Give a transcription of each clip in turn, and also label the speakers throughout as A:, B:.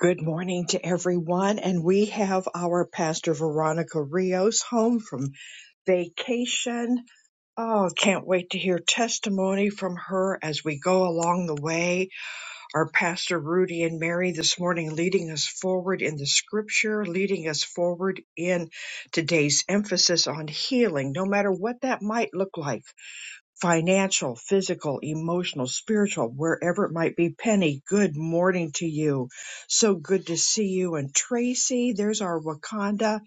A: Good morning to everyone. And we have our Pastor Veronica Rios home from vacation. Oh, can't wait to hear testimony from her as we go along the way. Our Pastor Rudy and Mary this morning leading us forward in the scripture, leading us forward in today's emphasis on healing, no matter what that might look like financial, physical, emotional, spiritual, wherever it might be. Penny, good morning to you. So good to see you. And Tracy, there's our Wakanda.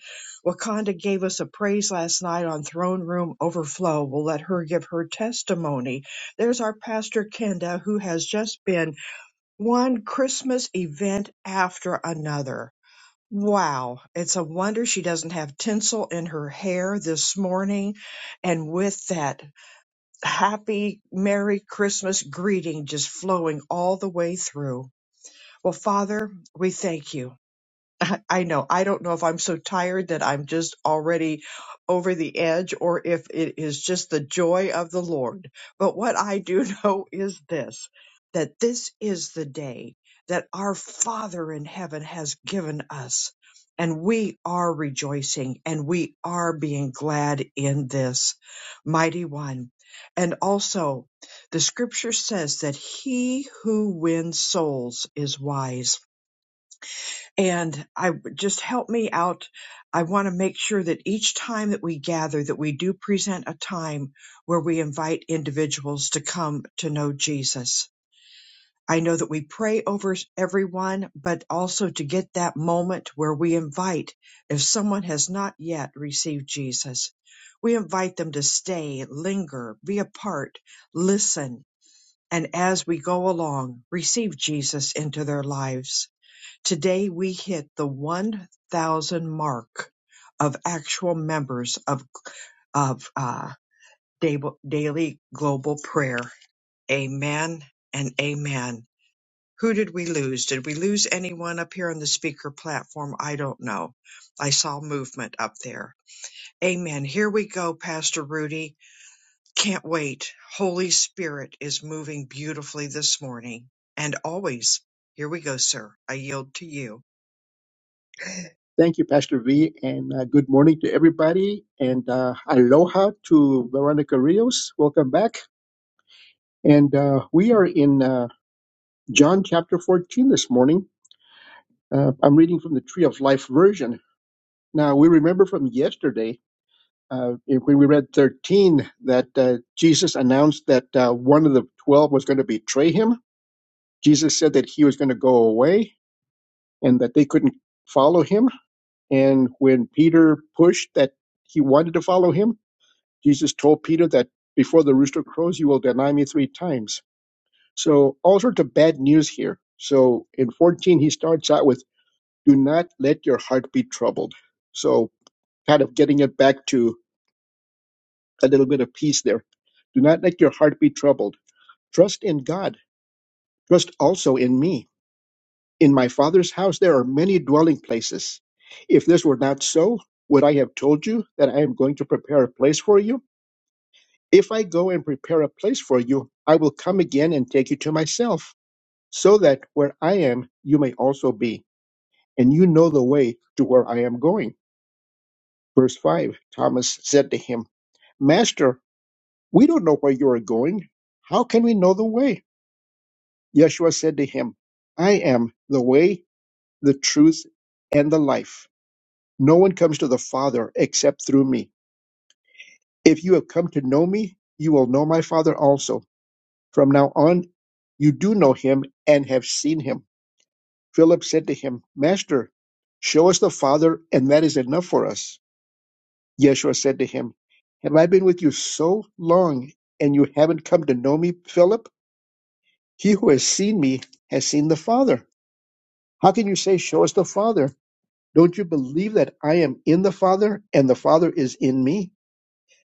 A: Wakanda gave us a praise last night on Throne Room Overflow. We'll let her give her testimony. There's our Pastor Kenda, who has just been one Christmas event after another. Wow, it's a wonder she doesn't have tinsel in her hair this morning. And with that happy Merry Christmas greeting just flowing all the way through. Well, Father, we thank you. I know. I don't know if I'm so tired that I'm just already over the edge or if it is just the joy of the Lord. But what I do know is this that this is the day that our Father in heaven has given us. And we are rejoicing and we are being glad in this mighty one. And also, the scripture says that he who wins souls is wise and I just help me out. I want to make sure that each time that we gather that we do present a time where we invite individuals to come to know Jesus. I know that we pray over everyone, but also to get that moment where we invite if someone has not yet received Jesus, we invite them to stay, linger, be a part, listen, and as we go along, receive Jesus into their lives Today we hit the 1,000 mark of actual members of of uh, Dab- daily global prayer. Amen and amen. Who did we lose? Did we lose anyone up here on the speaker platform? I don't know. I saw movement up there. Amen. Here we go, Pastor Rudy. Can't wait. Holy Spirit is moving beautifully this morning and always. Here we go, sir. I yield to you.
B: Thank you, Pastor V, and uh, good morning to everybody. And uh, aloha to Veronica Rios. Welcome back. And uh, we are in uh, John chapter 14 this morning. Uh, I'm reading from the Tree of Life version. Now, we remember from yesterday uh, when we read 13 that uh, Jesus announced that uh, one of the 12 was going to betray him. Jesus said that he was going to go away and that they couldn't follow him. And when Peter pushed that he wanted to follow him, Jesus told Peter that before the rooster crows, you will deny me three times. So, all sorts of bad news here. So, in 14, he starts out with, Do not let your heart be troubled. So, kind of getting it back to a little bit of peace there. Do not let your heart be troubled. Trust in God. Trust also in me. In my Father's house, there are many dwelling places. If this were not so, would I have told you that I am going to prepare a place for you? If I go and prepare a place for you, I will come again and take you to myself, so that where I am, you may also be, and you know the way to where I am going. Verse 5 Thomas said to him, Master, we don't know where you are going. How can we know the way? Yeshua said to him, I am the way, the truth, and the life. No one comes to the Father except through me. If you have come to know me, you will know my Father also. From now on, you do know him and have seen him. Philip said to him, Master, show us the Father, and that is enough for us. Yeshua said to him, Have I been with you so long, and you haven't come to know me, Philip? He who has seen me has seen the Father. How can you say, Show us the Father? Don't you believe that I am in the Father, and the Father is in me?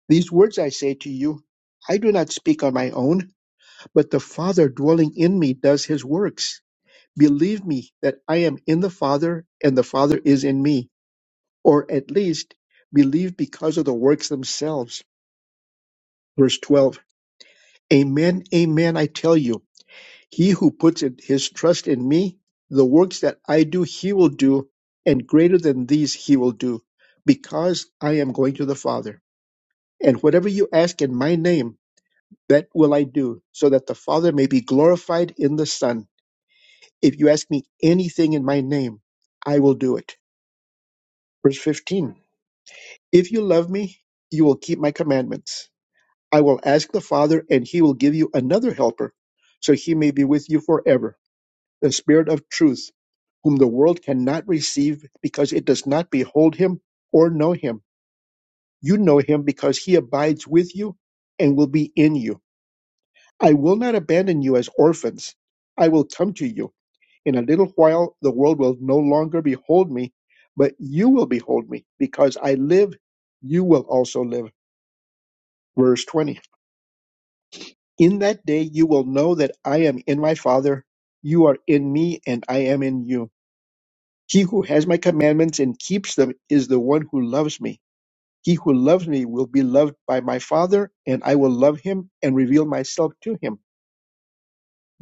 B: These words I say to you, I do not speak on my own, but the Father dwelling in me does his works. Believe me that I am in the Father and the Father is in me, or at least believe because of the works themselves. Verse 12 Amen, amen, I tell you, he who puts in- his trust in me, the works that I do, he will do, and greater than these he will do, because I am going to the Father. And whatever you ask in my name, that will I do, so that the Father may be glorified in the Son. If you ask me anything in my name, I will do it. Verse 15. If you love me, you will keep my commandments. I will ask the Father, and he will give you another helper, so he may be with you forever, the Spirit of truth, whom the world cannot receive because it does not behold him or know him. You know him because he abides with you and will be in you. I will not abandon you as orphans. I will come to you. In a little while, the world will no longer behold me, but you will behold me because I live. You will also live. Verse 20. In that day you will know that I am in my Father, you are in me, and I am in you. He who has my commandments and keeps them is the one who loves me. He who loves me will be loved by my Father, and I will love him and reveal myself to him.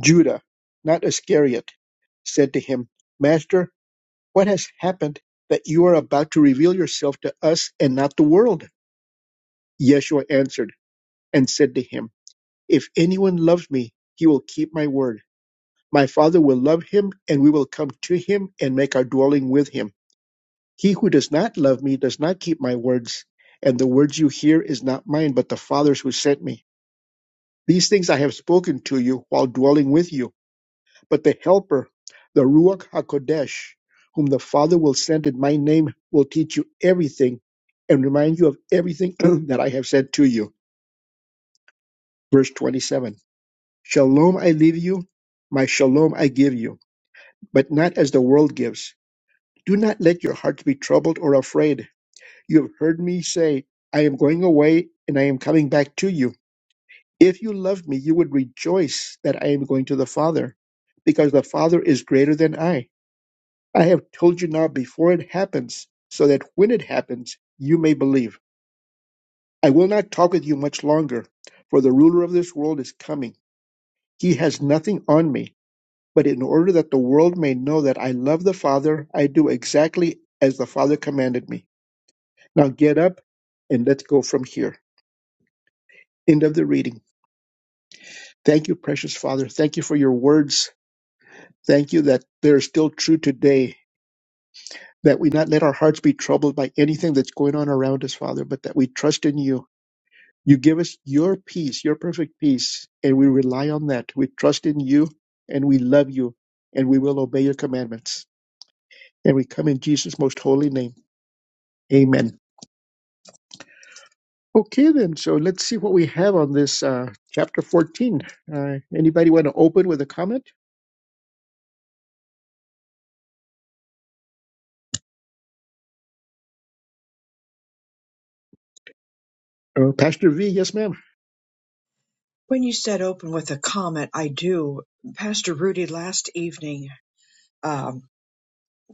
B: Judah, not Iscariot, said to him, Master, what has happened that you are about to reveal yourself to us and not the world? Yeshua answered and said to him, If anyone loves me, he will keep my word My Father will love him, and we will come to him and make our dwelling with him. He who does not love me does not keep my words, and the words you hear is not mine, but the Father's who sent me. These things I have spoken to you while dwelling with you. But the Helper, the Ruach HaKodesh, whom the Father will send in my name, will teach you everything and remind you of everything that I have said to you. Verse 27 Shalom I leave you, my shalom I give you, but not as the world gives. Do not let your hearts be troubled or afraid. You have heard me say, I am going away and I am coming back to you. If you loved me, you would rejoice that I am going to the Father, because the Father is greater than I. I have told you now before it happens, so that when it happens, you may believe. I will not talk with you much longer, for the ruler of this world is coming. He has nothing on me, but in order that the world may know that I love the Father, I do exactly as the Father commanded me. Now get up and let's go from here. End of the reading. Thank you, precious Father. Thank you for your words. Thank you that they're still true today, that we not let our hearts be troubled by anything that's going on around us, Father, but that we trust in you. You give us your peace, your perfect peace, and we rely on that. We trust in you and we love you and we will obey your commandments. And we come in Jesus' most holy name. Amen. Okay, then. So let's see what we have on this uh, chapter 14. Uh, anybody want to open with a comment? Uh, Pastor V, yes, ma'am.
A: When you said open with a comment, I do. Pastor Rudy, last evening, um,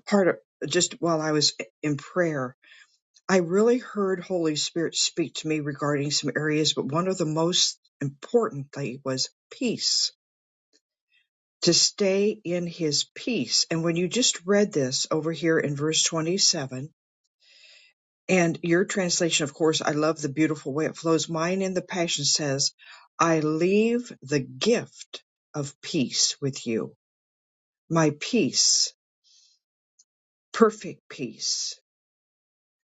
A: part of just while I was in prayer, I really heard Holy Spirit speak to me regarding some areas, but one of the most importantly was peace, to stay in his peace. And when you just read this over here in verse 27, and your translation, of course, I love the beautiful way it flows. Mine in the Passion says, I leave the gift of peace with you my peace, perfect peace.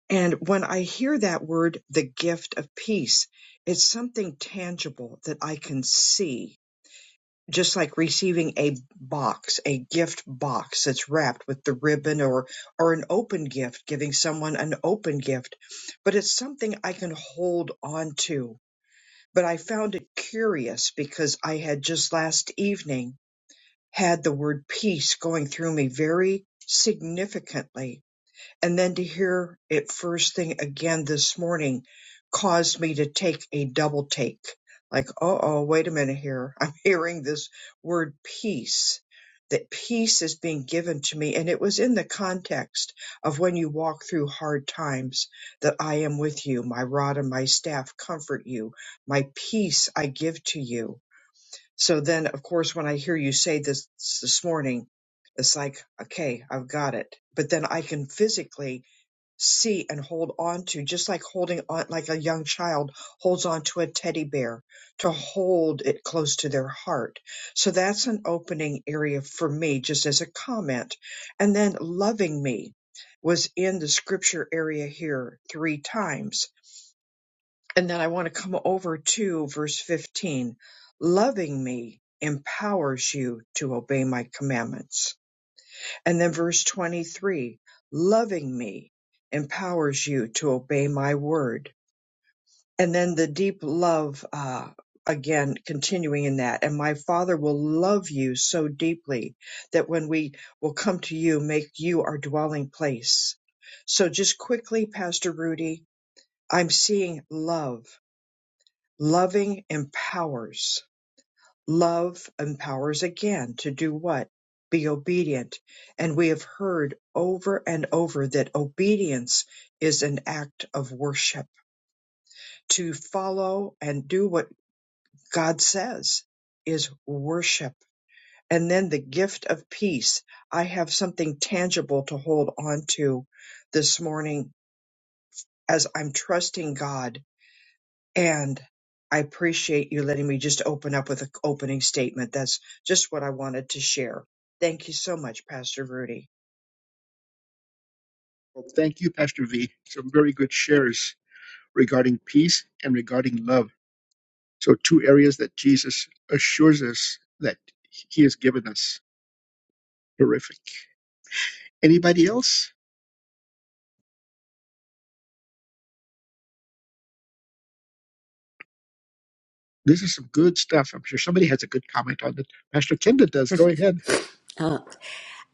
A: And when I hear that word, the gift of peace, it's something tangible that I can see, just like receiving a box, a gift box that's wrapped with the ribbon or, or an open gift, giving someone an open gift. But it's something I can hold on to. But I found it curious because I had just last evening had the word peace going through me very significantly and then to hear it first thing again this morning caused me to take a double take. Like, oh, oh, wait a minute here. I'm hearing this word peace, that peace is being given to me. And it was in the context of when you walk through hard times that I am with you. My rod and my staff comfort you. My peace I give to you. So then, of course, when I hear you say this this morning, it's like, okay, I've got it. But then I can physically see and hold on to, just like holding on, like a young child holds on to a teddy bear to hold it close to their heart. So that's an opening area for me, just as a comment. And then loving me was in the scripture area here three times. And then I want to come over to verse 15. Loving me empowers you to obey my commandments and then verse 23, loving me empowers you to obey my word. And then the deep love, uh, again, continuing in that. And my father will love you so deeply that when we will come to you, make you our dwelling place. So just quickly, Pastor Rudy, I'm seeing love. Loving empowers. Love empowers again to do what? Be obedient. And we have heard over and over that obedience is an act of worship. To follow and do what God says is worship. And then the gift of peace. I have something tangible to hold on to this morning as I'm trusting God And I appreciate you letting me just open up with an opening statement. That's just what I wanted to share. Thank you so much, Pastor Rudy.
B: Well, thank you, Pastor V. Some very good shares regarding peace and regarding love. So, two areas that Jesus assures us that He has given us. Terrific. Anybody else? This is some good stuff. I'm sure somebody has a good comment on it. Pastor Kenda does. Go ahead.
C: Oh,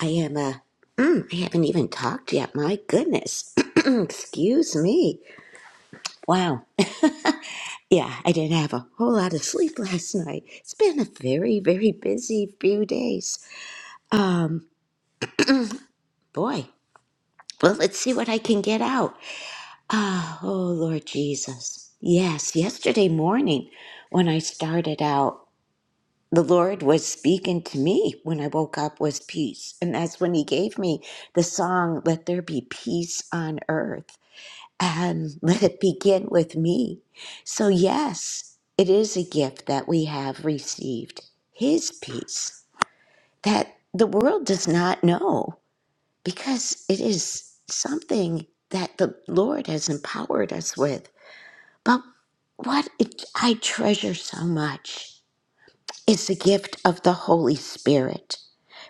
C: I am, uh, mm, I haven't even talked yet. My goodness. Excuse me. Wow. Yeah, I didn't have a whole lot of sleep last night. It's been a very, very busy few days. Um, boy. Well, let's see what I can get out. Ah, oh, Lord Jesus. Yes, yesterday morning when I started out, the Lord was speaking to me when I woke up was peace. And that's when he gave me the song, Let There Be Peace on Earth. and let it begin with me. So, yes, it is a gift that we have received His peace that the world does not know because it is something that the Lord has empowered us with. But what it, I treasure so much is the gift of the Holy Spirit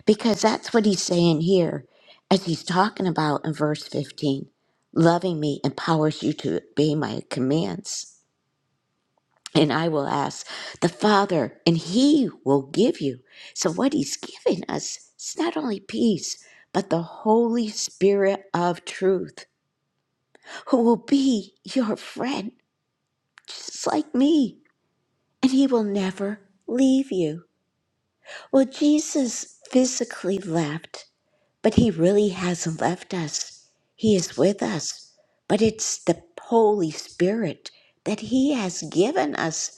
C: because that's what he's saying here as he's talking about in verse 15 loving me empowers you to obey my commands. And I will ask the Father, and He will give you. So, what He's giving us is not only peace, but the Holy Spirit of truth, who will be your friend, just like me. And He will never leave you. Well, Jesus physically left, But He really hasn't left us. He is with us. But it's the Holy Spirit that He has given us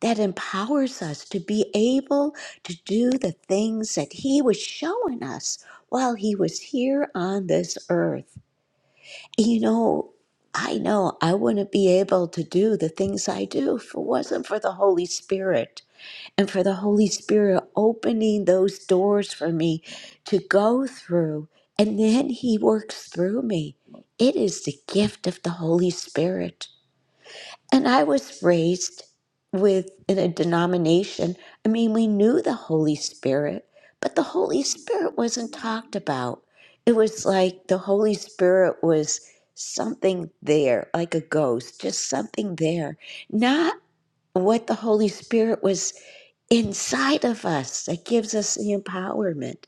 C: that empowers us to be able to do the things that He was showing us while He was here on this earth. You know, I know I wouldn't be able to do the things I do if it wasn't for the Holy Spirit and for the Holy Spirit opening those doors for me to go through. And then He works through me. It is the gift of the Holy Spirit. And I was raised with in a denomination. I mean, we knew the Holy Spirit, but the Holy Spirit wasn't talked about. It was like the Holy Spirit was something there, like a ghost, just something there, not what the Holy Spirit was inside of us that gives us the empowerment.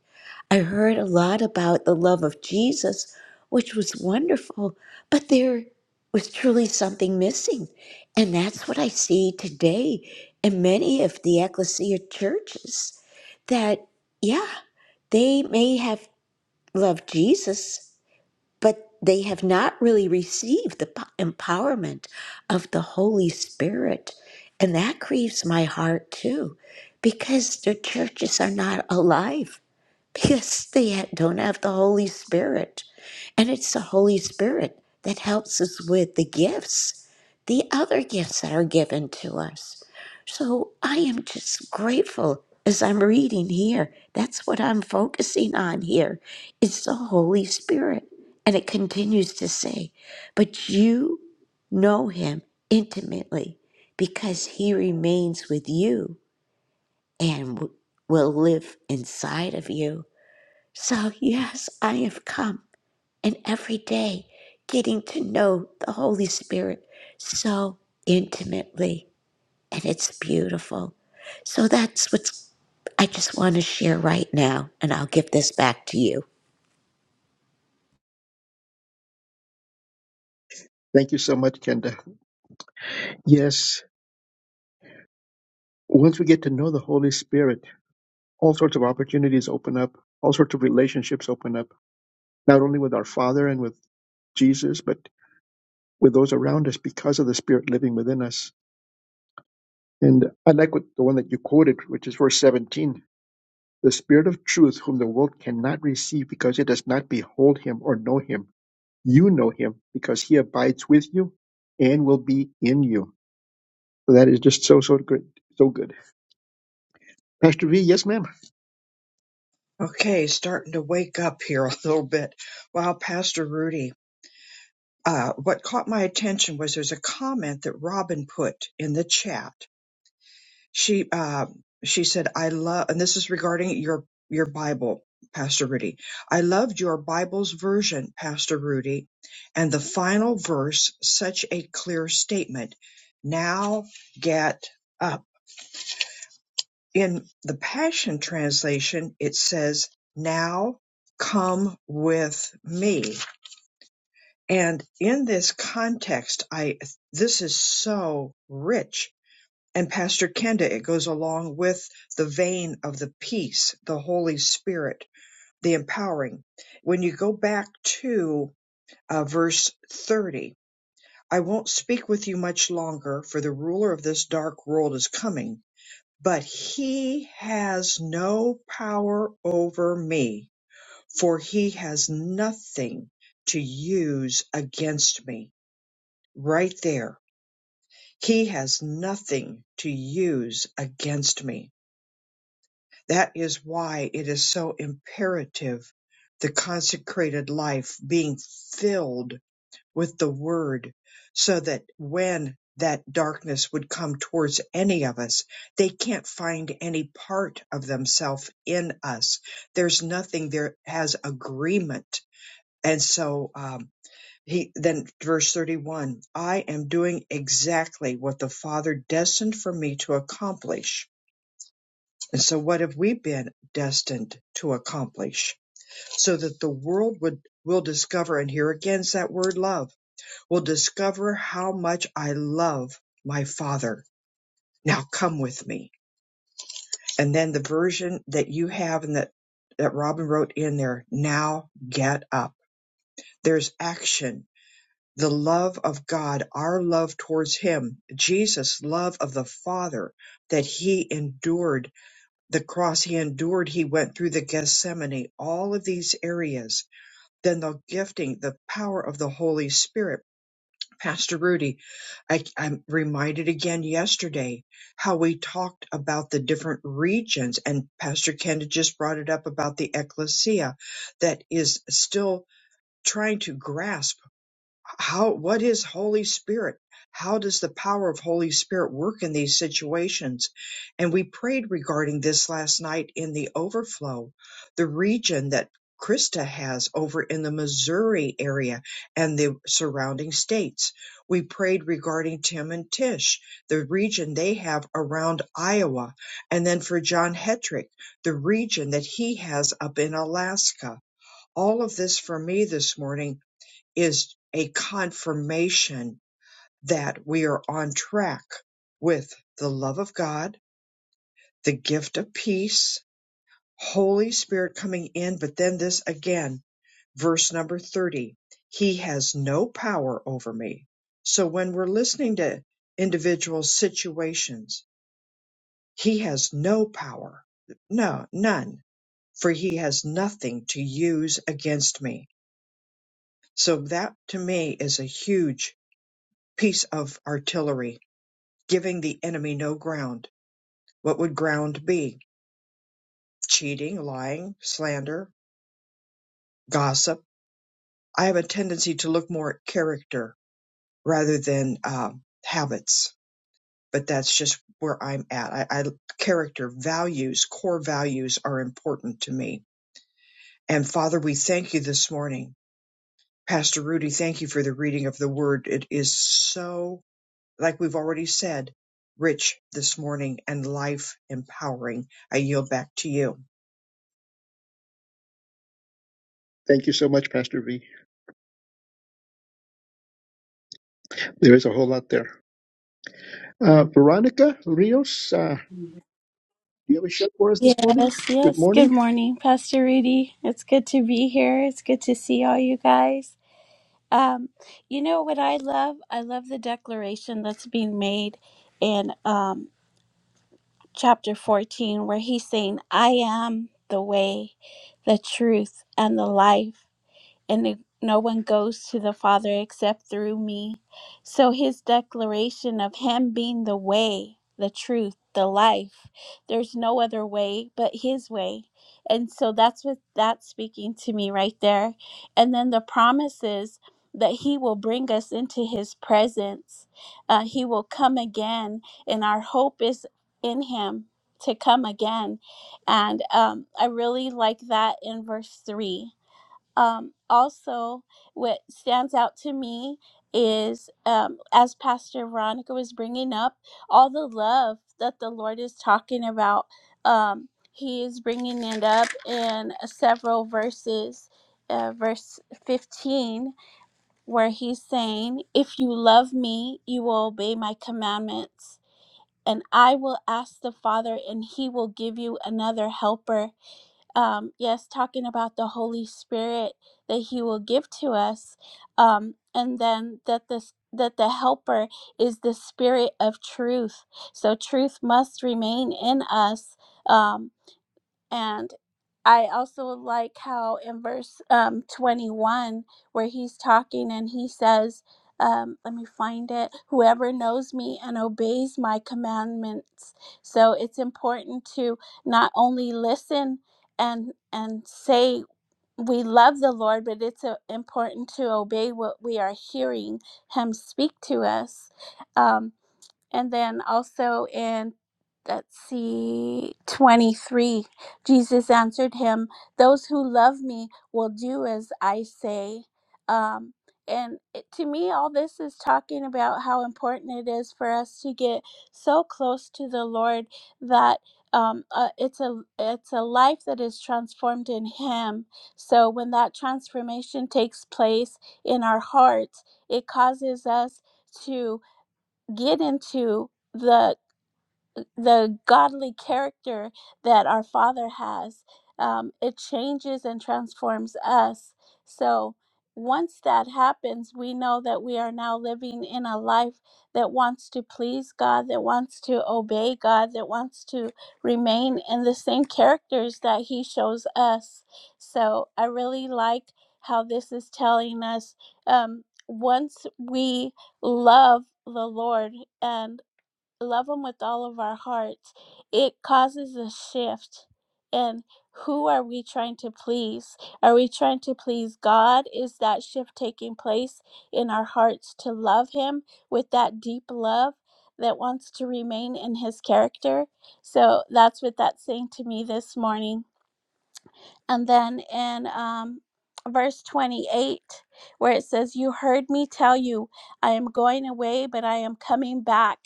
C: I heard a lot about the love of Jesus, which was wonderful, but there was truly something missing. And that's what I see today in many of the ecclesia churches that, yeah, they may have loved Jesus but they have not really received the po- empowerment of the Holy Spirit. And that grieves my heart too, because the churches are not alive because they don't have the Holy Spirit. And it's the Holy Spirit that helps us with the gifts, the other gifts that are given to us. So I am just grateful as I'm reading here. That's what I'm focusing on here. It's the Holy Spirit. And it continues to say, but you know him intimately because he remains with you and w- will live inside of you. So, yes, I have come and every day getting to know the Holy Spirit so intimately, and it's beautiful. So, that's what I just want to share right now, and I'll give this back to you.
B: Thank you so much, Kenda. Yes. Once we get to know the Holy Spirit, all sorts of opportunities open up, all sorts of relationships open up, not only with our Father and with Jesus, but with those around us because of the Spirit living within us. And I like what the one that you quoted, which is verse 17 the Spirit of truth, whom the world cannot receive because it does not behold him or know him. You know him because he abides with you and will be in you. So that is just so, so good. So good. Pastor V, yes, ma'am.
A: Okay, starting to wake up here a little bit. Wow, Pastor Rudy, uh, what caught my attention was there's a comment that Robin put in the chat she uh, she said, "I love," and this is regarding your your Bible, Pastor Rudy. I loved your Bible's version, Pastor Rudy, and the final verse, such a clear statement. Now get up. In the Passion Translation, it says, "Now come with me." And in this context, I this is so rich and Pastor Kenda, it goes along with the vein of the peace, the Holy Spirit, the empowering. When you go back to uh, verse 30, I won't speak with you much longer, for the ruler of this dark world is coming, but he has no power over me, for he has nothing to use against me. Right there. He has nothing to use against me That is why it is so imperative the consecrated life being filled with the Word, so that when that darkness would come towards any of us, they can't find any part of themselves in us. There's nothing there has agreement. And so, um, he then verse 31 I am doing exactly what the Father destined for me to accomplish and so, what have we been destined to accomplish so that the world would will discover? And here again is that word love. Will discover how much I love my Father. Now come with me. And then the version that you have and that that Robin wrote in there. Now get up. There's action. The love of God, our love towards Him, Jesus' love of the Father that He endured the cross he endured he went through the gethsemane all of these areas then the gifting the power of the holy spirit pastor rudy I, i'm reminded again yesterday how we talked about the different regions and pastor kenda just brought it up about the ecclesia that is still trying to grasp how what is holy spirit how does the power of holy spirit work in these situations and we prayed regarding this last night in the overflow the region that krista has over in the missouri area and the surrounding states we prayed regarding tim and tish the region they have around iowa and then for john hetrick the region that he has up in alaska all of this for me this morning is a confirmation that we are on track with the love of God, the gift of peace, Holy Spirit coming in. But then this again, verse number 30, he has no power over me. So when we're listening to individual situations, he has no power. No, none, for he has nothing to use against me. So that to me is a huge piece of artillery giving the enemy no ground. What would ground be? Cheating, lying, slander, gossip. I have a tendency to look more at character rather than um habits, but that's just where I'm at. I, I character values, core values are important to me. And Father, we thank you this morning. Pastor Rudy, thank you for the reading of the word. It is so, like we've already said, rich this morning and life empowering. I yield back to you.
B: Thank you so much, Pastor V. There is a whole lot there. Uh, Veronica Rios, uh, Do you have a share for us this morning?
D: Yes,
B: Good
D: yes. Good
B: morning.
D: morning, Pastor Rudy. It's good to be here. It's good to see all you guys. Um, you know what I love? I love the declaration that's being made in um, chapter 14, where he's saying, I am the way, the truth, and the life and it- no one goes to the Father except through me. So his declaration of him being the way, the truth, the life, there's no other way but his way. And so that's what that's speaking to me right there. And then the promises that he will bring us into his presence, uh, he will come again, and our hope is in him to come again. And um, I really like that in verse 3 um, also what stands out to me is um, as pastor veronica was bringing up all the love that the lord is talking about um, he is bringing it up in uh, several verses uh, verse 15 where he's saying if you love me you will obey my commandments and i will ask the father and he will give you another helper um, yes, talking about the Holy Spirit that He will give to us, um, and then that this that the Helper is the Spirit of Truth. So truth must remain in us. um, and I also like how in verse um, 21, where he's talking and he says, um, let me find it, whoever knows me and obeys my commandments. So it's important to not only listen and and say we love the Lord, but it's uh, important to obey what we are hearing Him speak to us. Um, and then also in, let's see, 23, Jesus answered him, Those who love me will do as I say. Um, and it, to me, all this is talking about how important it is for us to get so close to the Lord that. Um, uh, it's a it's a life that is transformed in Him. So when that transformation takes place in our hearts, it causes us to get into the the godly character that our Father has. Um, it changes and transforms us. So once that happens, we know that we are now living in a life that wants to please God, that wants to obey God, that wants to remain in the same characters that He shows us. So I really like how this is telling us um, once we love the Lord and love Him with all of our hearts, it causes a shift. And who are we trying to please? Are we trying to please God? Is that shift taking place in our hearts to love Him with that deep love that wants to remain in His character? So that's what that's saying to me this morning. And then in um, verse 28, where it says, You heard me tell you, I am going away, but I am coming back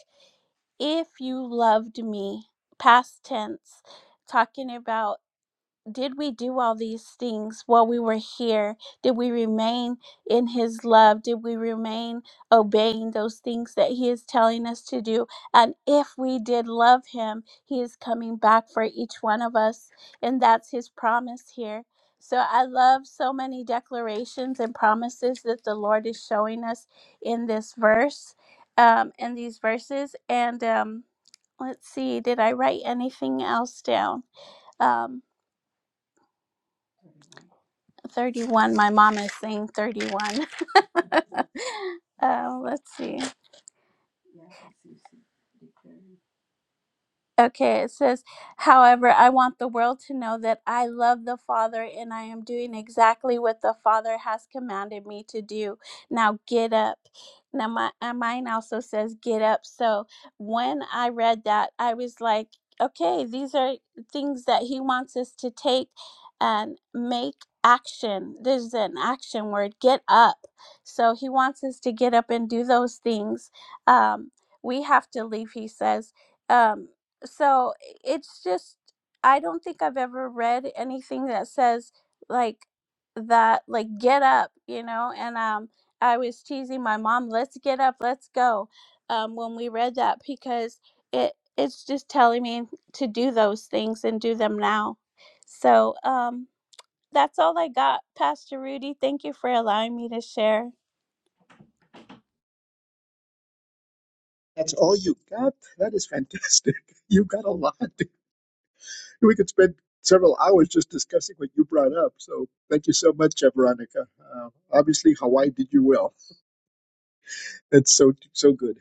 D: if you loved me, past tense, talking about did we do all these things while we were here? Did we remain in His love? Did we remain obeying those things that He is telling us to do? And if we did love Him, He is coming back for each one of us. And that's His promise here. So I love so many declarations and promises that the Lord is showing us in this verse, um, in these verses. And um, let's see, did I write anything else down? Um. 31. My mom is saying 31. uh, let's see. Okay, it says, however, I want the world to know that I love the Father and I am doing exactly what the Father has commanded me to do. Now get up. Now, my, uh, mine also says, get up. So when I read that, I was like, okay, these are things that He wants us to take and make action. There's an action word, get up. So He wants us to get up and do those things. Um, we have to leave, He says. Um, so it's just i don't think i've ever read anything that says like that like get up you know and um i was teasing my mom let's get up let's go um when we read that because it it's just telling me to do those things and do them now so um that's all i got pastor rudy thank you for allowing me to share
B: That's all you got? That is fantastic. You got a lot. We could spend several hours just discussing what you brought up. So thank you so much, uh, Veronica. Uh, obviously, Hawaii did you well. That's so so good.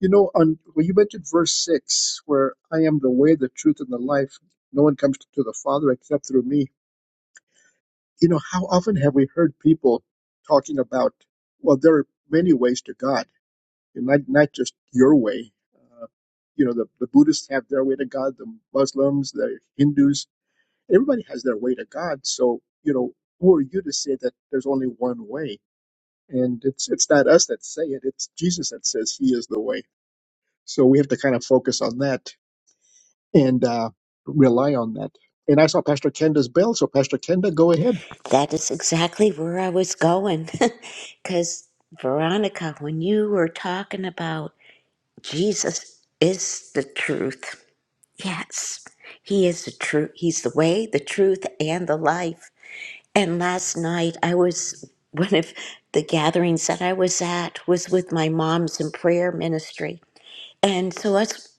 B: You know, on well, you mentioned verse six, where I am the way, the truth, and the life. No one comes to the Father except through me. You know, how often have we heard people talking about? Well, there are many ways to God and not not just your way. Uh, you know, the, the Buddhists have their way to God, the Muslims, the Hindus, everybody has their way to God. So, you know, who are you to say that there's only one way? And it's it's not us that say it; it's Jesus that says He is the way. So we have to kind of focus on that and uh, rely on that. And I saw Pastor Kenda's bell, so Pastor Kenda, go ahead.
C: That is exactly where I was going. Because, Veronica, when you were talking about Jesus is the truth, yes, He is the truth. He's the way, the truth, and the life. And last night I was one of the gatherings that I was at was with my mom's in prayer ministry. And so us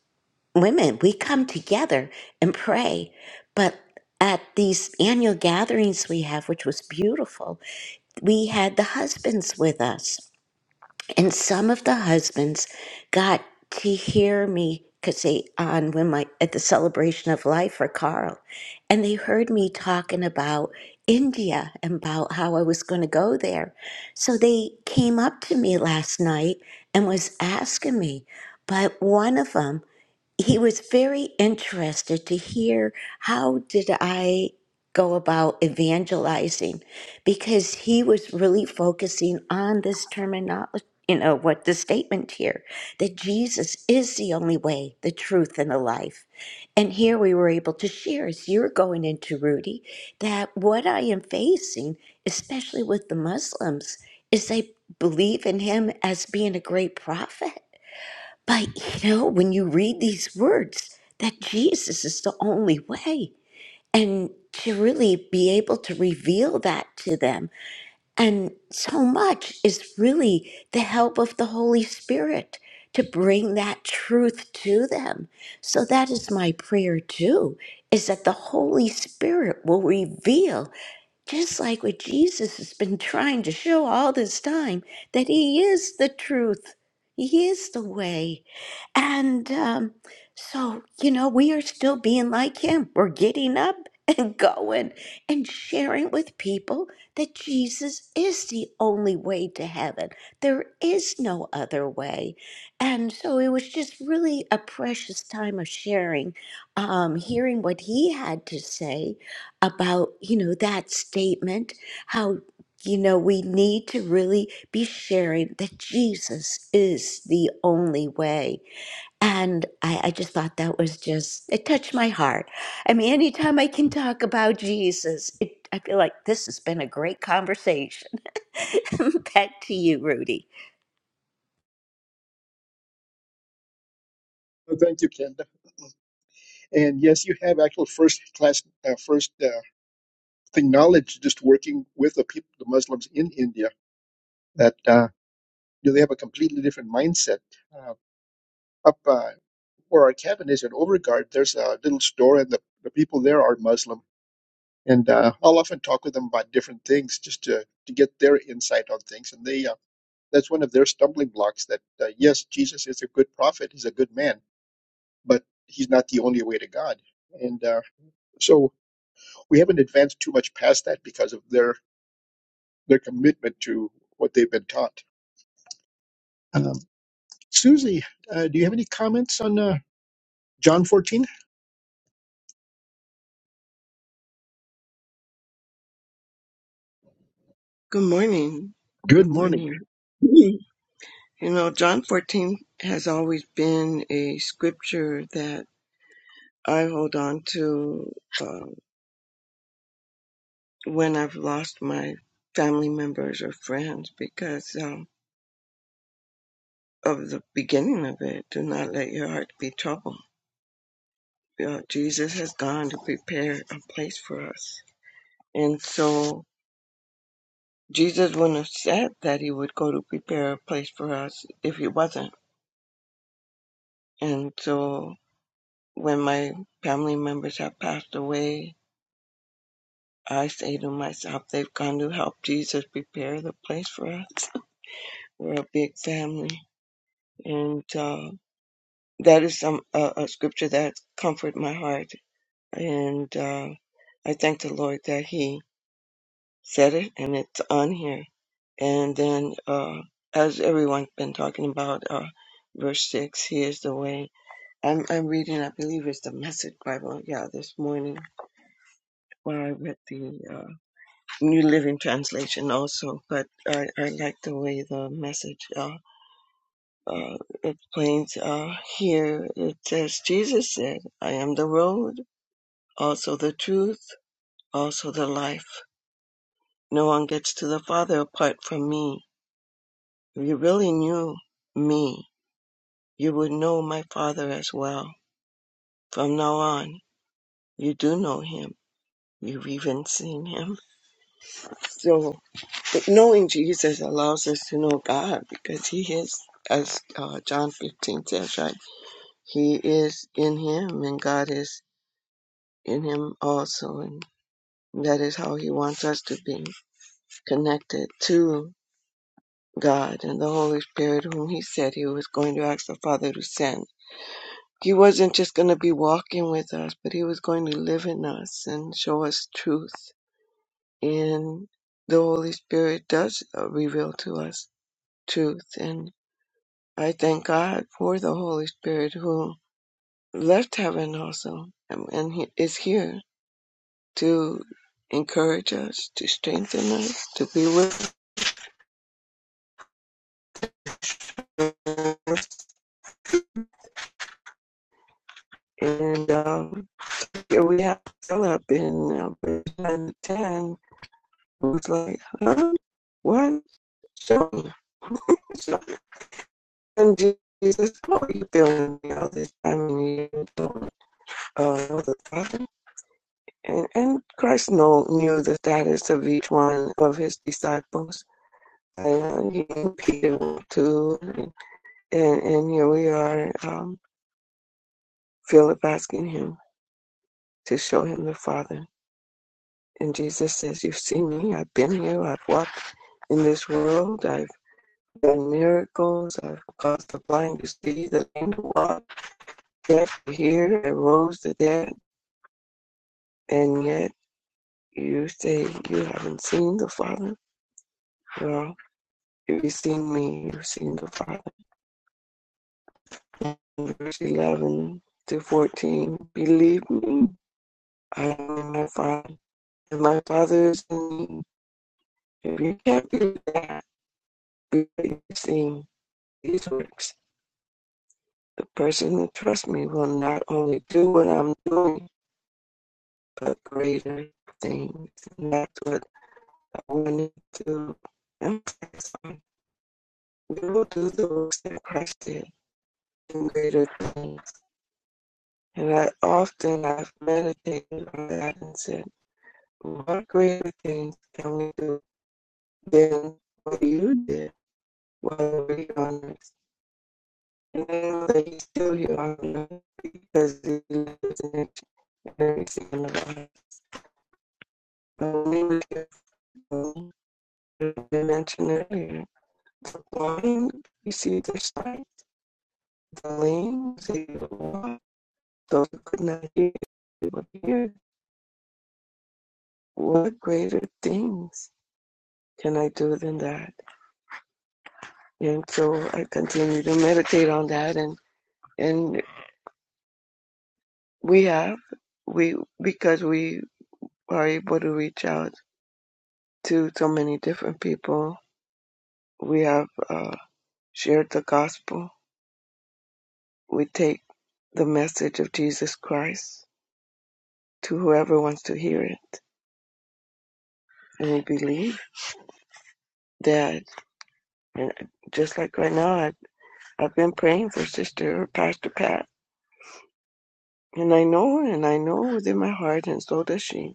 C: women, we come together and pray. But at these annual gatherings we have, which was beautiful, we had the husbands with us. And some of the husbands got to hear me because they on when my at the celebration of life for Carl, and they heard me talking about India and about how I was going to go there. So they came up to me last night and was asking me. But one of them he was very interested to hear how did i go about evangelizing because he was really focusing on this terminology you know what the statement here that jesus is the only way the truth and the life and here we were able to share as you're going into rudy that what i am facing especially with the muslims is they believe in him as being a great prophet but you know, when you read these words, that Jesus is the only way. And to really be able to reveal that to them. And so much is really the help of the Holy Spirit to bring that truth to them. So that is my prayer too, is that the Holy Spirit will reveal, just like what Jesus has been trying to show all this time, that He is the truth, He is the way. And um, so, you know, we are still being like him. We're getting up and going and sharing with people that Jesus is the only way to heaven. There is no other way. And so it was just really a precious time of sharing, um, hearing what he had to say about, you know, that statement, how. You know, we need to really be sharing that Jesus is the only way. And I, I just thought that was just, it touched my heart. I mean, anytime I can talk about Jesus, it, I feel like this has been a great conversation. Back to you, Rudy.
B: Well, Thank you, Kenda. And yes, you have actual first class, uh, first uh, thing knowledge just working with the people, the Muslims in India, that uh, you know, they have a completely different mindset. Uh, up, uh, where our cabin is in Overgard, there's a little store, and the, the people there are Muslim. And uh, I'll often talk with them about different things just to, to get their insight on things. And they uh, that's one of their stumbling blocks that, uh, yes, Jesus is a good prophet, he's a good man, but he's not the only way to God. And uh, so we haven't advanced too much past that because of their, their commitment to what they've been taught. Um, Susie, uh, do you have any comments on uh, John 14?
E: Good morning. Good
B: Good morning.
E: morning. Mhm. You know, John 14 has always been a scripture that I hold on to uh, when I've lost my family members or friends because um, of the beginning of it. Do not let your heart be troubled. You know, Jesus has gone to prepare a place for us. And so Jesus wouldn't have said that he would go to prepare a place for us if he wasn't. And so when my family members have passed away, I say to myself, they've gone to help Jesus prepare the place for us. We're a big family. And uh, that is some uh, a scripture that comfort my heart. And uh, I thank the Lord that He said it and it's on here. And then, uh, as everyone's been talking about, uh, verse 6, He is the way. I'm, I'm reading, I believe it's the Message Bible, yeah, this morning while I read the uh, New Living Translation also, but I, I like the way the message uh, uh, explains uh, here. It says, Jesus said, I am the road, also the truth, also the life. No one gets to the Father apart from me. If you really knew me, you would know my Father as well. From now on, you do know him. You've even seen him. So." But knowing Jesus allows us to know God because He is, as uh, John 15 says, right? He is in Him and God is in Him also. And that is how He wants us to be connected to God and the Holy Spirit, whom He said He was going to ask the Father to send. He wasn't just going to be walking with us, but He was going to live in us and show us truth. And the Holy Spirit does uh, reveal to us truth. and. I thank God for the Holy Spirit who left heaven also and and he is here to encourage us, to strengthen us, to be with us. And um, here we have Philip in uh, verse nine to 10, who like, huh? What? John. So, And Jesus, how are you feeling all this time? And you don't uh, know the Father? And, and Christ know, knew the status of each one of his disciples. And he knew Peter too. And, and and here we are, um, Philip asking him to show him the Father. And Jesus says, You've seen me. I've been here. I've walked in this world. I've done miracles. I've caused the blind to see, the lame to walk, deaf to hear. I rose the dead. And yet you say you haven't seen the Father? Well." If you seen me, you've seen the Father. Verse 11 to 14. Believe me, I am in my Father, and my Father is in me. If you can't believe that, believe that you've seen these works. The person who trusts me will not only do what I'm doing, but greater things. And that's what I wanted to emphasize on. We will do the works that Christ did, and greater things. And I often I've meditated on that and said, What greater things can we do than what you did while we were on earth? And I know that you still you on earth because you live in each and every second of our life. But when we look at the I mentioned earlier, the blind received their sight, the lame was able to walk, those who could not hear able hear. What greater things can I do than that? And so I continue to meditate on that and and We have we because we are able to reach out to so many different people. We have uh, shared the gospel. We take the message of Jesus Christ to whoever wants to hear it, and we believe that. And just like right now, I've, I've been praying for Sister Pastor Pat, and I know, and I know within my heart, and so does she,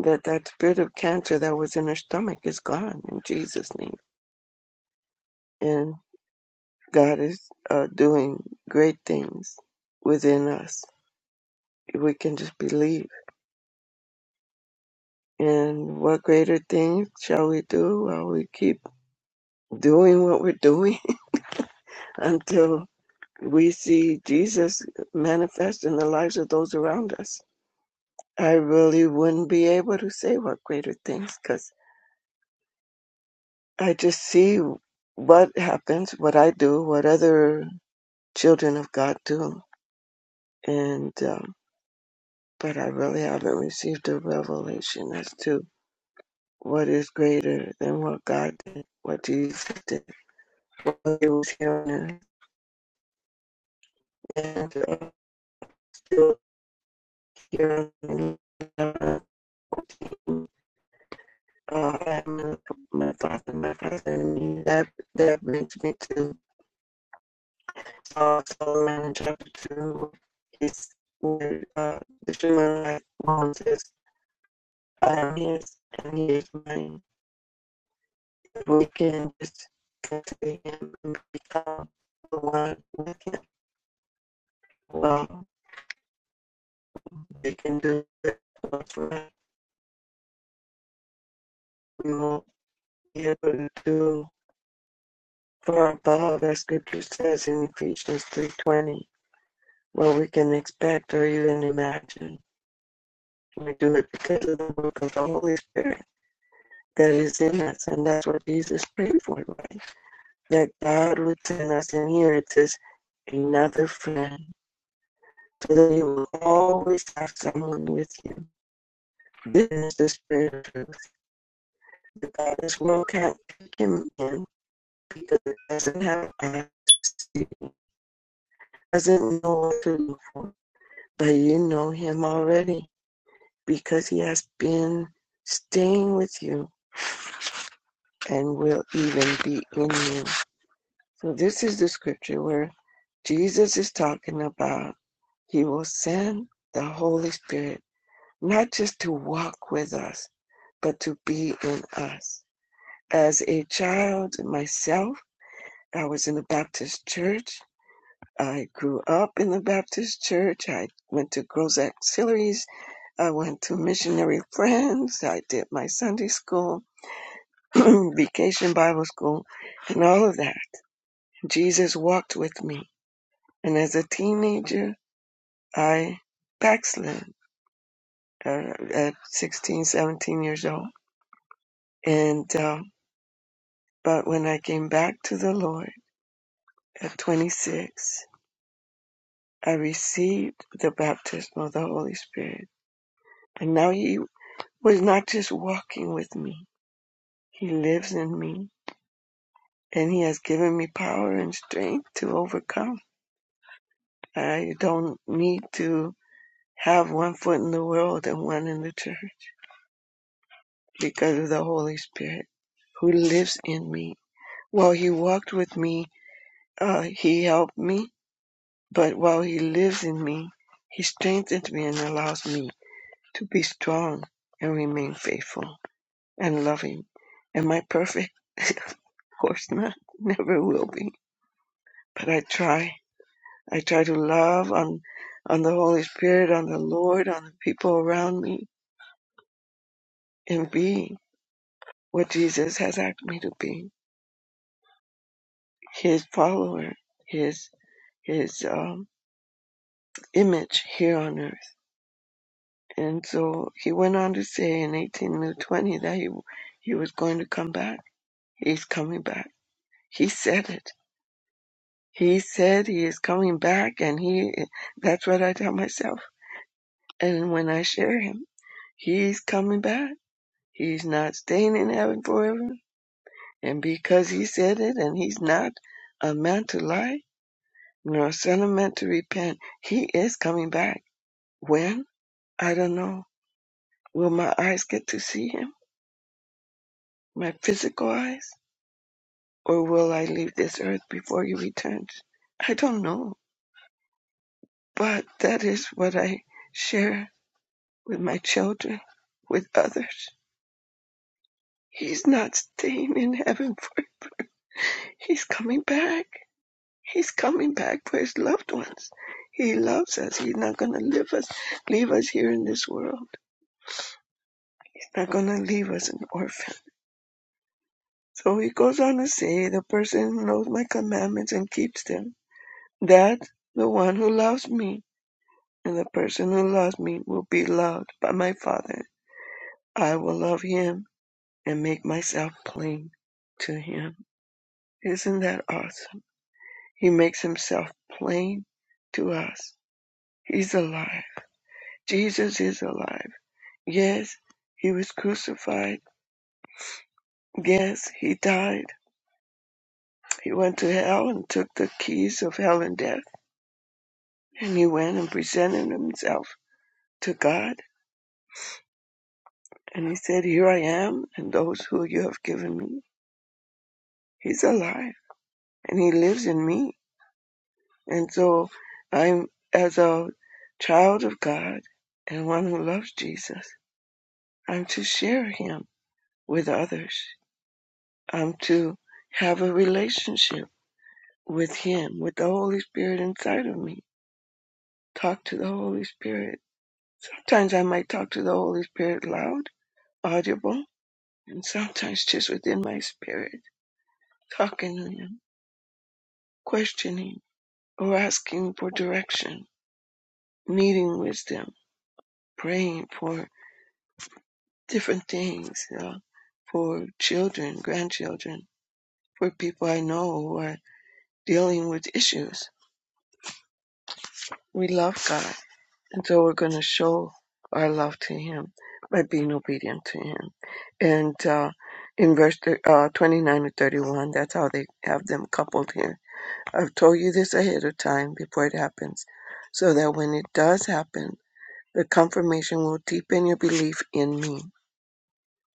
E: that that spirit of cancer that was in her stomach is gone in Jesus' name. and. God is uh, doing great things within us. We can just believe. And what greater things shall we do while we keep doing what we're doing until we see Jesus manifest in the lives of those around us? I really wouldn't be able to say what greater things because I just see what happens, what I do, what other children of God do. And, um, but I really haven't received a revelation as to what is greater than what God did, what Jesus did, what he was hearing, and uh, still hearing. Uh, my father, my father, and me. That that brings me to uh, Solomon chapter two. It's where uh, the human life one says, "I am his, and he is mine." We can just come to him and become the one we can love we can do it. right. We won't be able to do far above, as Scripture says in Ephesians 3.20, what we can expect or even imagine. We do it because of the work of the Holy Spirit that is in us, and that's what Jesus prayed for, right? That God would send us, and here it says, another friend, so that you will always have someone with you. This is the Spirit of truth. The God this world can't take him in, because it doesn't have access to you, doesn't know what to look for. But you know him already because he has been staying with you and will even be in you. So this is the scripture where Jesus is talking about he will send the Holy Spirit not just to walk with us, but to be in us. As a child myself, I was in a Baptist church I grew up in the Baptist church. I went to girls' auxiliaries. I went to missionary friends. I did my Sunday school, vacation Bible school, and all of that. Jesus walked with me. And as a teenager, I backslid uh, at 16, 17 years old. And, uh, but when I came back to the Lord at 26, I received the baptism of the Holy Spirit. And now he was not just walking with me. He lives in me and he has given me power and strength to overcome. I don't need to have one foot in the world and one in the church because of the Holy Spirit who lives in me. While he walked with me, uh, he helped me, but while he lives in me, he strengthens me and allows me to be strong and remain faithful. and loving. Am I perfect? of course not. Never will be. But I try. I try to love on on the Holy Spirit, on the Lord, on the people around me, and be what Jesus has asked me to be. His follower, his his um, image here on earth. And so he went on to say in 1820 that he he was going to come back. He's coming back. He said it. He said he is coming back, and he that's what I tell myself. And when I share him, he's coming back. He's not staying in heaven forever. And because he said it, and he's not a man to lie, nor a son of man to repent, he is coming back. When? I don't know. Will my eyes get to see him? My physical eyes? Or will I leave this earth before he returns? I don't know. But that is what I share with my children, with others. He's not staying in heaven for it. he's coming back. He's coming back for his loved ones. He loves us. He's not gonna leave us leave us here in this world. He's not gonna leave us an orphan. So he goes on to say the person who knows my commandments and keeps them, that the one who loves me, and the person who loves me will be loved by my father. I will love him and make myself plain to him. Isn't that awesome? He makes himself plain to us. He's alive. Jesus is alive. Yes, he was crucified. Yes, he died. He went to hell and took the keys of hell and death. And he went and presented himself to God. And he said, Here I am, and those who you have given me. He's alive, and he lives in me. And so I'm, as a child of God and one who loves Jesus, I'm to share him. with others. I'm to have a relationship with Him, with the Holy Spirit inside of me. Talk to the Holy Spirit. Sometimes I might talk to the Holy Spirit loud, audible, and sometimes just within my spirit, talking to Him, questioning, or asking for direction, needing wisdom, praying for different things, you know, for children, grandchildren, for people I know who are dealing with issues. We love God And so we're going to show our love to Him by being obedient to Him. And uh, in verse uh, 29 to 31, that's how they have them coupled here. I've told you this ahead of time before it happens, so that when it does happen, the confirmation will deepen your belief in me.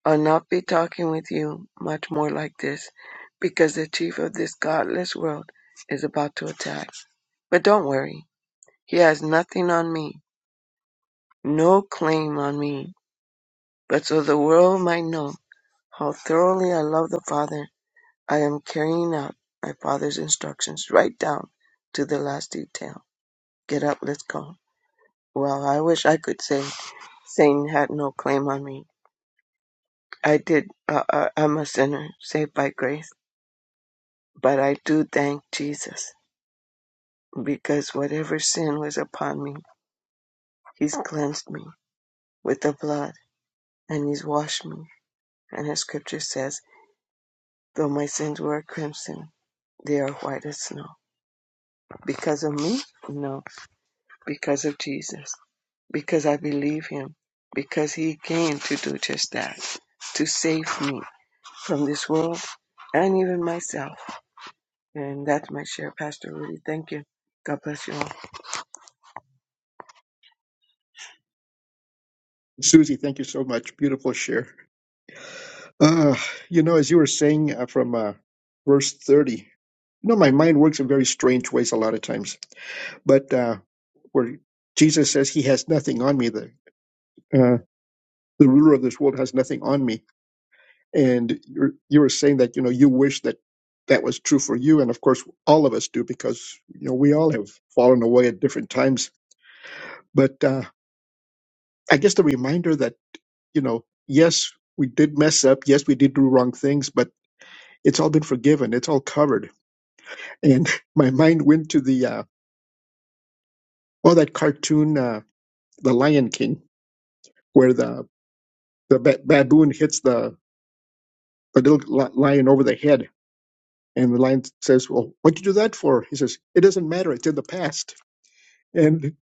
E: I'll not be talking with you much more like this, because the chief of this godless world is about to attack. But don't worry, he has nothing on me, no claim on me But so the world might know how thoroughly I love the Father, I am carrying out my Father's instructions right down to the last detail. Get up, let's go. Well, I wish I could say Satan had no claim on me. I did. Uh, uh, I'm a sinner saved by grace, but I do thank Jesus because whatever sin was upon me, He's cleansed me with the blood and He's washed me. And His Scripture says, "Though my sins were crimson, they are white as snow." Because of me? No. Because of Jesus. Because I believe him. Because he came to do just that. To save me from this world and even myself. And that's my share, Pastor Rudy. Thank you. God bless you all.
B: Susie, thank you so much. Beautiful share. Uh, you know, as you were saying uh, from uh, verse 30, you know, my mind works in very strange ways a lot of times. But uh, where Jesus says, He has nothing on me, the, uh, the ruler of this world has nothing on me. And you're, you were saying that, you know, you wish that that was true for you. And of course, all of us do because, you know, we all have fallen away at different times. But uh, I guess the reminder that, you know, yes, we did mess up. Yes, we did do wrong things, but it's all been forgiven. It's all covered and my mind went to the uh, oh that cartoon uh, the lion king where the the ba- baboon hits the the little li- lion over the head and the lion says well what'd you do that for he says it doesn't matter it's in the past and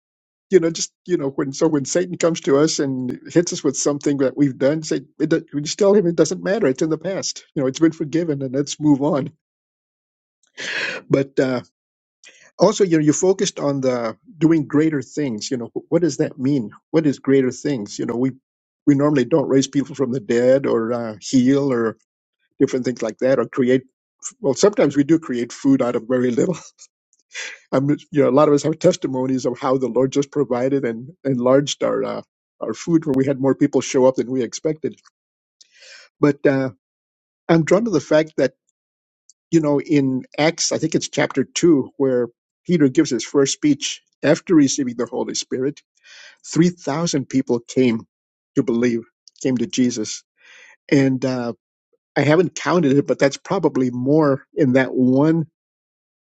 B: you know just you know when so when satan comes to us and hits us with something that we've done say it, do- we just tell him it doesn't matter it's in the past you know it's been forgiven and let's move on but uh also you know you focused on the doing greater things you know wh- what does that mean what is greater things you know we we normally don't raise people from the dead or uh, heal or different things like that or create well sometimes we do create food out of very little i'm you know a lot of us have testimonies of how the lord just provided and enlarged our uh, our food where we had more people show up than we expected but uh, i'm drawn to the fact that you know in acts i think it's chapter 2 where peter gives his first speech after receiving the holy spirit 3,000 people came to believe, came to Jesus. And uh, I haven't counted it, but that's probably more in that one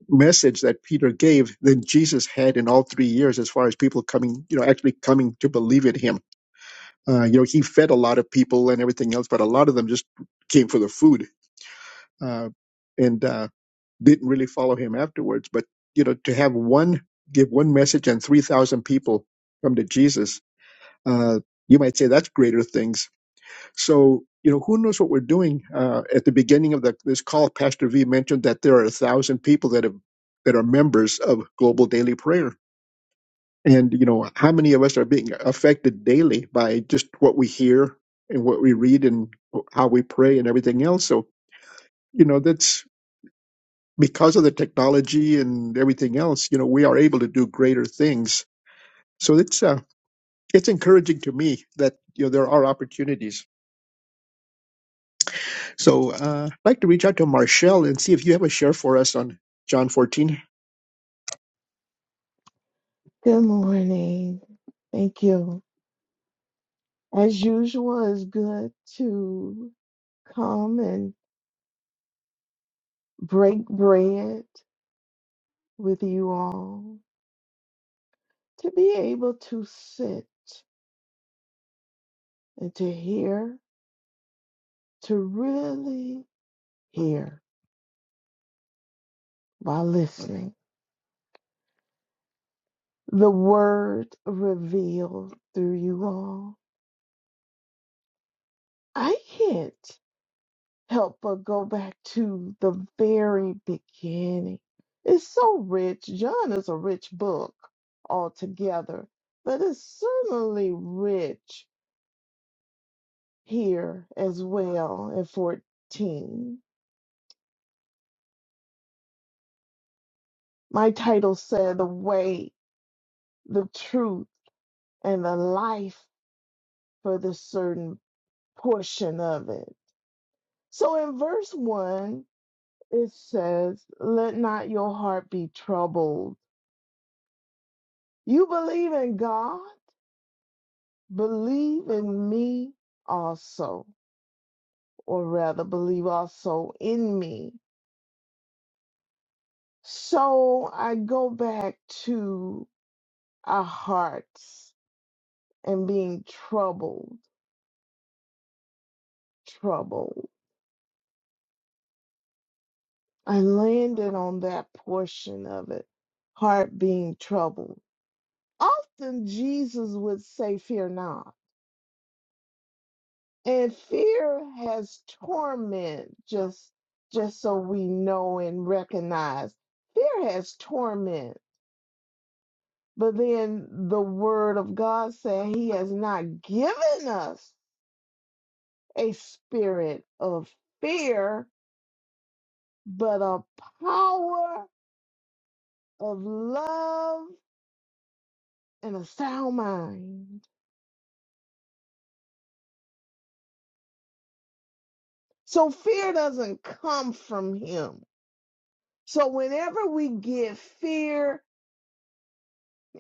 B: message that Peter gave than Jesus had in all three years as far as people coming, you know, actually coming to believe in him. Uh, you know, he fed a lot of people and everything else, but a lot of them just came for the food uh, and uh, didn't really follow him afterwards. But, you know, to have one, give one message and 3,000 people come to Jesus, uh, you might say that's greater things So, you know, who knows what we're doing? Uh, at the beginning of the, this call, Pastor V mentioned that there are a thousand people that have that are members of Global Daily Prayer, and you know, how many of us are being affected daily by just what we hear and what we read and how we pray and everything else? So, you know, that's because of the technology and everything else. You know, we are able to do greater things. So it's uh, it's encouraging to me that you know there are opportunities So uh, I'd like to reach out to Marshall and see if you have a share for us on John 14.
F: Good morning. Thank you. As usual, it's good to come and break bread with you all, to be able to sit and to hear, to really hear while listening. The word revealed through you all. I can't. help but go back to the very beginning. It's so rich. John is a rich book altogether, but it's certainly rich here as well in 14. My title said, The Way, the Truth, and the Life for this certain portion of it. So in verse 1, it says, Let not your heart be troubled. You believe in God Believe in me also, or rather, believe also in me. So I go back to our hearts and being troubled, troubled. I landed on that portion of it, heart being troubled. Often Jesus would say, Fear not. And fear has torment, just just so we know and recognize. Fear has torment But then the word of God said he has not given us a spirit of fear, but a power of love and a sound mind. So fear doesn't come from him. So whenever we get fear,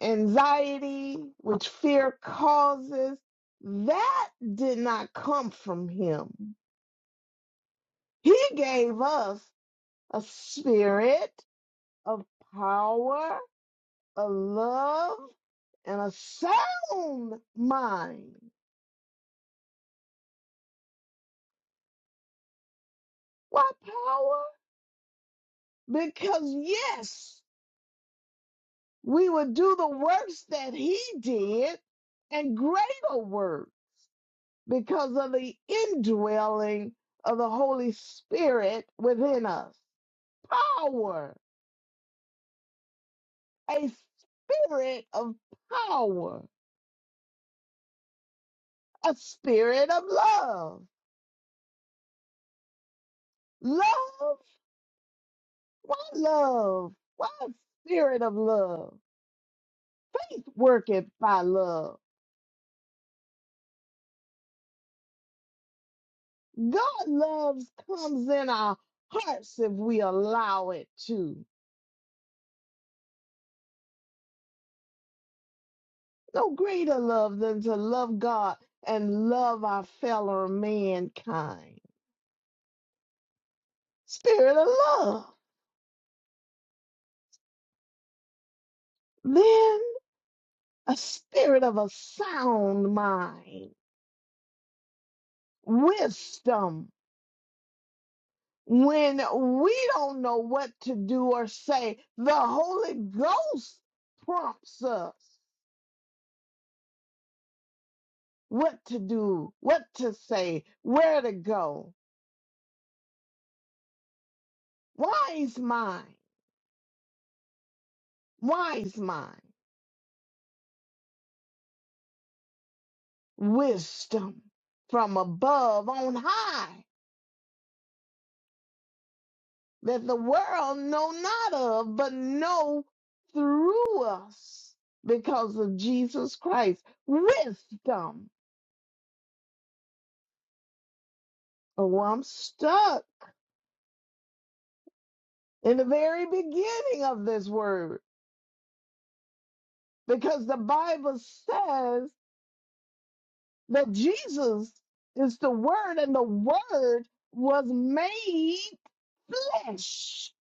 F: anxiety, which fear causes, that did not come from him. He gave us a spirit of power, a love, and a sound mind. Why power? Because yes, we would do the works that he did and greater work because of the indwelling of the Holy Spirit within us. Power, a spirit of power, a spirit of love. Love Why love? Why spirit of love? Faith worketh by love. God loves comes in our hearts if we allow it to. No greater love than to love God and love our fellow mankind. Spirit of love. Then a spirit of a sound mind, wisdom, when we don't know what to do or say, the Holy Ghost prompts us what to do, what to say, where to go. Wise mind, wise mind, wisdom from above on high that the world know not of, but know through us because of Jesus Christ. Wisdom. Oh, I'm stuck. in the very beginning of this word because the Bible says that Jesus is the Word and the Word was made flesh.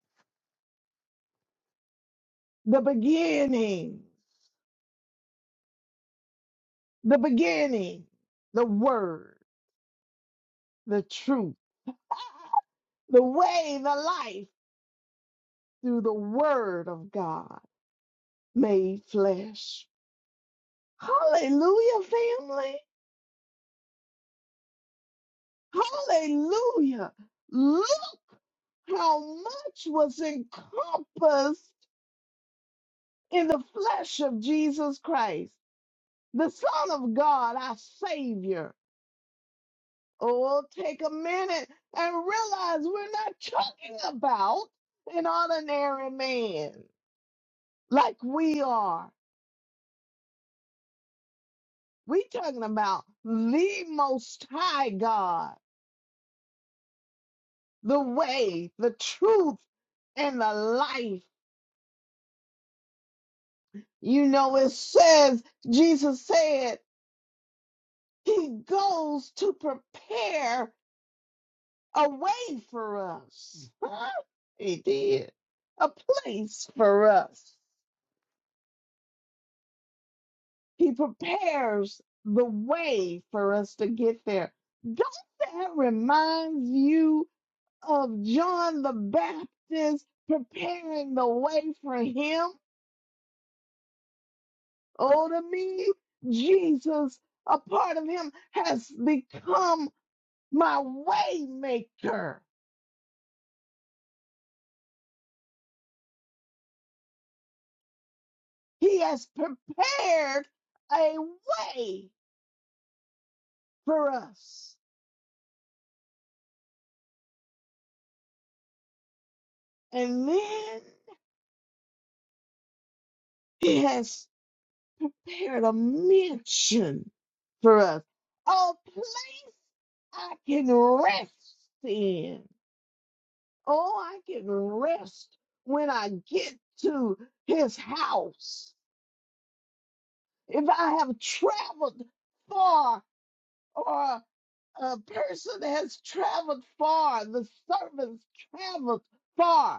F: The beginning, the beginning, the Word, the truth, the way, the life through the Word of God made flesh. Hallelujah, family. Hallelujah. Look. how much was encompassed in the flesh of Jesus Christ, the Son of God, our Savior. Oh, take a minute and realize we're not talking about an ordinary man like we are. We're talking about the Most High God, the way, the truth, and the life. You know, it says, Jesus said, He goes to prepare a way for us. Huh? He did. A place for us. He prepares the way for us to get there. Don't that remind you of John the Baptist preparing the way for him? Oh, to me, Jesus, a part of him has become my way maker. He has prepared a way for us. And then he has prepared a mansion for us, a place I can rest in. Oh, I can rest when I get to his house. If I have traveled far or a person has traveled far, the servants traveled far.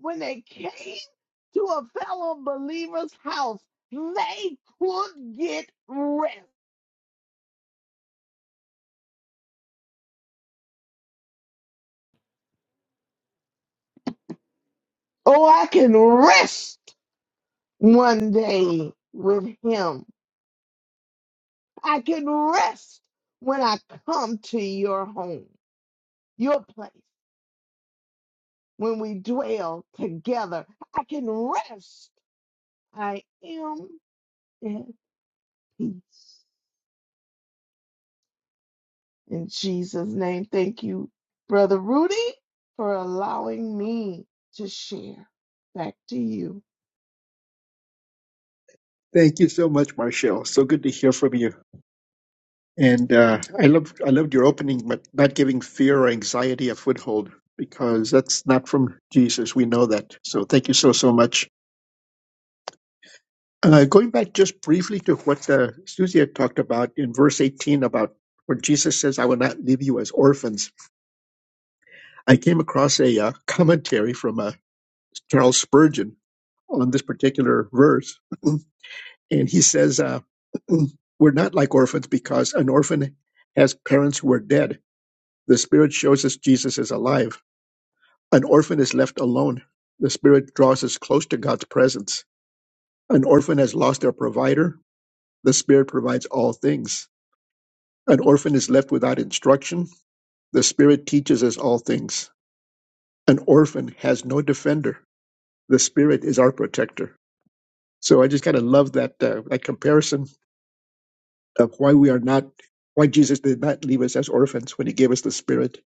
F: when they came to a fellow believer's house, they could get rest. Oh, I can rest one day with him. I can rest when I come to your home, your place, when we dwell together. I can rest. I am at peace. In Jesus' name, thank you, Brother Rudy, for allowing me to share. Back to you.
B: Thank you so much, Marshall. So good to hear from you. And uh, I loved I loved your opening, but not giving fear or anxiety a foothold because that's not from Jesus. We know that. So thank you so so much. Uh, going back just briefly to what uh, Susie had talked about in verse 18 about where Jesus says, "I will not leave you as orphans." I came across a uh, commentary from uh, Charles Spurgeon on this particular verse, and he says, uh, "We're not like orphans because an orphan has parents who are dead. The Spirit shows us Jesus is alive. An orphan is left alone. The Spirit draws us close to God's presence. An orphan has lost their provider. The Spirit provides all things. An orphan is left without instruction. The Spirit teaches us all things. An orphan has no defender. The Spirit is our protector." So I just kind of love that uh, that comparison of why we are not why Jesus did not leave us as orphans when he gave us the spirit.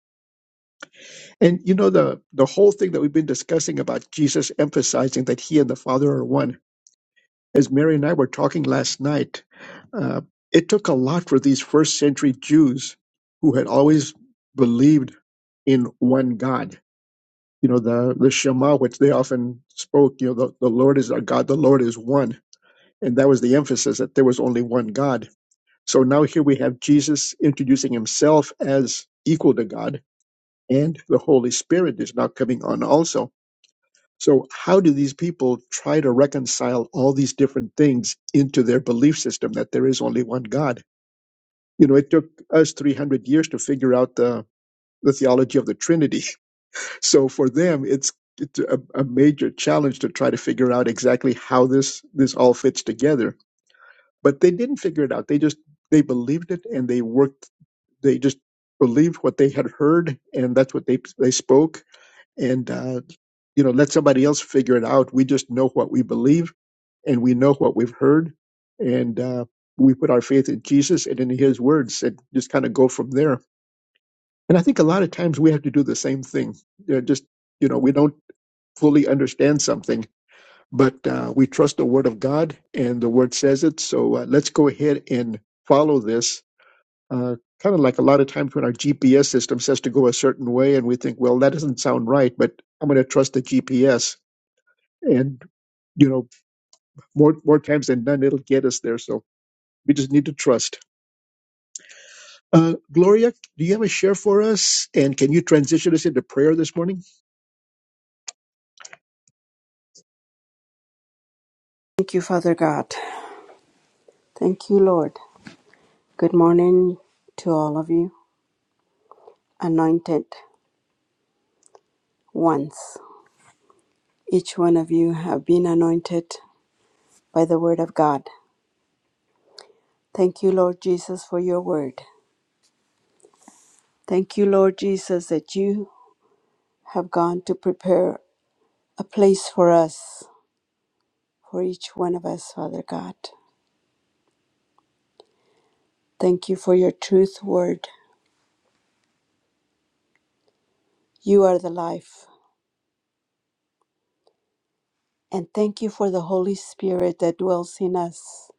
B: And you know the the whole thing that we've been discussing about Jesus emphasizing that he and the Father are one. As Mary and I were talking last night, uh, it took a lot for these first century Jews who had always believed in one God. You know the the Shema, which they often spoke. You know the, the Lord is our God, the Lord is one, and that was the emphasis that there was only one God So now here we have Jesus introducing himself as equal to God, and the Holy Spirit is now coming on also. So, how do these people try to reconcile all these different things into their belief system that there is only one God? You know, it took us 300 years to figure out the, the theology of the Trinity. So, for them, it's it's a, a major challenge to try to figure out exactly how this this all fits together. But they didn't figure it out. They just they believed it and they worked they just believed what they had heard and that's what they they spoke and uh, you know let somebody else figure it out we just know what we believe and we know what we've heard and uh, we put our faith in jesus and in his words and just kind of go from there and i think a lot of times we have to do the same thing You just you know we don't fully understand something but uh, we trust the word of god and the word says it so uh, let's go ahead and follow this uh, kind of like a lot of times when our GPS system says to go a certain way, and we think, well, that doesn't sound right, but I'm going to trust the GPS. And you know, more more times than none, it'll get us there. So we just need to trust. Uh, Gloria, do you have a share for us? And can you transition us into prayer this morning?
D: Thank you, Father God. Thank you, Lord. Good morning to all of you, anointed. once. Each one of you have been anointed by the word of God. Thank you, Lord Jesus, for your word. Thank you, Lord Jesus, that you have gone to prepare a place for us, for each one of us, Father God. Thank you for your truth word. You are the life. And thank you for the Holy Spirit that dwells in us.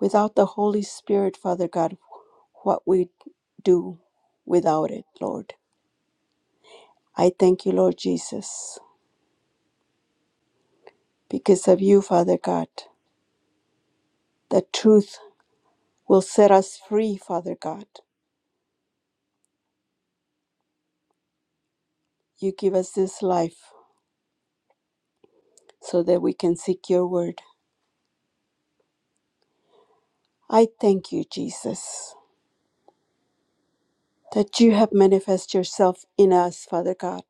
D: Without the Holy Spirit, Father God, what we do without it, Lord. I thank you, Lord Jesus. because of you, Father God. The truth will set us free, Father God. You give us this life so that we can seek your word. I thank you, Jesus, that you have manifested yourself in us, Father God,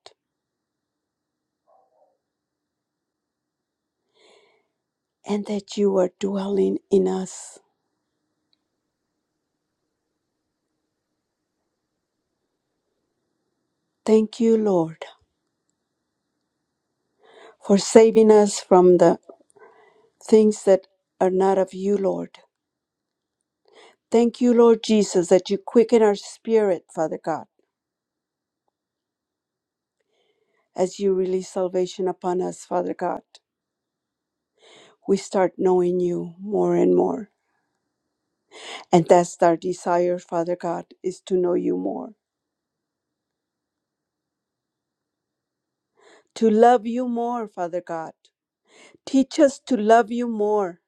D: and that you are dwelling in us. Thank you, Lord, for saving us from the things that are not of you, Lord. Thank you, Lord Jesus, that you quicken our spirit, Father God, as you release salvation upon us, Father God. we start knowing you more and more. And that's our desire, Father God, is to know you more, to love you more, Father God. Teach us to love you more.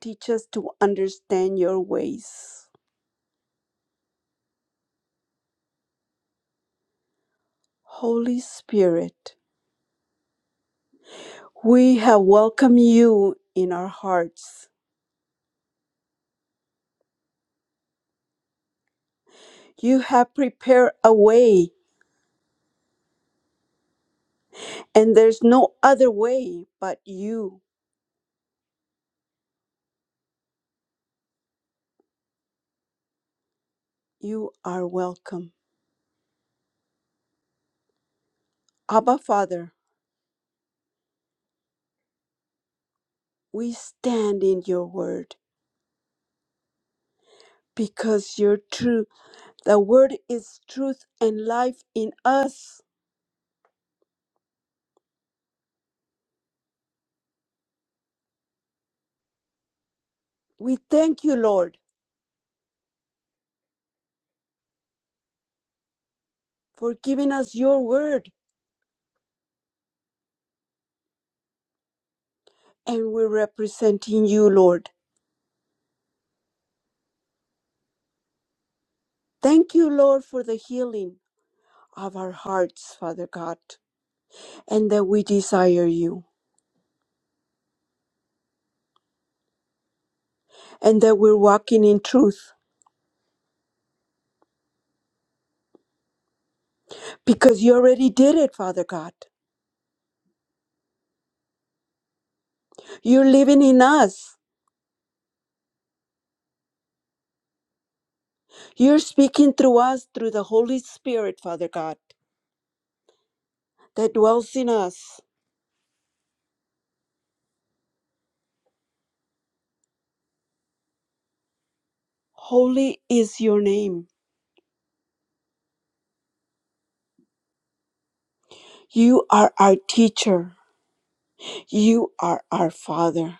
D: Teach us to understand your ways. Holy Spirit, we have welcomed you in our hearts. You have prepared a way, and there's no other way but you. You are welcome. Abba, Father, we stand in your word because you're true. The word is truth and life in us. We thank you, Lord, for giving us your word and we're representing you, Lord. Thank you, Lord, for the healing of our hearts, Father God, and that we desire you and that we're walking in truth because you already did it, Father God. You're living in us. You're speaking through us through the Holy Spirit, Father God, that dwells in us. Holy is your name. You are our teacher. You are our Father.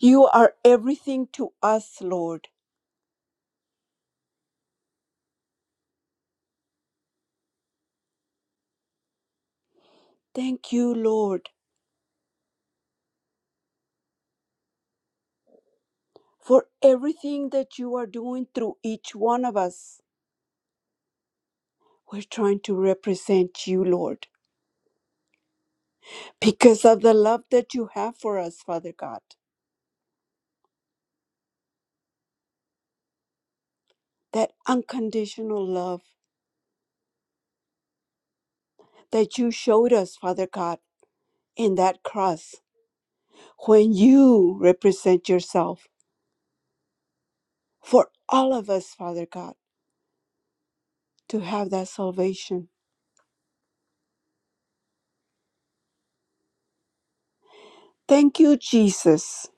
D: You are everything to us, Lord. Thank you, Lord, for everything that you are doing through each one of us. We're trying to represent you, Lord, because of the love that you have for us, Father God. That unconditional love that you showed us, Father God, in that cross. When you represent yourself for all of us, Father God, to have that salvation Thank you, Jesus.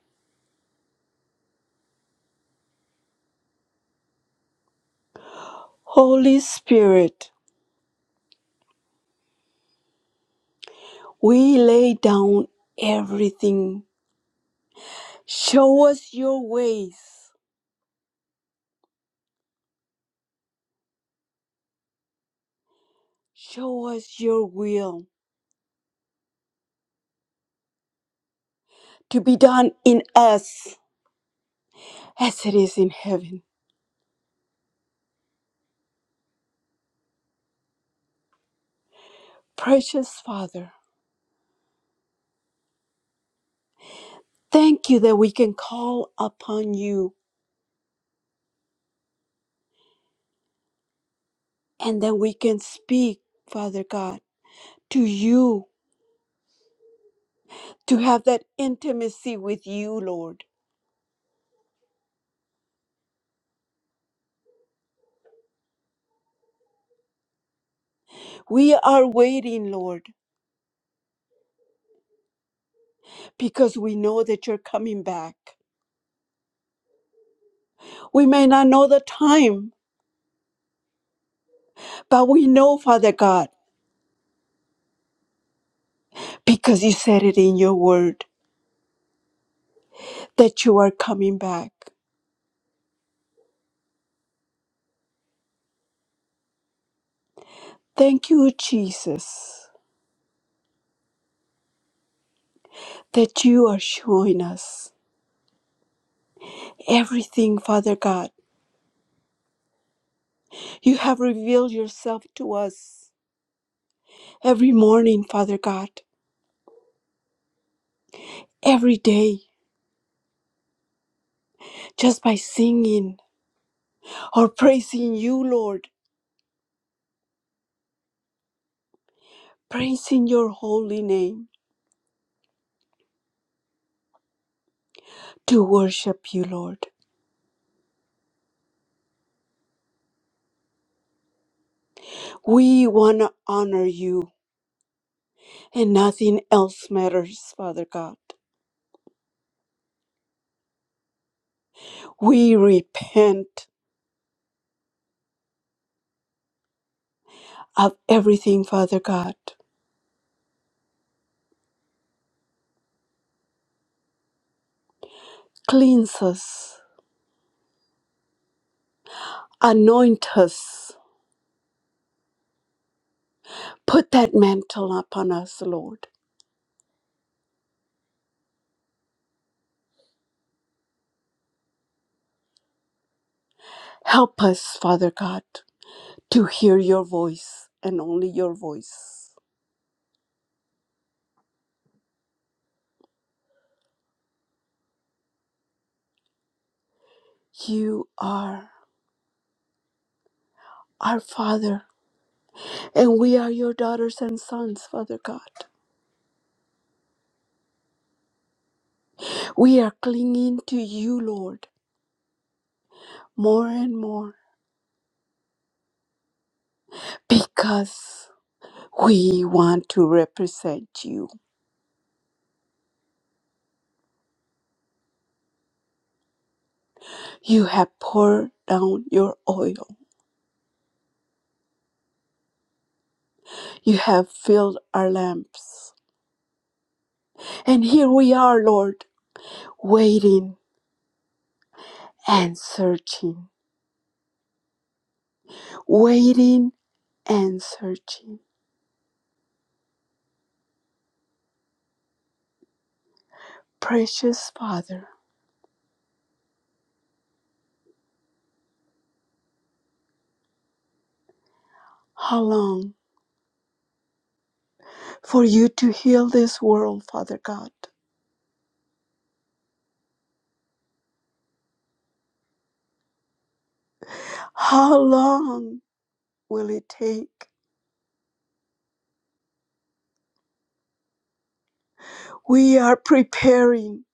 D: Holy Spirit, we lay down everything. Show us your ways. Show us your will to be done in us as it is in heaven. Precious Father, thank you that we can call upon you and that we can speak, Father God, to you, to have that intimacy with you, Lord. We are waiting, Lord, because we know that you're coming back. We may not know the time, but we know, Father God, because you said it in your word that you are coming back. Thank you, Jesus, that you are showing us everything, Father God. You have revealed yourself to us every morning, Father God, every day, just by singing or praising you, Lord, praising your holy name to worship you, Lord. We want to honor you. and nothing else matters, Father God. We repent of everything, Father God. Cleanse us, anoint us, put that mantle upon us, Lord. Help us, Father God, to hear your voice and only your voice. You are our Father, and we are your daughters and sons, Father God. We are clinging to you, Lord, more and more because. We want to represent you. You have poured down your oil. You have filled our lamps. And here we are, Lord, waiting and searching, waiting and searching. Precious Father, how long for you to heal this world, Father God? How long will it take? We are preparing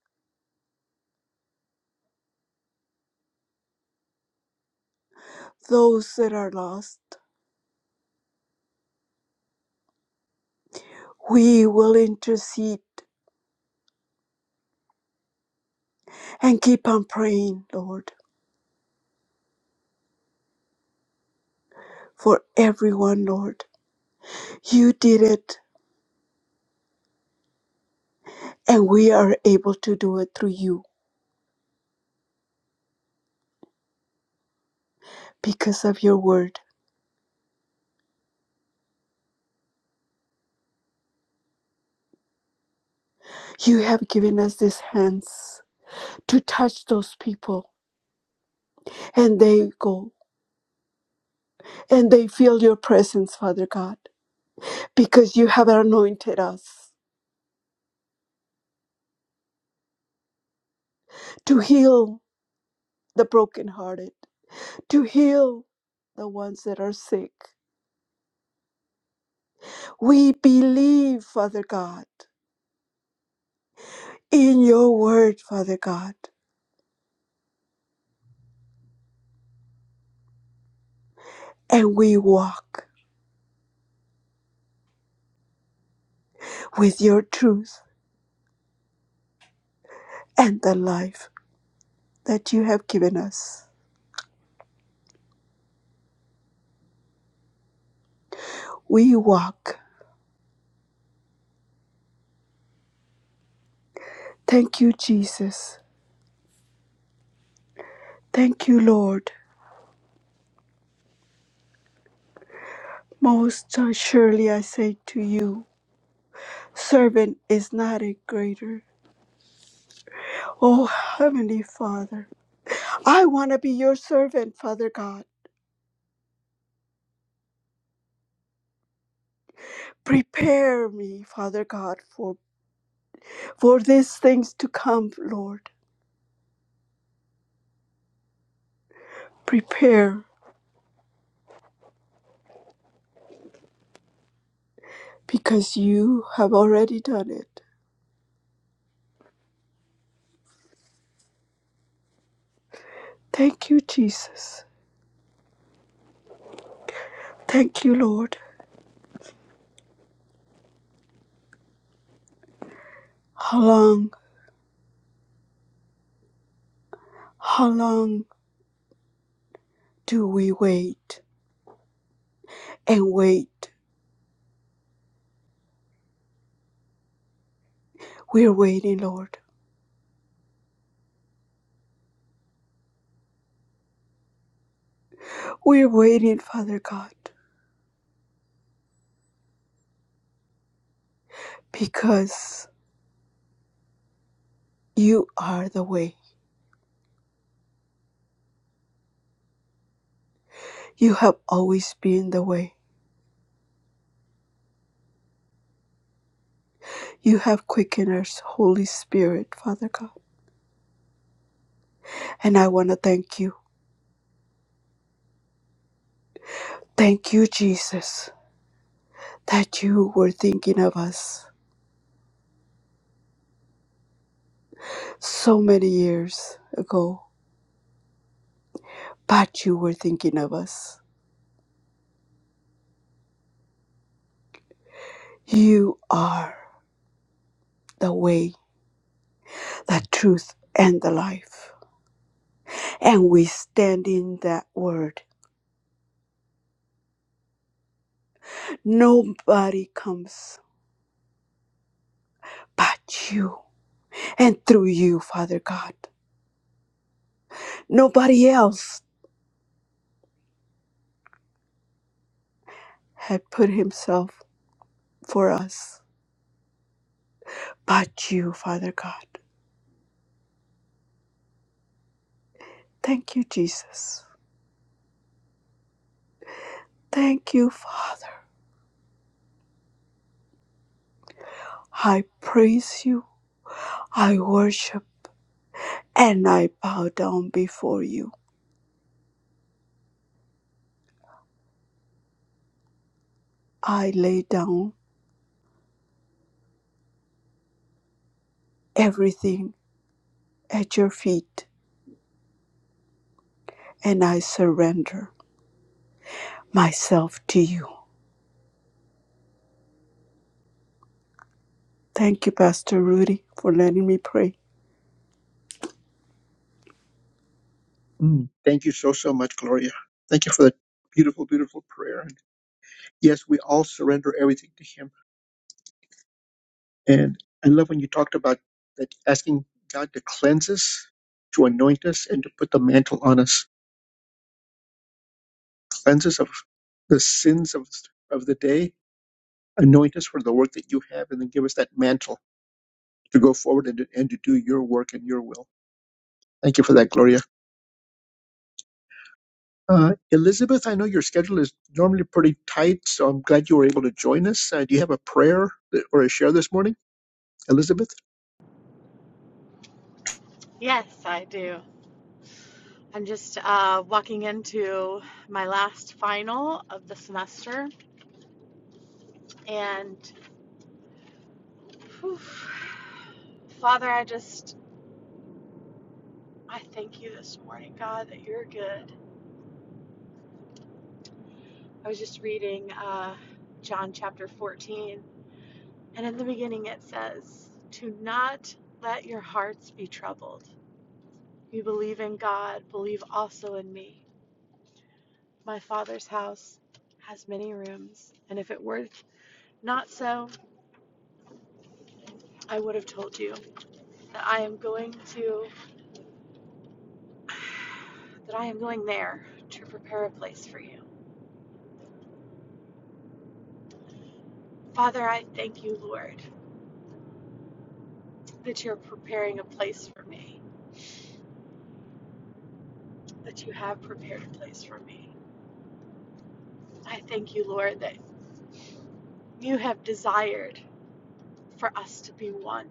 D: those that are lost. We will intercede and keep on praying, Lord, for everyone, Lord. You did it, and we are able to do it through you because of your word. You have given us these hands to touch those people, and they go and they feel your presence, Father God, because you have anointed us to heal the brokenhearted, to heal the ones that are sick. We believe, Father God, in your word, Father God. and we walk with your truth and the life that you have given us. We walk. Thank you, Jesus. Thank you, Lord. Most surely I say to you, servant is not a greater. Oh, Heavenly Father, I want to be your servant, Father God. Prepare me, Father God, for, for these things to come, Lord. Prepare because you have already done it. Thank you, Jesus. Thank you, Lord. How long, how long do we wait and wait? We're waiting, Lord. We're waiting, Father God, because you are the way. You have always been the way. You have quickened us, Holy Spirit, Father God. And I want to thank you. Thank you, Jesus, that you were thinking of us so many years ago, but you were thinking of us. You are the way the truth and the life. And we stand in that word. Nobody comes but you and through you, Father God. Nobody else had put himself for us but you, Father God. Thank you, Jesus. Thank you, Father. I praise you. I worship and I bow down before you. I lay down everything at your feet and I surrender. myself to you. Thank you, Pastor Rudy, for letting me pray.
B: Mm, thank you so so much, Gloria. Thank you for that beautiful, beautiful prayer. And yes, we all surrender everything to Him. And I love when you talked about that asking God to cleanse us, to anoint us, and to put the mantle on us. Cleanse us of the sins of, of the day. Anoint us for the work that you have, and then give us that mantle to go forward and to, and to do your work and your will. Thank you for that, Gloria. Uh, Elizabeth, I know your schedule is normally pretty tight, so I'm glad you were able to join us. Uh, do you have a prayer that- or a share this morning, Elizabeth?
G: Yes, I do. I'm just uh, walking into my last final of the semester. And whew, Father, I just, I thank you this morning, God, that you're good. I was just reading uh, John chapter 14, and in the beginning it says, To not let your hearts be troubled. You believe in God, believe also in me. My Father's house has many rooms, and if it were not so, I would have told you that I am going to that I am going there to prepare a place for you. Father, I thank you, Lord, that you're preparing a place for me, that you have prepared a place for me. I thank you, Lord, that you have desired for us to be one.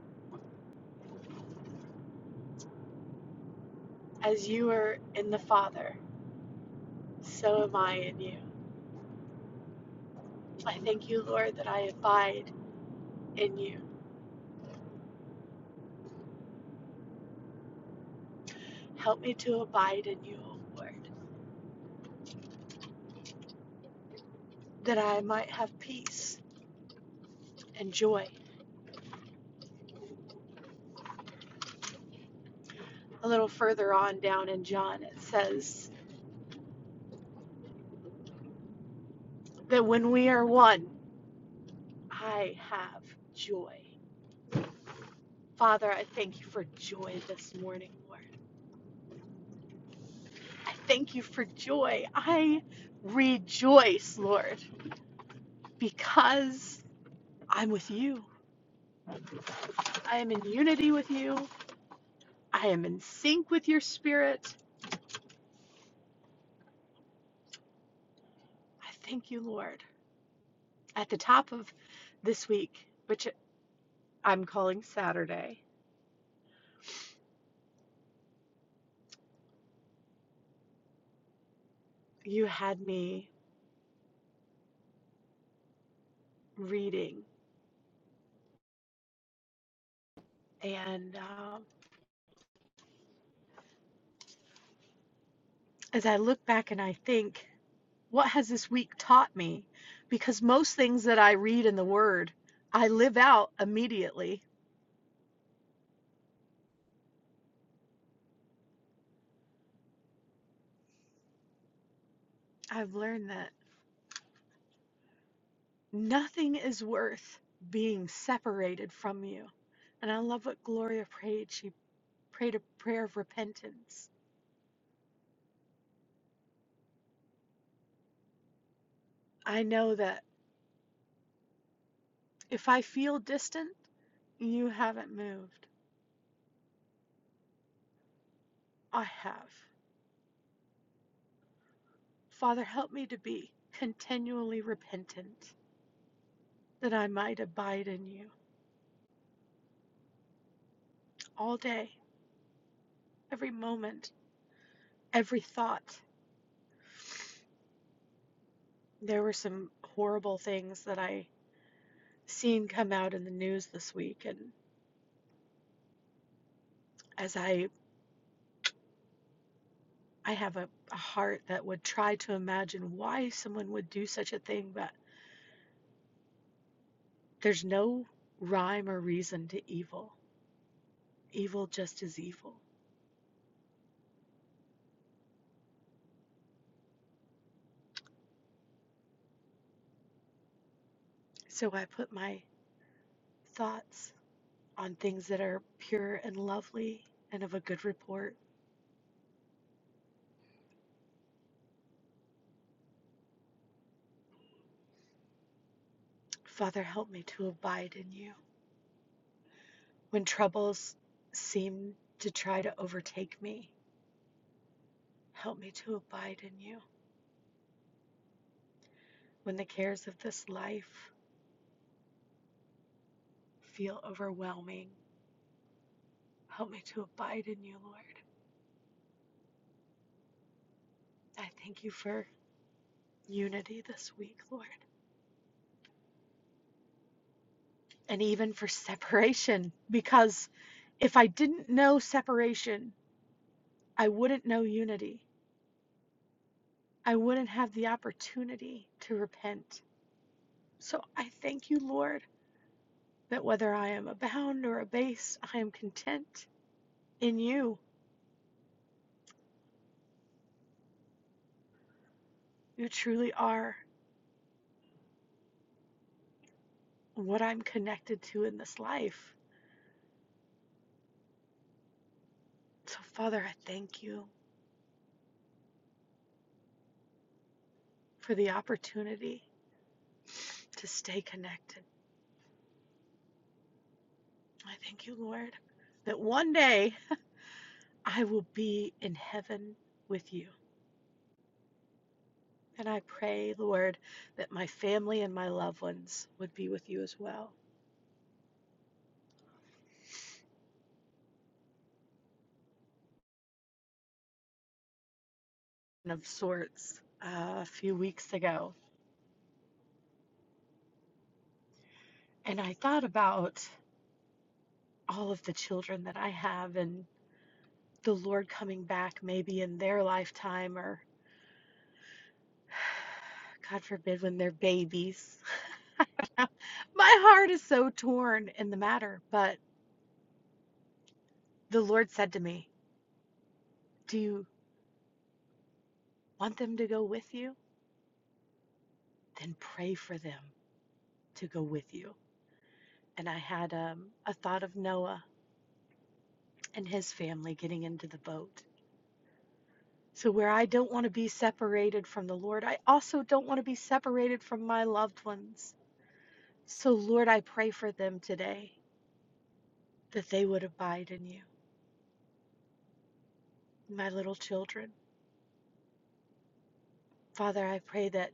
G: As you are in the Father, so am I in you. I thank you, Lord, that I abide in you. Help me to abide in you, O Lord, that I might have peace and joy a little further on down in John, it says that when we are one, I have joy. Father, I thank you for joy this morning, Lord. I thank you for joy. I rejoice, Lord, because I'm with you. I am in unity with you. I am in sync with your spirit. I thank you, Lord. At the top of this week, which I'm calling Saturday, you had me reading and um, as I look back and I think, what has this week taught me? Because most things that I read in the Word, I live out immediately. I've learned that nothing is worth being separated from you. And I love what Gloria prayed. She prayed a prayer of repentance. I know that if I feel distant, you haven't moved. I have. Father, help me to be continually repentant that I might abide in you all day Every moment, every thought. There were some horrible things that I seen come out in the news this week, and as I I have a, a heart that would try to imagine why someone would do such a thing, but there's no rhyme or reason to evil. Evil just is evil. So I put my thoughts on things that are pure and lovely and of a good report. Father, help me to abide in you. When troubles seem to try to overtake me, Help me to abide in you. When the cares of this life feel overwhelming, help me to abide in you, Lord. I thank you for unity this week, Lord, and even for separation, because if I didn't know separation, I wouldn't know unity. I wouldn't have the opportunity to repent. So I thank you, Lord, that whether I am abound or abased, I am content in you. You truly are what I'm connected to in this life So, Father, I thank you for the opportunity to stay connected. I thank you, Lord, that one day I will be in heaven with you. And I pray, Lord, that my family and my loved ones would be with you as well. Of sorts, uh, a few weeks ago. And I thought about all of the children that I have and the Lord coming back maybe in their lifetime or, God forbid, when they're babies My heart is so torn in the matter, but the Lord said to me, Do you want them to go with you? Then pray for them to go with you. And I had um, a thought of Noah and his family getting into the boat. So, where I don't want to be separated from the Lord, I also don't want to be separated from my loved ones. So, Lord, I pray for them today that they would abide in you, my little children. Father, I pray that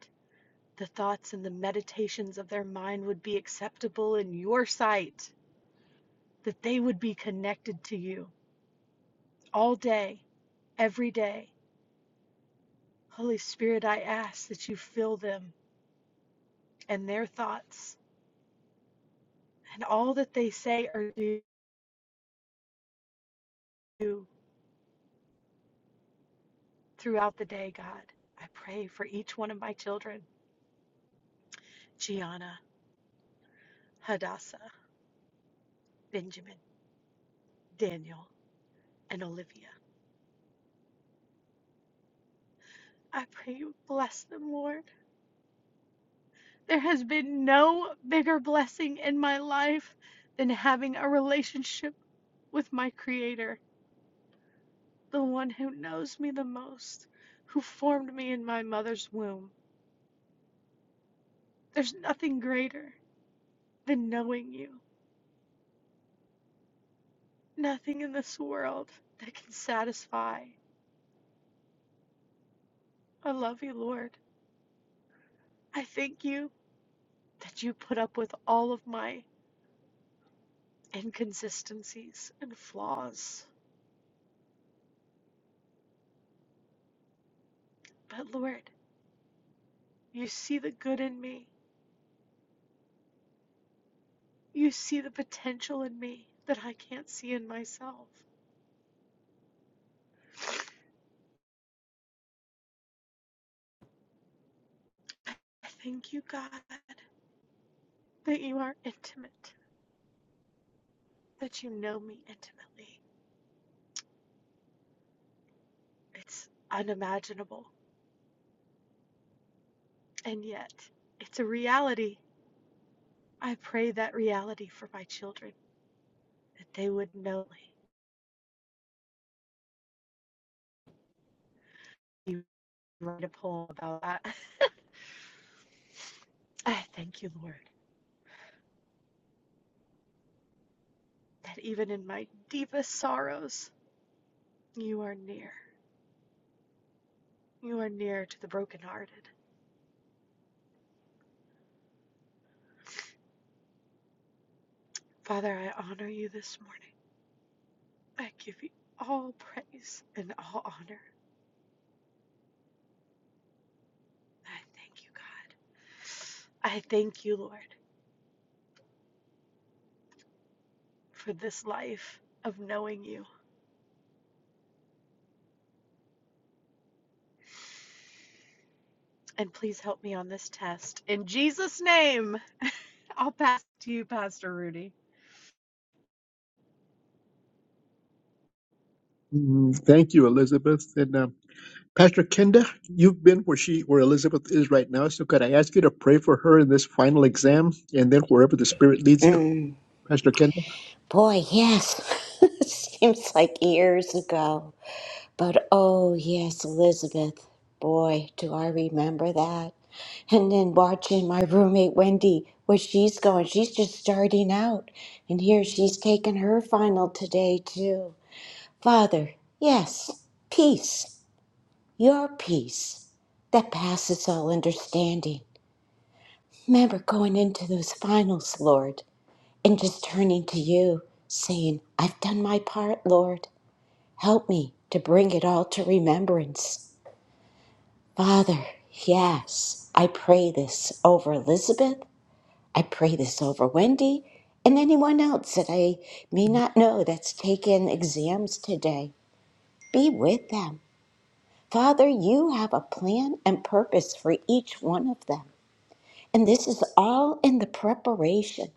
G: The thoughts and the meditations of their mind would be acceptable in your sight, that they would be connected to you all day, every day. Holy Spirit, I ask that you fill them and their thoughts and all that they say or do throughout the day, God. I pray for each one of my children Gianna, Hadassah, Benjamin, Daniel, and Olivia. I pray you bless them, Lord. There has been no bigger blessing in my life than having a relationship with my Creator, the one who knows me the most, who formed me in my mother's womb. There's nothing greater than knowing you, nothing in this world that can satisfy. I love you, Lord. I thank you that you put up with all of my inconsistencies and flaws. But Lord, you see the good in me You see the potential in me that I can't see in myself. I thank you, God, that you are intimate, that you know me intimately. It's unimaginable, and yet it's a reality. I pray that reality for my children, that they would know me. You write a poem about that. I thank you, Lord, that even in my deepest sorrows, you are near. You are near to the brokenhearted. Father, I honor you this morning. I give you all praise and all honor. I thank you, God. I thank you, Lord, for this life of knowing you. And please help me on this test. In Jesus' name, I'll pass to you, Pastor Rudy.
B: Mm, thank you, Elizabeth. And um, Pastor Kenda, you've been where she, where Elizabeth is right now. So could I ask you to pray for her in this final exam, and then wherever the Spirit leads you,
C: Mm,
B: Pastor Kenda?
C: boy, yes. Seems like years ago. But oh, yes, Elizabeth. Boy, do I remember that. And then watching my roommate Wendy, where she's going, she's just starting out. And here she's taking her final today, too. Father, yes, peace, your peace that passes all understanding. Remember going into those finals, Lord, and just turning to you, saying, I've done my part, Lord. Help me to bring it all to remembrance. Father, yes, I pray this over Elizabeth. I pray this over Wendy and anyone else that I may not know that's taken exams today. Be with them. Father, you have a plan and purpose for each one of them. And this is all in the preparation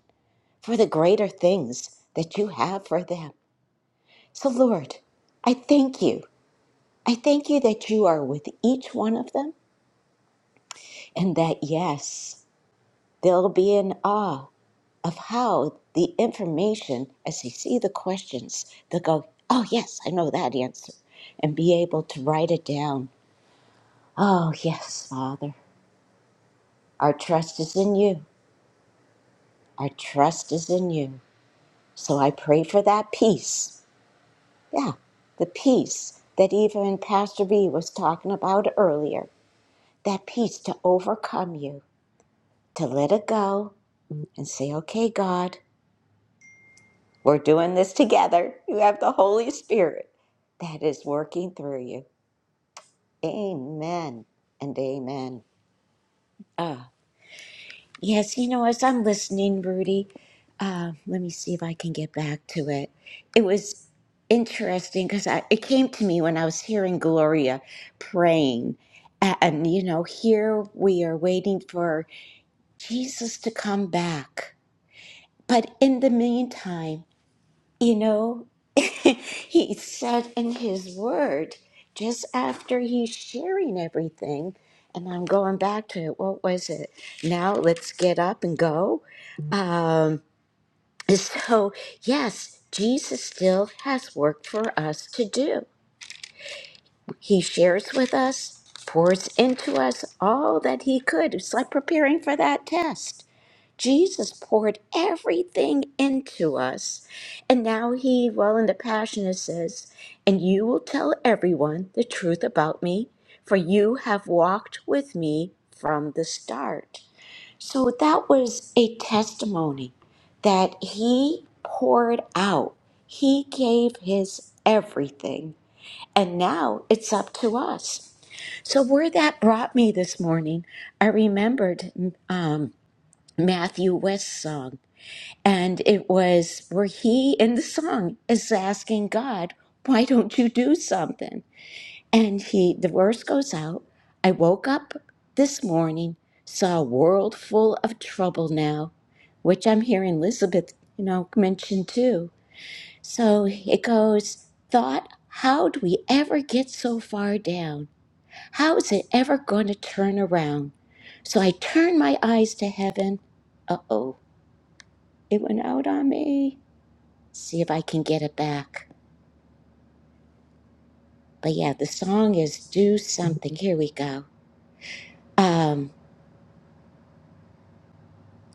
C: for the greater things that you have for them. So, Lord, I thank you. I thank you that you are with each one of them and that, yes, they'll be in awe of how the information, as they see the questions, they'll go, oh, yes, I know that answer, and be able to write it down. Oh, yes, Father, our trust is in you. Our trust is in you. So I pray for that peace. Yeah, the peace that even Pastor B was talking about earlier. That peace to overcome you, to let it go and say, okay, God, we're doing this together. You have the Holy Spirit that is working through you. Amen and amen. Ah. Yes, you know, as I'm listening, Rudy, uh, let me see if I can get back to it. It was interesting because I, it came to me when I was hearing Gloria praying. A- And, you know, here we are waiting for Jesus to come back. But in the meantime, you know, he said in his word, just after he's sharing everything, and I'm going back to it, what was it? Now let's get up and go. Um, so, yes, Jesus still has work for us to do. He shares with us, pours into us all that he could. It's like preparing for that test. Jesus poured everything into us. And now he, well, in the Passion, it says, And you will tell everyone the truth about me, for you have walked with me from the start. So that was a testimony that he poured out, he gave his everything. And now it's up to us. So, where that brought me this morning, I remembered um, Matthew West's song. And it was where he in the song is asking God, why don't you do something? And he the verse goes out, I woke up this morning, saw a world full of trouble now, which I'm hearing Elizabeth, you know, mention too. So it goes, thought, how do we ever get so far down? How is it ever gonna turn around? So I turned my eyes to heaven. Uh oh, it went out on me see if I can get it back. But yeah, the song is Do Something. Here we go. Um,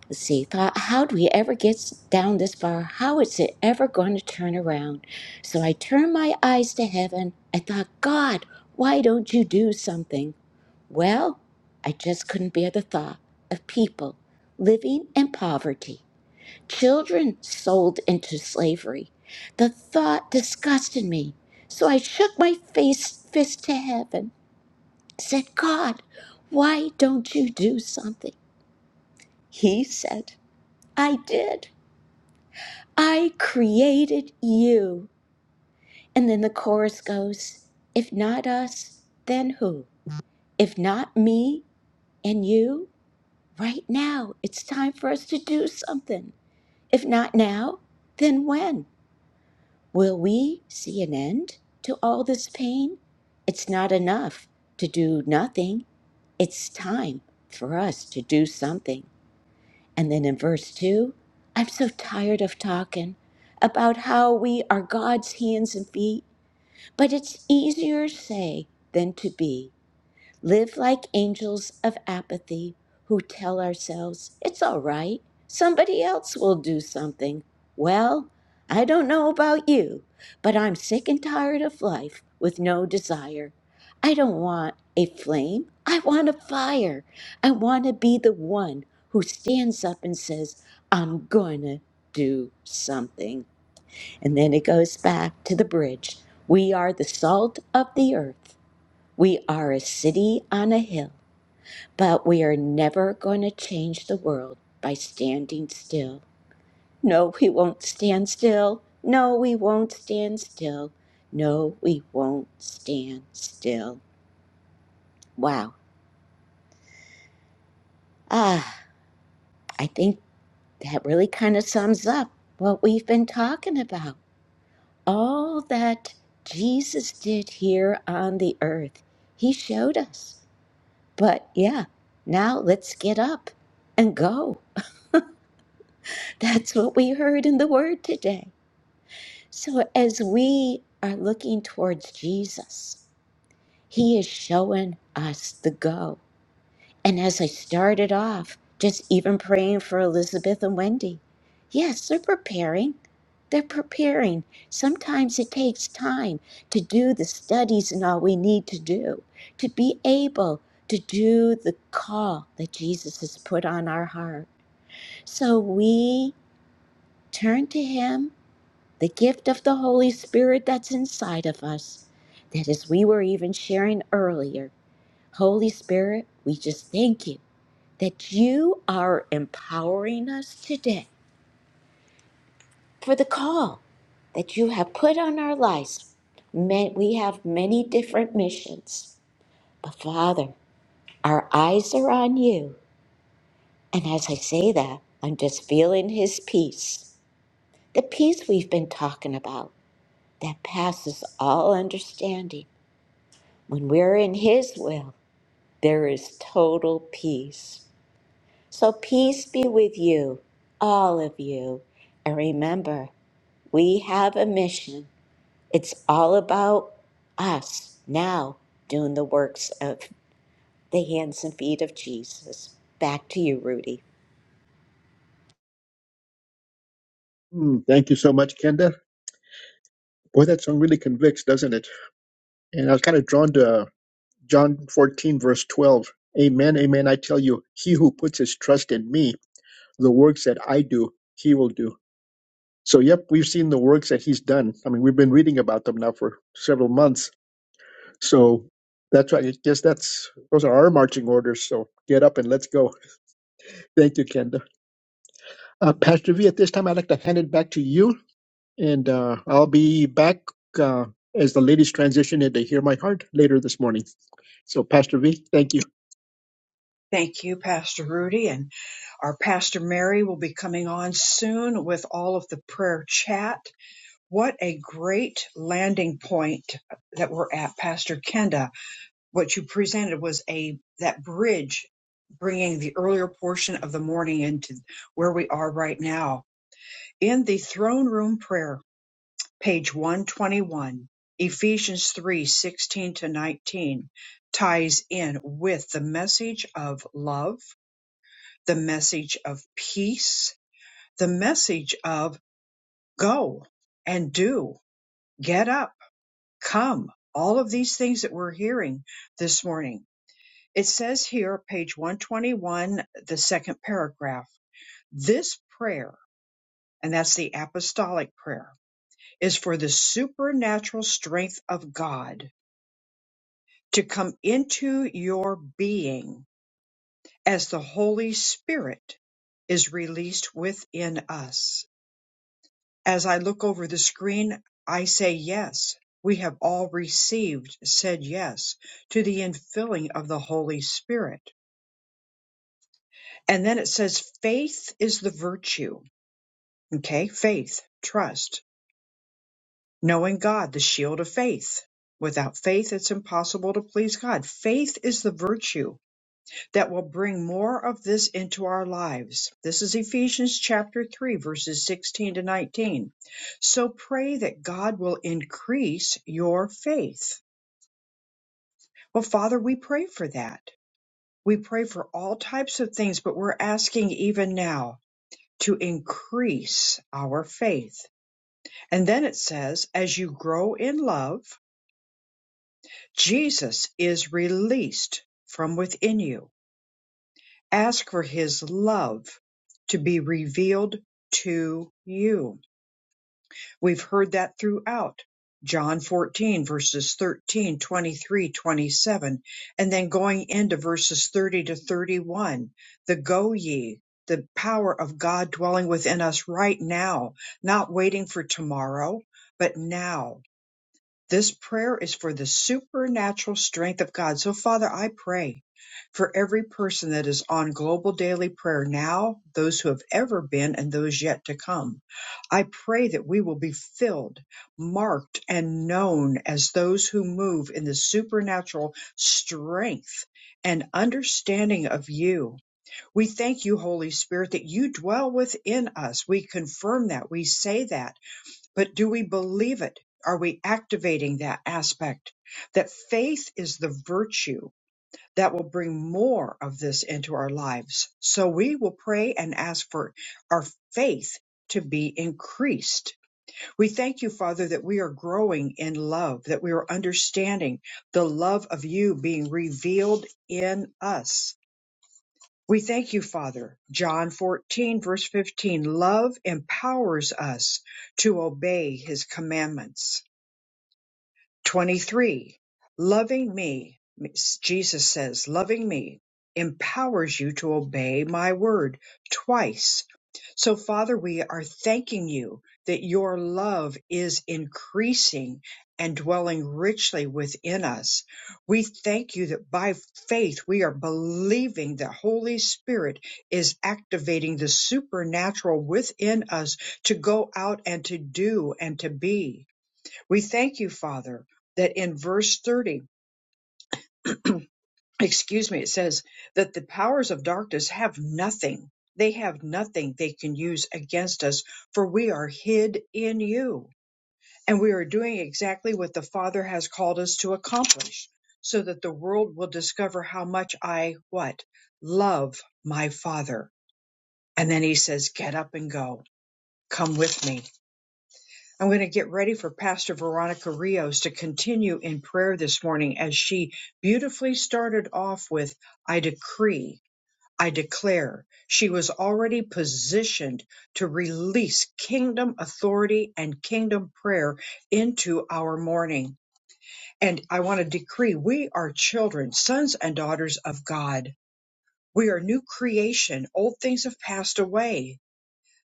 C: let's see. Thought, how do we ever get s- down this far? How is it ever going to turn around? So I turned my eyes to heaven. I thought, God, why don't you do something? Well, I just couldn't bear the thought of people living in poverty, children sold into slavery. The thought disgusted me. So I shook my face fist to heaven. said, God, why don't you do something? He said, I did. I created you. And then the chorus goes, If not us, then who? If not me and you, right now, it's time for us to do something. If not now, then when? Will we see an end to all this pain? It's not enough to do nothing. It's time for us to do something. And then in verse 2, I'm so tired of talking about how we are God's hands and feet, but it's easier to say than to be. Live like angels of apathy who tell ourselves, it's all right, somebody else will do something. Well, I don't know about you, but I'm sick and tired of life with no desire. I don't want a flame, I want a fire. I want to be the one who stands up and says, I'm gonna do something. And then it goes back to the bridge. We are the salt of the earth. We are a city on a hill. But we are never going to change the world by standing still. No, we won't stand still. No, we won't stand still. No, we won't stand still. Wow. Ah, I think that really kind of sums up what we've been talking about. All that Jesus did here on the earth, he showed us. But yeah, now let's get up and go. That's what we heard in the word today. So as we are looking towards Jesus, He is showing us the go. And as I started off, just even praying for Elizabeth and Wendy, yes, they're preparing. They're preparing. Sometimes it takes time to do the studies and all we need to do to be able to do the call that Jesus has put on our heart. So we turn to Him the gift of the Holy Spirit that's inside of us. That as we were even sharing earlier, Holy Spirit, we just thank you that you are empowering us today for the call that you have put on our lives. Ma- We have many different missions, but Father, our eyes are on you. And as I say that, I'm just feeling His peace, the peace we've been talking about that passes all understanding When we're in His will, there is total peace. So, peace be with you, all of you. And remember, we have a mission. It's all about us now doing the works of the hands and feet of Jesus. Back to you, Rudy.
B: Mm, thank you so much, Kenda. Boy, that song really convicts, doesn't it? And I was kind of drawn to uh, John 14, verse 12. Amen, amen. I tell you, he who puts his trust in me, the works that I do, he will do. So, yep, we've seen the works that he's done. I mean, we've been reading about them now for several months So that's right. I guess that's those are our marching orders. So get up and let's go. Thank you, Kenda. Uh, Pastor V, at this time, I'd like to hand it back to you, and uh, I'll be back uh, as the ladies transition into Hear My Heart later this morning. So, Pastor V, thank you.
A: Thank you, Pastor Rudy. And our Pastor Mary will be coming on soon with all of the prayer chat. What a great landing point that we're at, Pastor Kenda. What you presented was a that bridge bringing the earlier portion of the morning into where we are right now in the throne room prayer, page 121. Ephesians 3 16 to 19 ties in with the message of love the message of peace, the message of go and do, get up, come, all of these things that we're hearing this morning. It says here, page 121, the second paragraph, this prayer, and that's the apostolic prayer, is for the supernatural strength of God to come into your being as the Holy Spirit is released within us As I look over the screen, I say yes. We have all received, said yes to the infilling of the Holy Spirit. And then it says faith is the virtue. Okay. Faith, trust, knowing God, the shield of faith. Without faith, it's impossible to please God. Faith is the virtue that will bring more of this into our lives. This is Ephesians chapter 3, verses 16 to 19. So pray that God will increase your faith. Well, Father, we pray for that. We pray for all types of things, but we're asking even now to increase our faith. And then it says, as you grow in love, Jesus is released from within you. Ask for his love to be revealed to you. We've heard that throughout John 14 verses 13, 23, 27, and then going into verses 30 to 31. The go ye, the power of God dwelling within us right now, not waiting for tomorrow, but now this prayer is for the supernatural strength of God. So, Father, I pray for every person that is on global daily prayer now, those who have ever been, and those yet to come. I pray that we will be filled, marked, and known as those who move in the supernatural strength and understanding of you. We thank you, Holy Spirit, that you dwell within us. We confirm that. We say that but do we believe it? Are we activating that aspect? That faith is the virtue that will bring more of this into our lives. So we will pray and ask for our faith to be increased. We thank you, Father, that we are growing in love, that we are understanding the love of you being revealed in us. We thank you, Father. John 14, verse 15. Love empowers us to obey his commandments 23. Loving me, Jesus says, loving me empowers you to obey my word twice. So, Father, we are thanking you that your love is increasing and dwelling richly within us. We thank you that by faith we are believing the Holy Spirit is activating the supernatural within us to go out and to do and to be. We thank you, Father, that in verse 30, excuse me, it says that the powers of darkness have nothing. They have nothing they can use against us, for we are hid in you. And we are doing exactly what the Father has called us to accomplish, so that the world will discover how much I, what? Love my Father. And then he says, Get up and go. Come with me. I'm going to get ready for Pastor Veronica Rios to continue in prayer this morning as she beautifully started off with, I decree, I declare. She was already positioned to release kingdom authority and kingdom prayer into our morning. And I want to decree we are children, sons and daughters of God. We are new creation. Old things have passed away.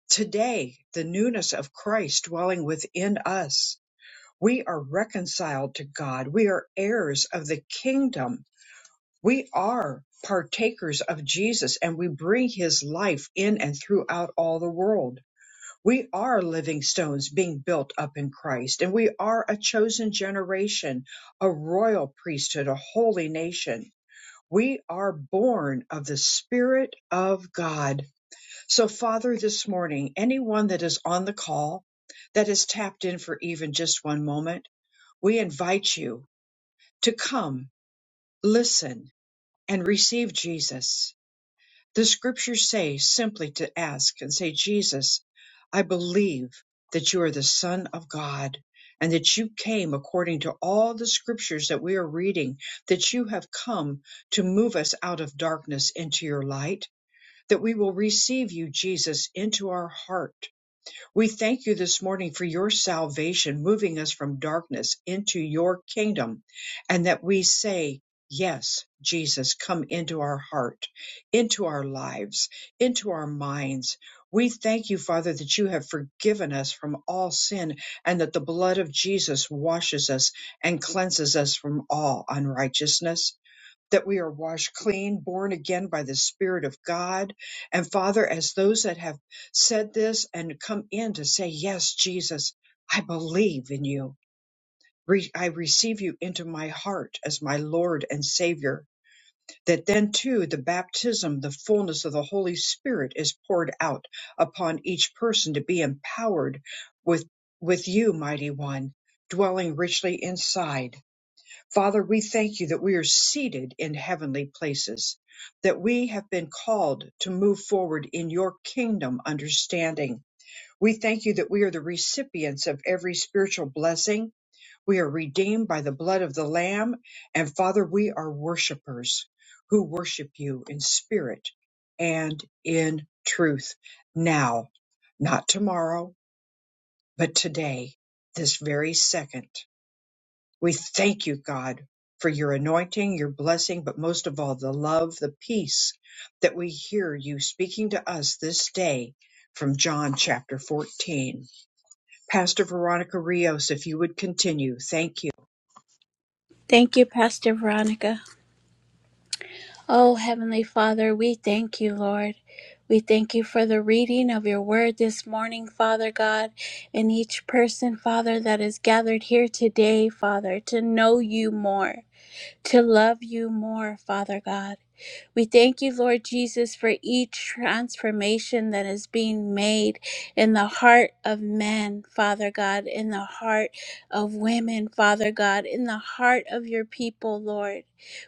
A: Today, the newness of Christ dwelling within us we are reconciled to God. We are heirs of the kingdom. We are partakers of Jesus and we bring his life in and throughout all the world. We are living stones being built up in Christ and we are a chosen generation, a royal priesthood, a holy nation. We are born of the Spirit of God. So, Father, this morning, anyone that is on the call, that has tapped in for even just one moment, we invite you to come, listen, and receive Jesus. The scriptures say simply to ask and say, Jesus, I believe that you are the Son of God and that you came according to all the scriptures that we are reading, that you have come to move us out of darkness into your light, that we will receive you, Jesus, into our heart we thank you this morning for your salvation, moving us from darkness into your kingdom, and that we say, Yes, Jesus, come into our heart, into our lives, into our minds. We thank you, Father, that you have forgiven us from all sin and that the blood of Jesus washes us and cleanses us from all unrighteousness that we are washed clean, born again by the Spirit of God. And Father, as those that have said this and come in to say, Yes, Jesus, I believe in you. Re- I receive you into my heart as my Lord and Savior. That then, too, the baptism, the fullness of the Holy Spirit is poured out upon each person to be empowered with, with you, Mighty One, dwelling richly inside. Father, we thank you that we are seated in heavenly places, that we have been called to move forward in your kingdom understanding. We thank you that we are the recipients of every spiritual blessing. We are redeemed by the blood of the Lamb. And Father, we are worshipers who worship you in spirit and in truth now, not tomorrow, but today, this very second. We thank you, God, for your anointing, your blessing, but most of all, the love, the peace that we hear you speaking to us this day from John chapter 14. Pastor Veronica Rios, if you would continue, thank you.
D: Thank you, Pastor Veronica. Oh, Heavenly Father, we thank you, Lord. We thank you for the reading of your word this morning, Father God, and each person, Father, that is gathered here today, Father, to know you more. to love you more, Father God. We thank you, Lord Jesus, for each transformation that is being made in the heart of men, Father God, in the heart of women, Father God, in the heart of your people, Lord.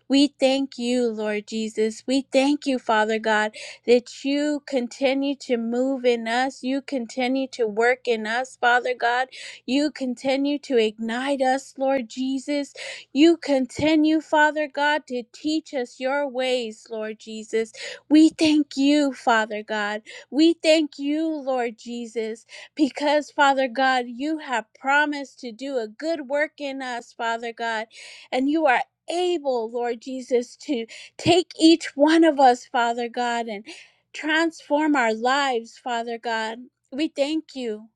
D: We thank you, Lord Jesus. We thank you, Father God, that you continue to move in us. You continue to work in us, Father God. You continue to ignite us, Lord Jesus. You continue, Father God, to teach us your ways, Lord Jesus. We thank you, Father God. We thank you, Lord Jesus, because, Father God, you have promised to do a good work in us, Father God, and you are able, Lord Jesus, to take each one of us, Father God, and transform our lives, Father God. We thank you.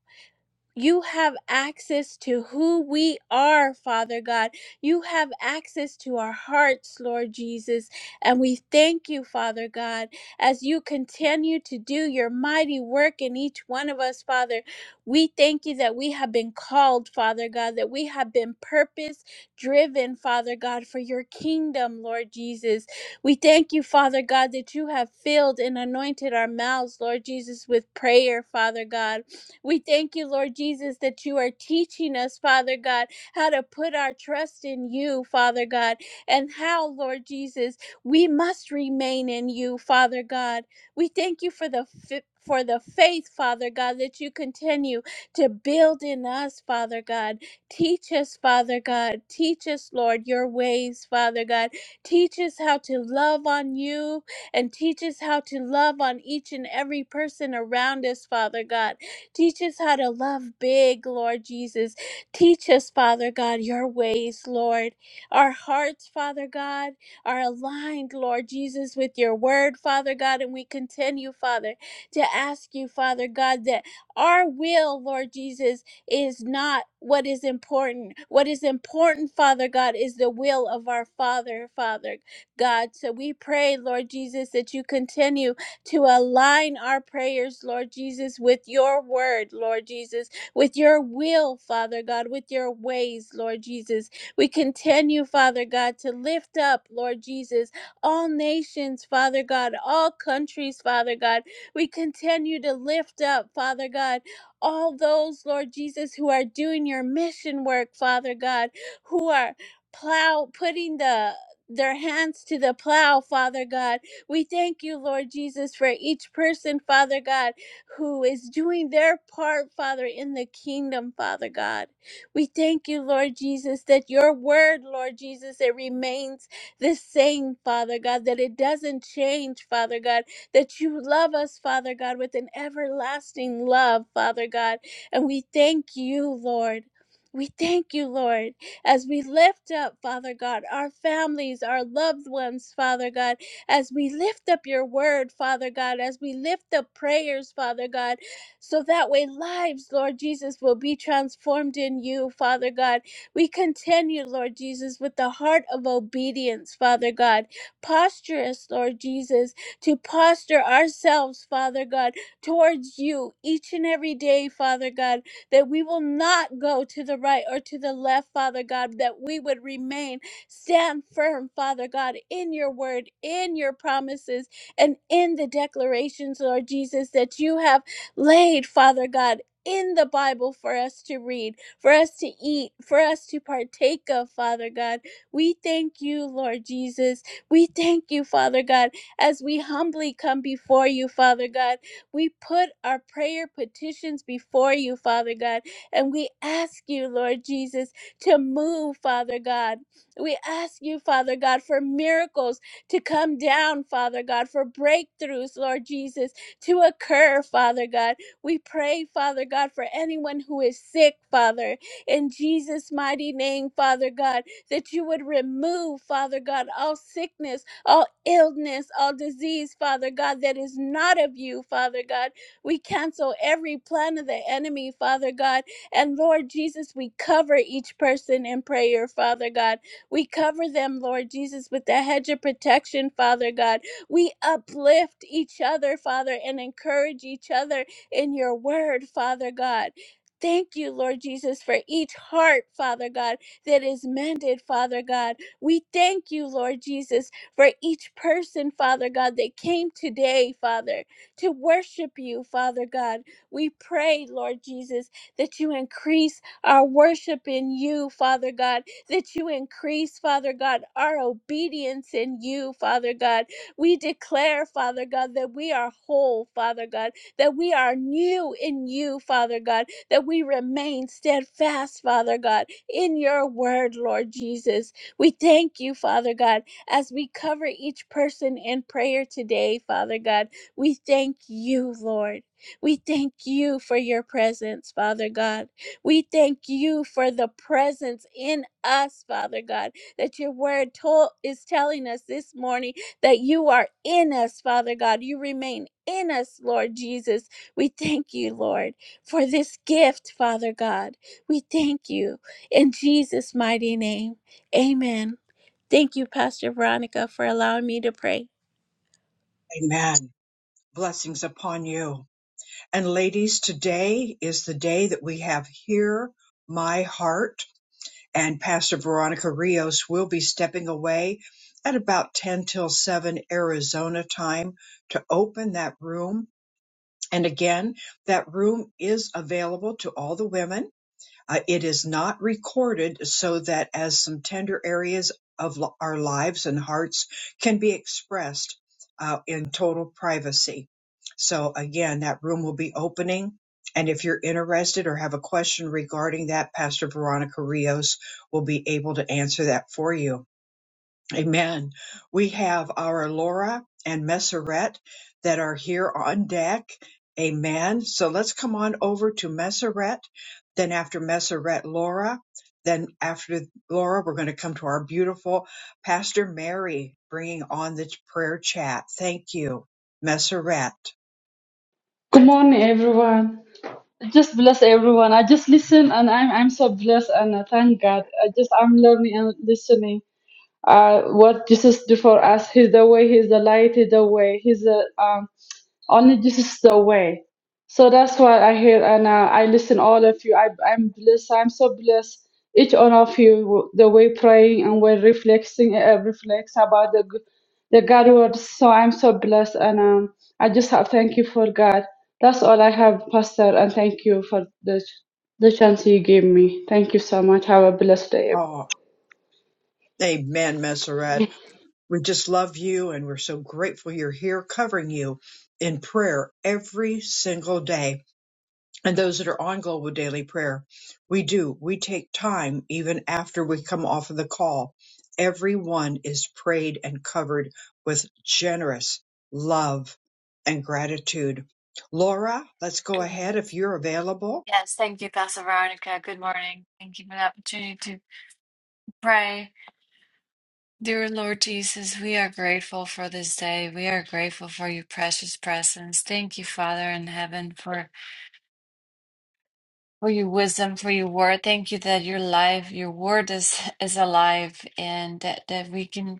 D: You have access to who we are, Father God. You have access to our hearts, Lord Jesus. And we thank you, Father God, as you continue to do your mighty work in each one of us, Father. We thank you that we have been called, Father God, that we have been purpose driven, Father God, for your kingdom, Lord Jesus. We thank you, Father God, that you have filled and anointed our mouths, Lord Jesus, with prayer, Father God. We thank you, Lord Jesus, that you are teaching us, Father God, how to put our trust in you, Father God, and how, Lord Jesus, we must remain in you, Father God. We thank you for the fi- for the faith, Father God, that you continue to build in us, Father God. Teach us, Father God. Teach us, Lord, your ways, Father God. Teach us how to love on you and teach us how to love on each and every person around us, Father God. Teach us how to love big, Lord Jesus. Teach us, Father God, your ways, Lord. Our hearts, Father God, are aligned, Lord Jesus, with your word, Father God. And we continue, Father, to ask you, Father God, that our will, Lord Jesus, is not what is important. What is important, Father God, is the will of our Father, Father God. So we pray, Lord Jesus, that you continue to align our prayers, Lord Jesus, with your word, Lord Jesus, with your will, Father God, with your ways, Lord Jesus. We continue, Father God, to lift up, Lord Jesus, all nations, Father God, all countries, Father God. We continue to lift up, Father God, all those, Lord Jesus, who are doing your mission work, Father God, who are plow putting the their hands to the plow, Father God, we thank you, Lord Jesus, for each person, Father God, who is doing their part, Father, in the kingdom, Father God. We thank you, Lord Jesus, that your word, Lord Jesus, it remains the same, Father God, that it doesn't change, Father God, that you love us, Father God, with an everlasting love, Father God. And we thank you, Lord. We thank you, Lord, as we lift up, Father God, our families, our loved ones, Father God as we lift up your word, Father God, as we lift up prayers, Father God, so that way lives, Lord Jesus, will be transformed in you, Father God. We continue, Lord Jesus, with the heart of obedience, Father God. Posture us, Lord Jesus, to posture ourselves, Father God, towards you each and every day, Father God, that we will not go to the right or to the left, Father God, that we would remain Stand firm, Father God, in your word, in your promises, and in the declarations, Lord Jesus, that you have laid, Father God. In the Bible for us to read, for us to eat, for us to partake of, Father God. We thank you, Lord Jesus. We thank you, Father God, as we humbly come before you, Father God. We put our prayer petitions before you, Father God, and we ask you, Lord Jesus, to move, Father God. We ask you, Father God, for miracles to come down, Father God, for breakthroughs, Lord Jesus, to occur, Father God. We pray, Father God, for anyone who is sick, Father, in Jesus' mighty name, Father God, that you would remove, Father God, all sickness, all illness, all disease, Father God, that is not of you, Father God. We cancel every plan of the enemy, Father God. And Lord Jesus, we cover each person in prayer, Father God. We cover them, Lord Jesus, with the hedge of protection, Father God. We uplift each other, Father, and encourage each other in your word, Father God. Thank you, Lord Jesus, for each heart, Father God, that is mended, Father God. We thank you, Lord Jesus, for each person, Father God, that came today, Father, to worship you, Father God. We pray, Lord Jesus, that you increase our worship in you, Father God, that you increase, Father God, our obedience in you, Father God. We declare, Father God, that we are whole, Father God, that we are new in you, Father God, that we remain steadfast, Father God, in your word, Lord Jesus. We thank you, Father God, as we cover each person in prayer today, Father God. We thank you, Lord. We thank you for your presence, Father God. We thank you for the presence in us, Father God, that your word told is telling us this morning that you are in us, Father God. You remain in us, Lord Jesus. We thank you, Lord, for this gift, Father God. We thank you in Jesus' mighty name. Amen. Thank you, Pastor Veronica, for allowing me to pray.
A: Amen. Blessings upon you. And ladies, today is the day that we have Hear My Heart and Pastor Veronica Rios will be stepping away at about 10 till 7 Arizona time to open that room. And again, that room is available to all the women. Uh, it is not recorded so that as some tender areas of l- our lives and hearts can be expressed uh, in total privacy. So again, that room will be opening. And if you're interested or have a question regarding that, Pastor Veronica Rios will be able to answer that for you. Amen. We have our Laura and Messeret that are here on deck. Amen. So let's come on over to Messeret. Then after Messeret, Laura. Then after Laura, we're going to come to our beautiful Pastor Mary bringing on the prayer chat. Thank you, Messeret.
H: Good morning, everyone. Just bless everyone. I just listen, and I'm I'm so blessed, and I thank God. I just I'm learning and listening. Uh, what Jesus do for us? He's the way. He's the light. He's the way. He's the um. Only this is the way. So that's what I hear, and uh, I listen all of you. I, I'm blessed. I'm so blessed. Each one of you, the way praying and way reflecting, uh, reflects about the g- the God word. So I'm so blessed, and um, I just have thank you for God. That's all I have, Pastor, and thank you for the the chance you gave me. Thank you so much. Have a blessed day, everyone.
A: Oh, amen, Messeret. We just love you and we're so grateful you're here covering you in prayer every single day. and those that are on Global Daily Prayer, we do. We take time even after we come off of the call. Everyone is prayed and covered with generous love and gratitude. Laura, let's go
I: Mm.
A: ahead if you're available.
I: Yes, thank you, Pastor Veronica. Good morning. Thank you for the opportunity to pray. Dear Lord Jesus, we are grateful for this day. We are grateful for your precious presence. Thank you, Father in heaven, for, for your wisdom, for your word. Thank you that your life, your word is, is alive and that, that we can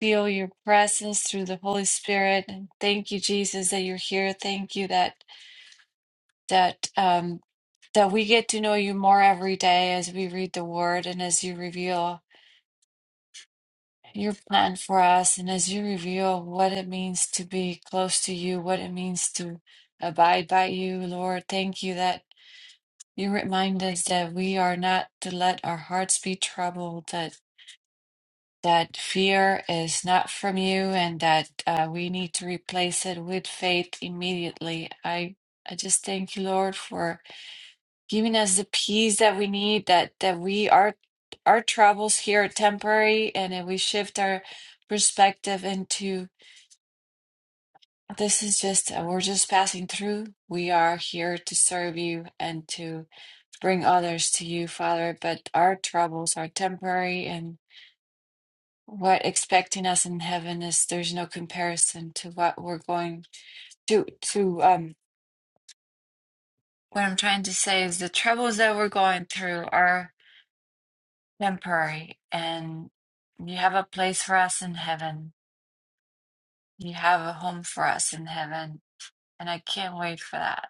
I: feel your presence through the Holy Spirit. And thank you, Jesus, that you're here. Thank you that that um, that we get to know you more every day as we read the word and as you reveal your plan for us and as you reveal what it means to be close to you, what it means to abide by you, Lord. Thank you that you remind us that we are not to let our hearts be troubled, that that fear is not from you and that uh, we need to replace it with faith immediately. I I just thank you, Lord, for giving us the peace that we need that that we are our troubles here are temporary and if we shift our perspective into this is just uh, we're just passing through we are here to serve you and to bring others to you father but our troubles are temporary and what expecting us in heaven is there's no comparison to what we're going to to um what i'm trying to say is the troubles that we're going through are temporary, and you have a place for us in heaven. You have a home for us in heaven, and I can't wait for that.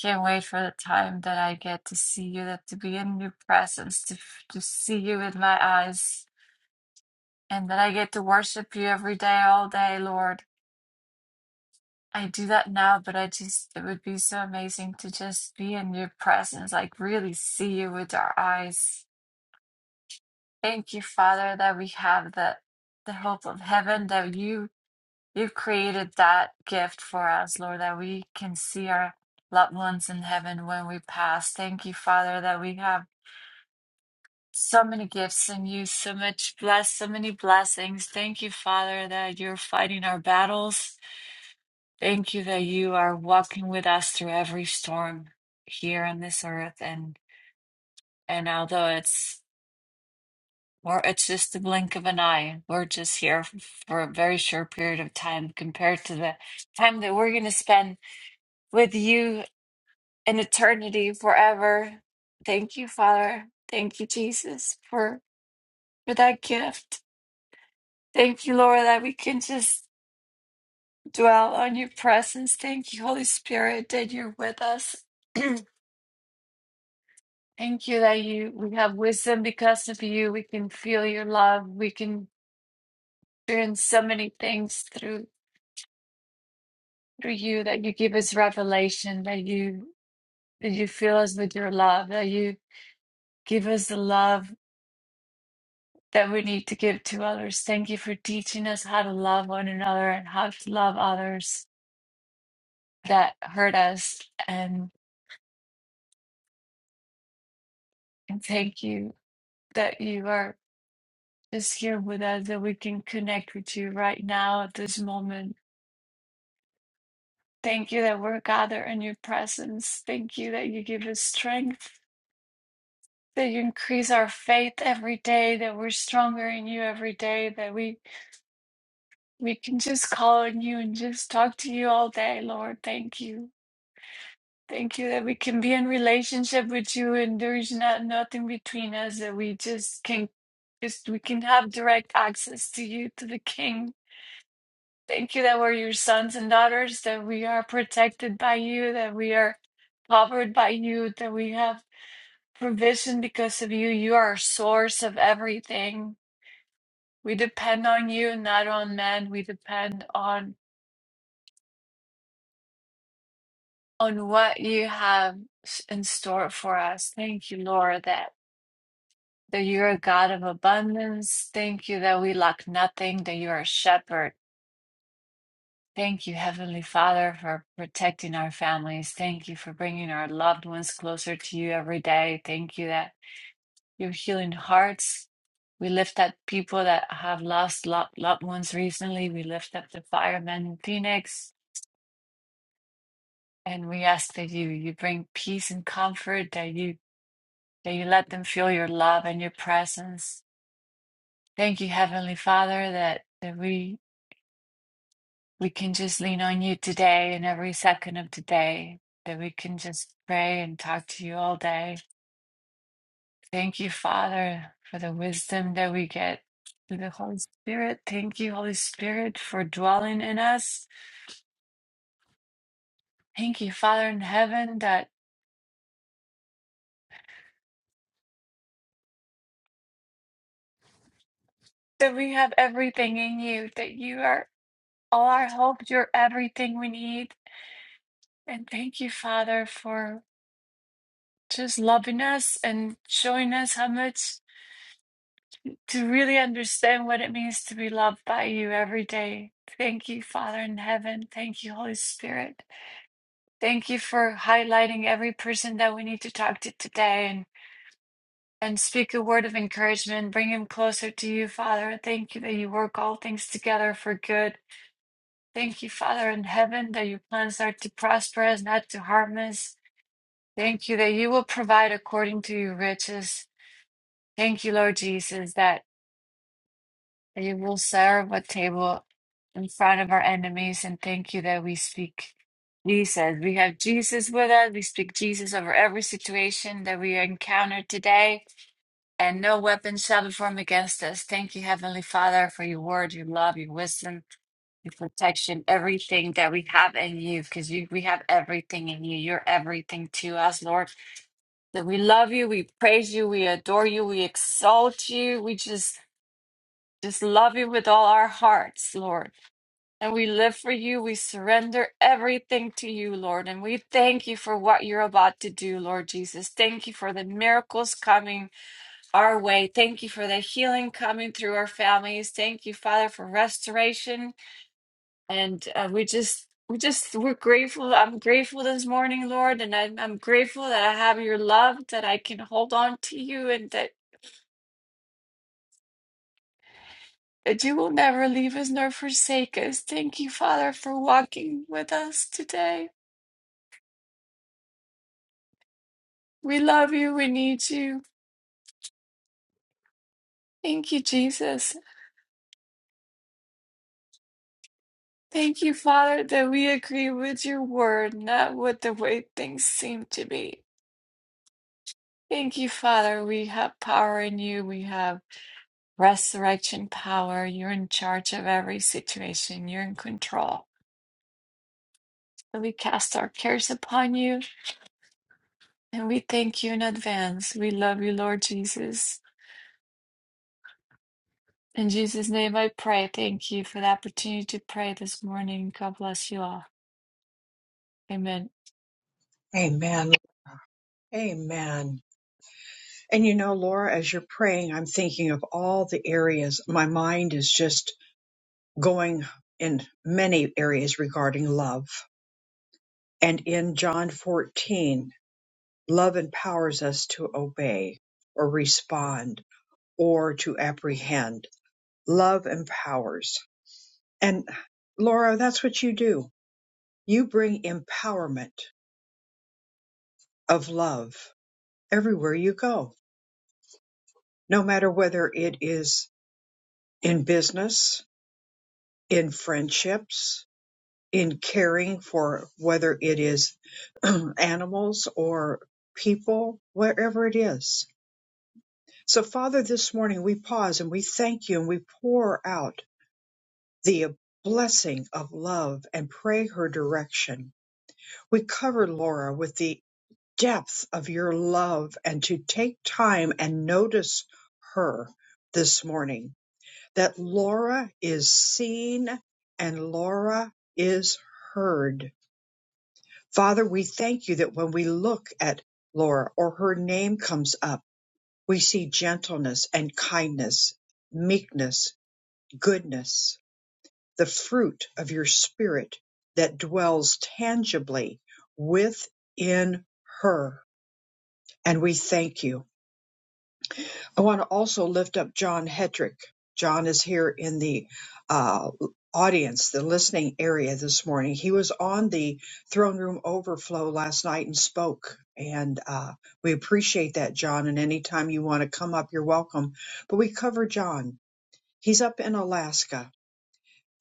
I: Can't wait for the time that I get to see you, that to be in your presence, to to see you with my eyes, and that I get to worship you every day, all day, Lord. I do that now, but I just it would be so amazing to just be in your presence, like really see you with our eyes. Thank you, Father, that we have the the hope of heaven that you You've created that gift for us, Lord, that we can see our loved ones in heaven when we pass. Thank you, Father, that we have so many gifts in you, so much bless, so many blessings. Thank you, Father, that you're fighting our battles. Thank you that you are walking with us through every storm here on this earth. And and although it's or it's just the blink of an eye, we're just here for a very short period of time compared to the time that we're going to spend with you in eternity forever. Thank you, Father. Thank you, Jesus, for, for that gift. Thank you, Lord, that we can just dwell on your presence. Thank you, Holy Spirit, that you're with us. Thank you that you we have wisdom because of you. We can feel your love. We can experience so many things through through you that you give us revelation, that you that you fill us with your love, that you give us the love that we need to give to others. Thank you for teaching us how to love one another and how to love others that hurt us. And, and thank you that you are just here with us, that we can connect with you right now at this moment. Thank you that we're gathered in your presence. Thank you that you give us strength, that you increase our faith every day, that we're stronger in you every day, that we we can just call on you and just talk to you all day, Lord. Thank you. Thank you that we can be in relationship with you and there is not nothing between us that we just can just we can have direct access to you to the King. Thank you that we're your sons and daughters, that we are protected by you, that we are covered by you, that we have provision because of you. You are our source of everything. We depend on you, not on men. We depend on on what you have s- in store for us. Thank you, Lord, that that you are a God of abundance. Thank you that we lack nothing, that you are a shepherd. Thank you, Heavenly Father, for protecting our families. Thank you for bringing our loved ones closer to you every day. Thank you that you're healing hearts. We lift up people that have lost lo- loved ones recently. We lift up the firemen in Phoenix, and we ask that you you bring peace and comfort. That you that you let them feel your love and your presence. Thank you, Heavenly Father, that that we we can just lean on you today and every second of today, that we can just pray and talk to you all day. Thank you, Father, for the wisdom that we get through the Holy Spirit. Thank you, Holy Spirit, for dwelling in us. Thank you, Father in heaven, that, that we have everything in you, that you are all our hope, you're everything we need. And thank you, Father, for just loving us and showing us how much to really understand what it means to be loved by you every day. Thank you, Father in heaven. Thank you, Holy Spirit. Thank you for highlighting every person that we need to talk to today and, and speak a word of encouragement, bring him closer to you, Father. Thank you that you work all things together for good. Thank you, Father in heaven, that your plans are to prosper us, not to harm us. Thank you that you will provide according to your riches. Thank you, Lord Jesus, that You will serve a table in front of our enemies, and thank you that we speak Jesus. We have Jesus with us. We speak Jesus over every situation that we encounter today, and no weapon shall be formed against us. Thank you, Heavenly Father, for your word, your love, your wisdom, your protection, everything that we have in you, because you, we have everything in you. You're everything to us, Lord. That we love you, we praise you, we adore you, we exalt you. We just just love you with all our hearts, Lord. And we live for you. We surrender everything to you, Lord. And we thank you for what you're about to do, Lord Jesus. Thank you for the miracles coming our way. Thank you for the healing coming through our families. Thank you, Father, for restoration. And uh, we just, we just, we're grateful. I'm grateful this morning, Lord. And I'm, I'm grateful that I have your love, that I can hold on to you, and that, that you will never leave us nor forsake us. Thank you, Father, for walking with us today. We love you. We need you. Thank you, Jesus. Thank you, Father, that we agree with your word, not with the way things seem to be. Thank you, Father. We have power in you. We have resurrection power. You're in charge of every situation, you're in control. And we cast our cares upon you and we thank you in advance. We love you, Lord Jesus. In Jesus' name I pray. Thank you for the opportunity to pray this morning. God bless you all. Amen.
A: Amen. Amen. And you know, Laura, as you're praying, I'm thinking of all the areas. My mind is just going in many areas regarding love. And in John 14, Love empowers us to obey or respond or to apprehend. Love empowers. And Laura, that's what you do. You bring empowerment of love everywhere you go, no matter whether it is in business, in friendships, in caring for whether it is animals or people, wherever it is. So, Father, this morning we pause and we thank you and we pour out the blessing of love and pray her direction. We cover Laura with the depth of your love and to take time and notice her this morning. That Laura is seen and Laura is heard. Father, we thank you that when we look at Laura or her name comes up, we see gentleness and kindness, meekness, goodness the fruit of your spirit that dwells tangibly within her. And we thank you. I want to also lift up John Hedrick. John is here in the uh, audience, the listening area this morning. He was on the throne room overflow last night and spoke. And uh, we appreciate that, John. And anytime you want to come up, you're welcome. But we cover John. He's up in Alaska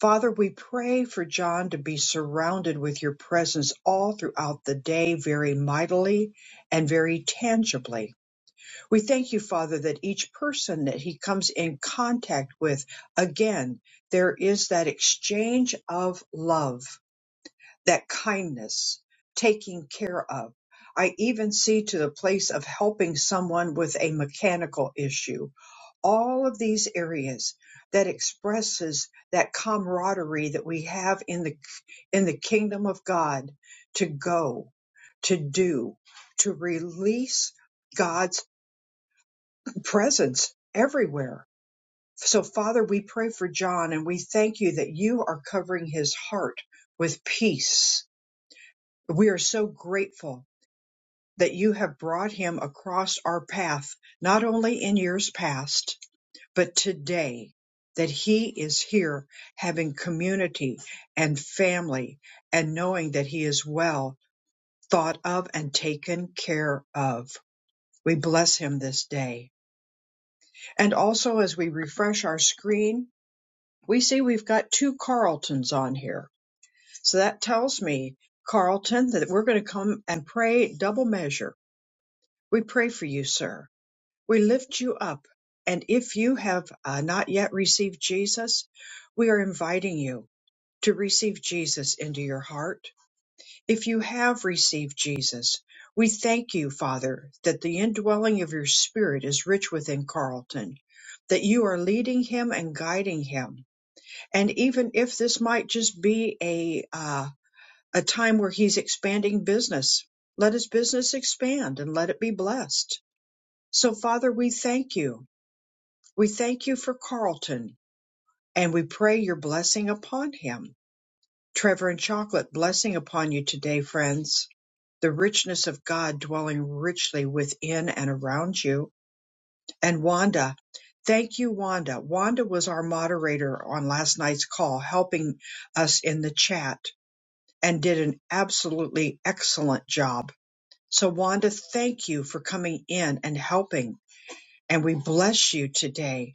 A: Father, we pray for John to be surrounded with your presence all throughout the day, very mightily and very tangibly. We thank you, Father, that each person that he comes in contact with, again, there is that exchange of love that kindness, taking care of. I even see to the place of helping someone with a mechanical issue. All of these areas that expresses that camaraderie that we have in the in the kingdom of God to go, to do, to release God's presence everywhere. So Father, we pray for John and we thank you that you are covering his heart with peace we are so grateful that you have brought him across our path, not only in years past, but today, that he is here having community and family and knowing that he is well thought of and taken care of. We bless him this day. And also, as we refresh our screen, we see we've got two Carltons on here. So that tells me, Carlton, that we're going to come and pray double measure We pray for you, sir. We lift you up. And if you have uh, not yet received Jesus, we are inviting you to receive Jesus into your heart. If you have received Jesus, we thank you, Father, that the indwelling of your spirit is rich within Carlton, that you are leading him and guiding him. And even if this might just be a, uh, a time where he's expanding business, let his business expand and let it be blessed so, Father, we thank you. We thank you for Carlton and we pray your blessing upon him. Trevor and Chocolate, blessing upon you today, friends. The richness of God dwelling richly within and around you. And Wanda, thank you, Wanda. Wanda was our moderator on last night's call, helping us in the chat and did an absolutely excellent job. So, Wanda, thank you for coming in and helping And we bless you today.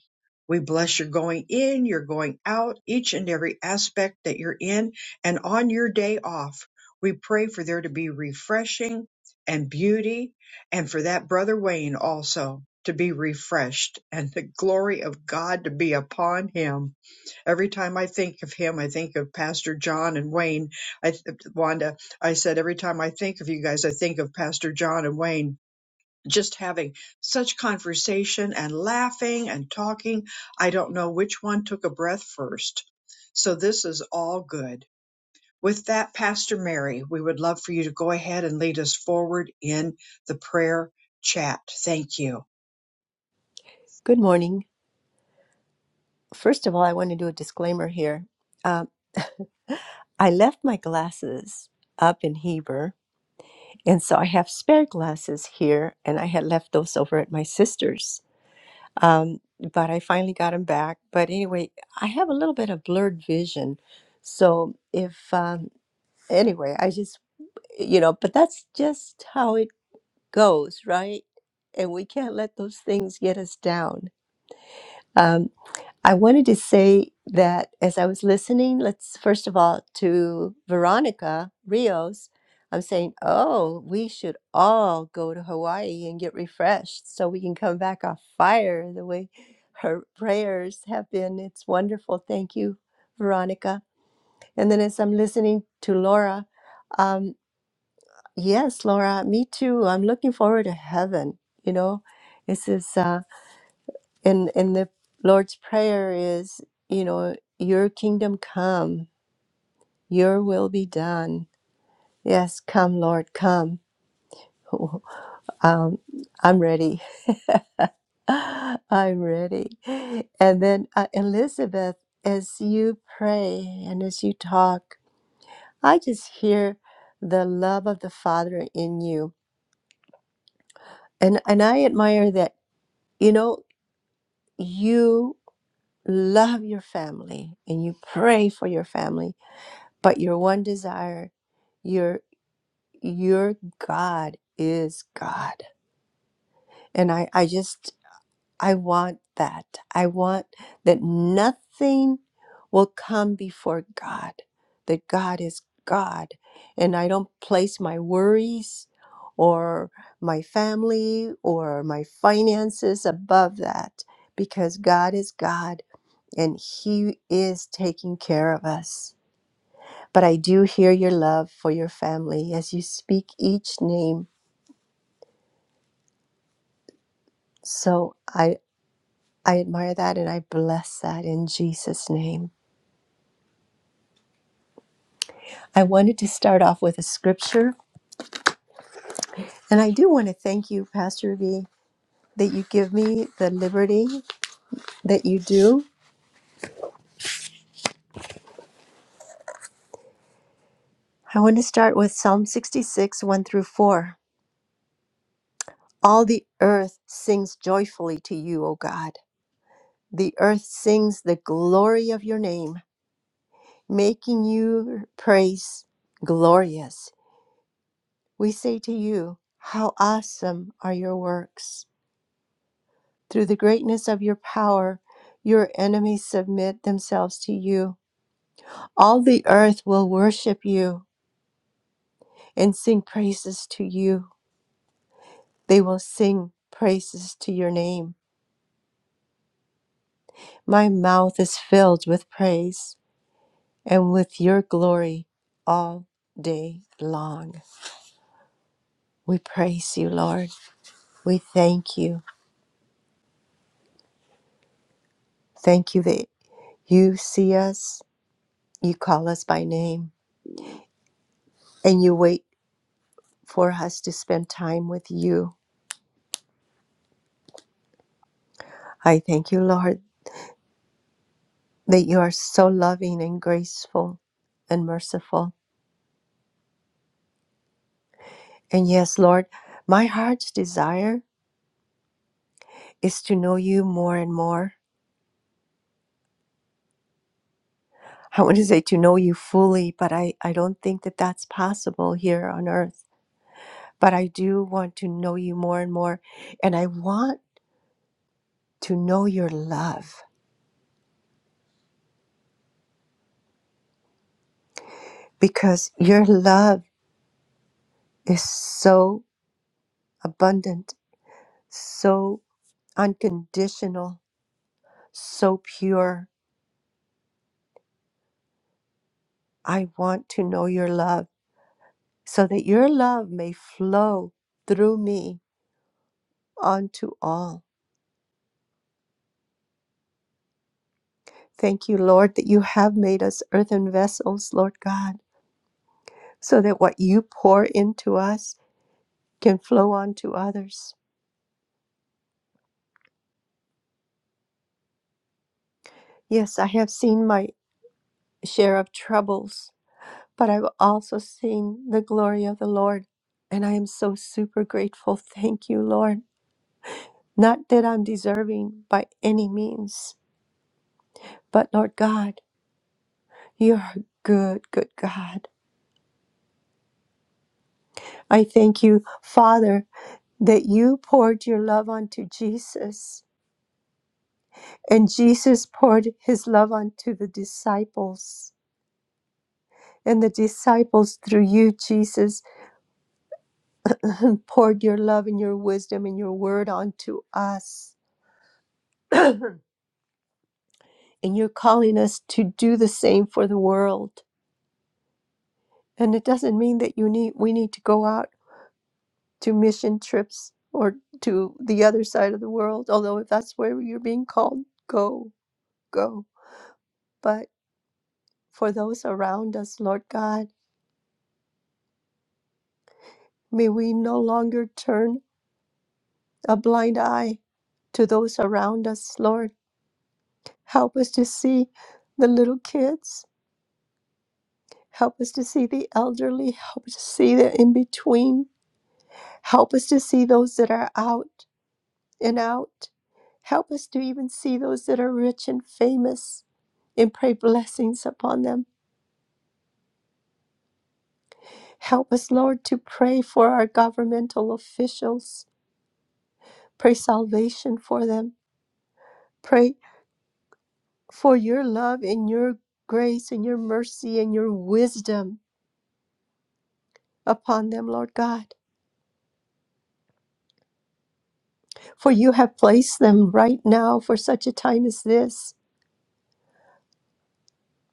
A: We bless your going in, your going out, each and every aspect that you're in. And on your day off, we pray for there to be refreshing and beauty, and for that brother Wayne also to be refreshed and the glory of God to be upon him. Every time I think of him, I think of Pastor John and Wayne. I, Wanda, I said, every time I think of you guys, I think of Pastor John and Wayne just having such conversation and laughing and talking. I don't know which one took a breath first. So this is all good. With that, Pastor Mary, we would love for you to go ahead and lead us forward in the prayer chat. Thank you.
J: Good morning. First of all, I want to do a disclaimer here. Um, I left my glasses up in Heber, and so I have spare glasses here, and I had left those over at my sister's. Um, but I finally got them back. But anyway, I have a little bit of blurred vision. So if, um, anyway, I just, you know, but that's just how it goes, right? And we can't let those things get us down. Um, I wanted to say that as I was listening, let's first of all to Veronica Rios, I'm saying, oh, we should all go to Hawaii and get refreshed so we can come back off fire the way her prayers have been. It's wonderful. Thank you, Veronica. And then as I'm listening to Laura, um, yes, Laura, me too. I'm looking forward to heaven. You know, this is. Uh, and and the lord's prayer is you know your kingdom come your will be done yes come lord come um, i'm ready i'm ready and then uh, elizabeth as you pray and as you talk i just hear the love of the father in you and and i admire that you know you love your family and you pray for your family but your one desire your your god is god and i i just i want that i want that nothing will come before god that god is god and i don't place my worries or my family or my finances above that because god is god and he is taking care of us But I do hear your love for your family as you speak each name. So I I admire that and I bless that in Jesus name. I wanted to start off with a scripture and I do want to thank you Pastor V that you give me the liberty that you do. I want to start with Psalm 66 1 through 4. All the earth sings joyfully to you, O God. The earth sings the glory of your name, making your praise glorious We say to you, How awesome are your works! Through the greatness of your power, your enemies submit themselves to you. All the earth will worship you and sing praises to you. They will sing praises to your name. My mouth is filled with praise and with your glory all day long. We praise you, Lord. We thank you. Thank you that you see us, you call us by name. and you wait for us to spend time with you. I thank you, Lord, that you are so loving and graceful and merciful. And yes, Lord, my heart's desire is to know you more and more. I want to say to know you fully, but I, I don't think that that's possible here on earth. But I do want to know you more and more. And I want to know your love because your love is so abundant, so unconditional, so pure. I want to know your love so that your love may flow through me unto all. Thank you, Lord, that you have made us earthen vessels, Lord God, so that what you pour into us can flow onto others. Yes, I have seen my share of troubles, but I've also seen the glory of the Lord, and I am so super grateful. Thank you, Lord. Not that I'm deserving by any means, but Lord God, you're a good, good God. I thank you, Father, that you poured your love onto Jesus, and Jesus poured his love onto the disciples. And the disciples, through you, Jesus, poured your love and your wisdom and your word onto us. and you're calling us to do the same for the world. And it doesn't mean that you need we need to go out to mission trips or to the other side of the world. Although if that's where you're being called, go, go. But for those around us, Lord God, may we no longer turn a blind eye to those around us, Lord. Help us to see the little kids. Help us to see the elderly. Help us to see the in between. Help us to see those that are out. and out. Help us to even see those that are rich and famous and pray blessings upon them. Help us, Lord, to pray for our governmental officials. Pray salvation for them. Pray for your love and your grace and your mercy and your wisdom upon them, Lord God. For you have placed them right now for such a time as this.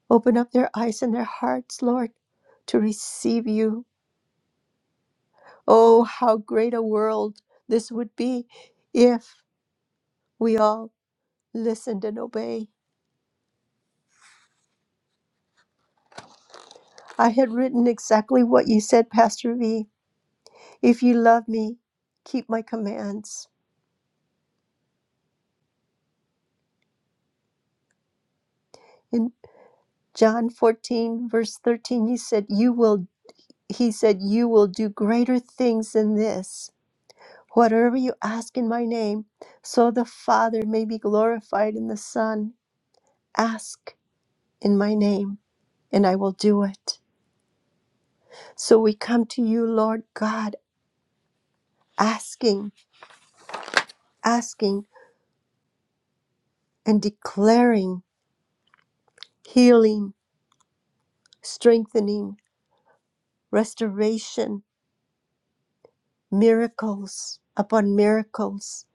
J: Open up their eyes and their hearts, Lord, to receive you Oh, how great a world this would be if we all listened and obeyed. I had written exactly what you said, Pastor V. If you love me, keep my commands. In John 14, verse 13, you said, You will, he said, You will do greater things than this. Whatever you ask in my name, so the Father may be glorified in the Son. Ask in my name, and I will do it. So we come to you, Lord God, asking, asking, and declaring healing, strengthening, restoration, miracles upon miracles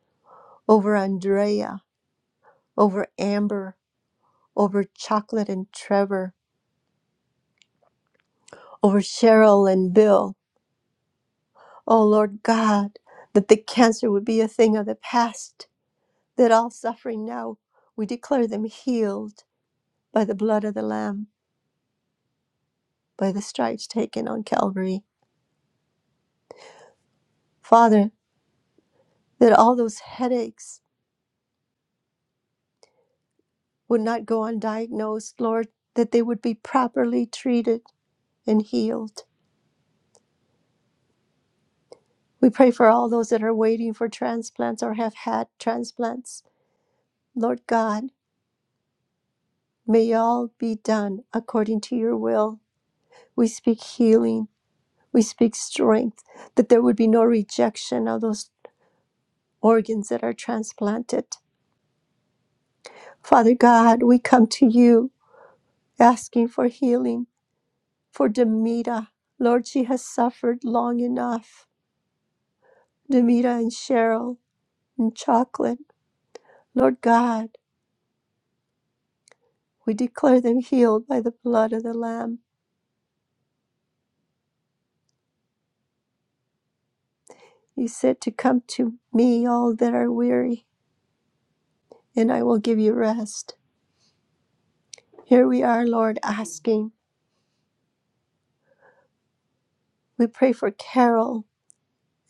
J: over Andrea, over Amber, over Chocolate and Trevor, over Cheryl and Bill. Oh, Lord God, that the cancer would be a thing of the past, that all suffering now, we declare them healed by the blood of the Lamb, by the stripes taken on Calvary. Father, that all those headaches would not go undiagnosed, Lord, that they would be properly treated and healed. We pray for all those that are waiting for transplants or have had transplants. Lord God, may all be done according to your will. We speak healing, we speak strength, that there would be no rejection of those organs that are transplanted. Father God, we come to you asking for healing for Demita. Lord, she has suffered long enough. Demita and Cheryl and Chocolate. Lord God, we declare them healed by the blood of the Lamb. You said to come to me, all that are weary, and I will give you rest. Here we are, Lord, asking. We pray for Carol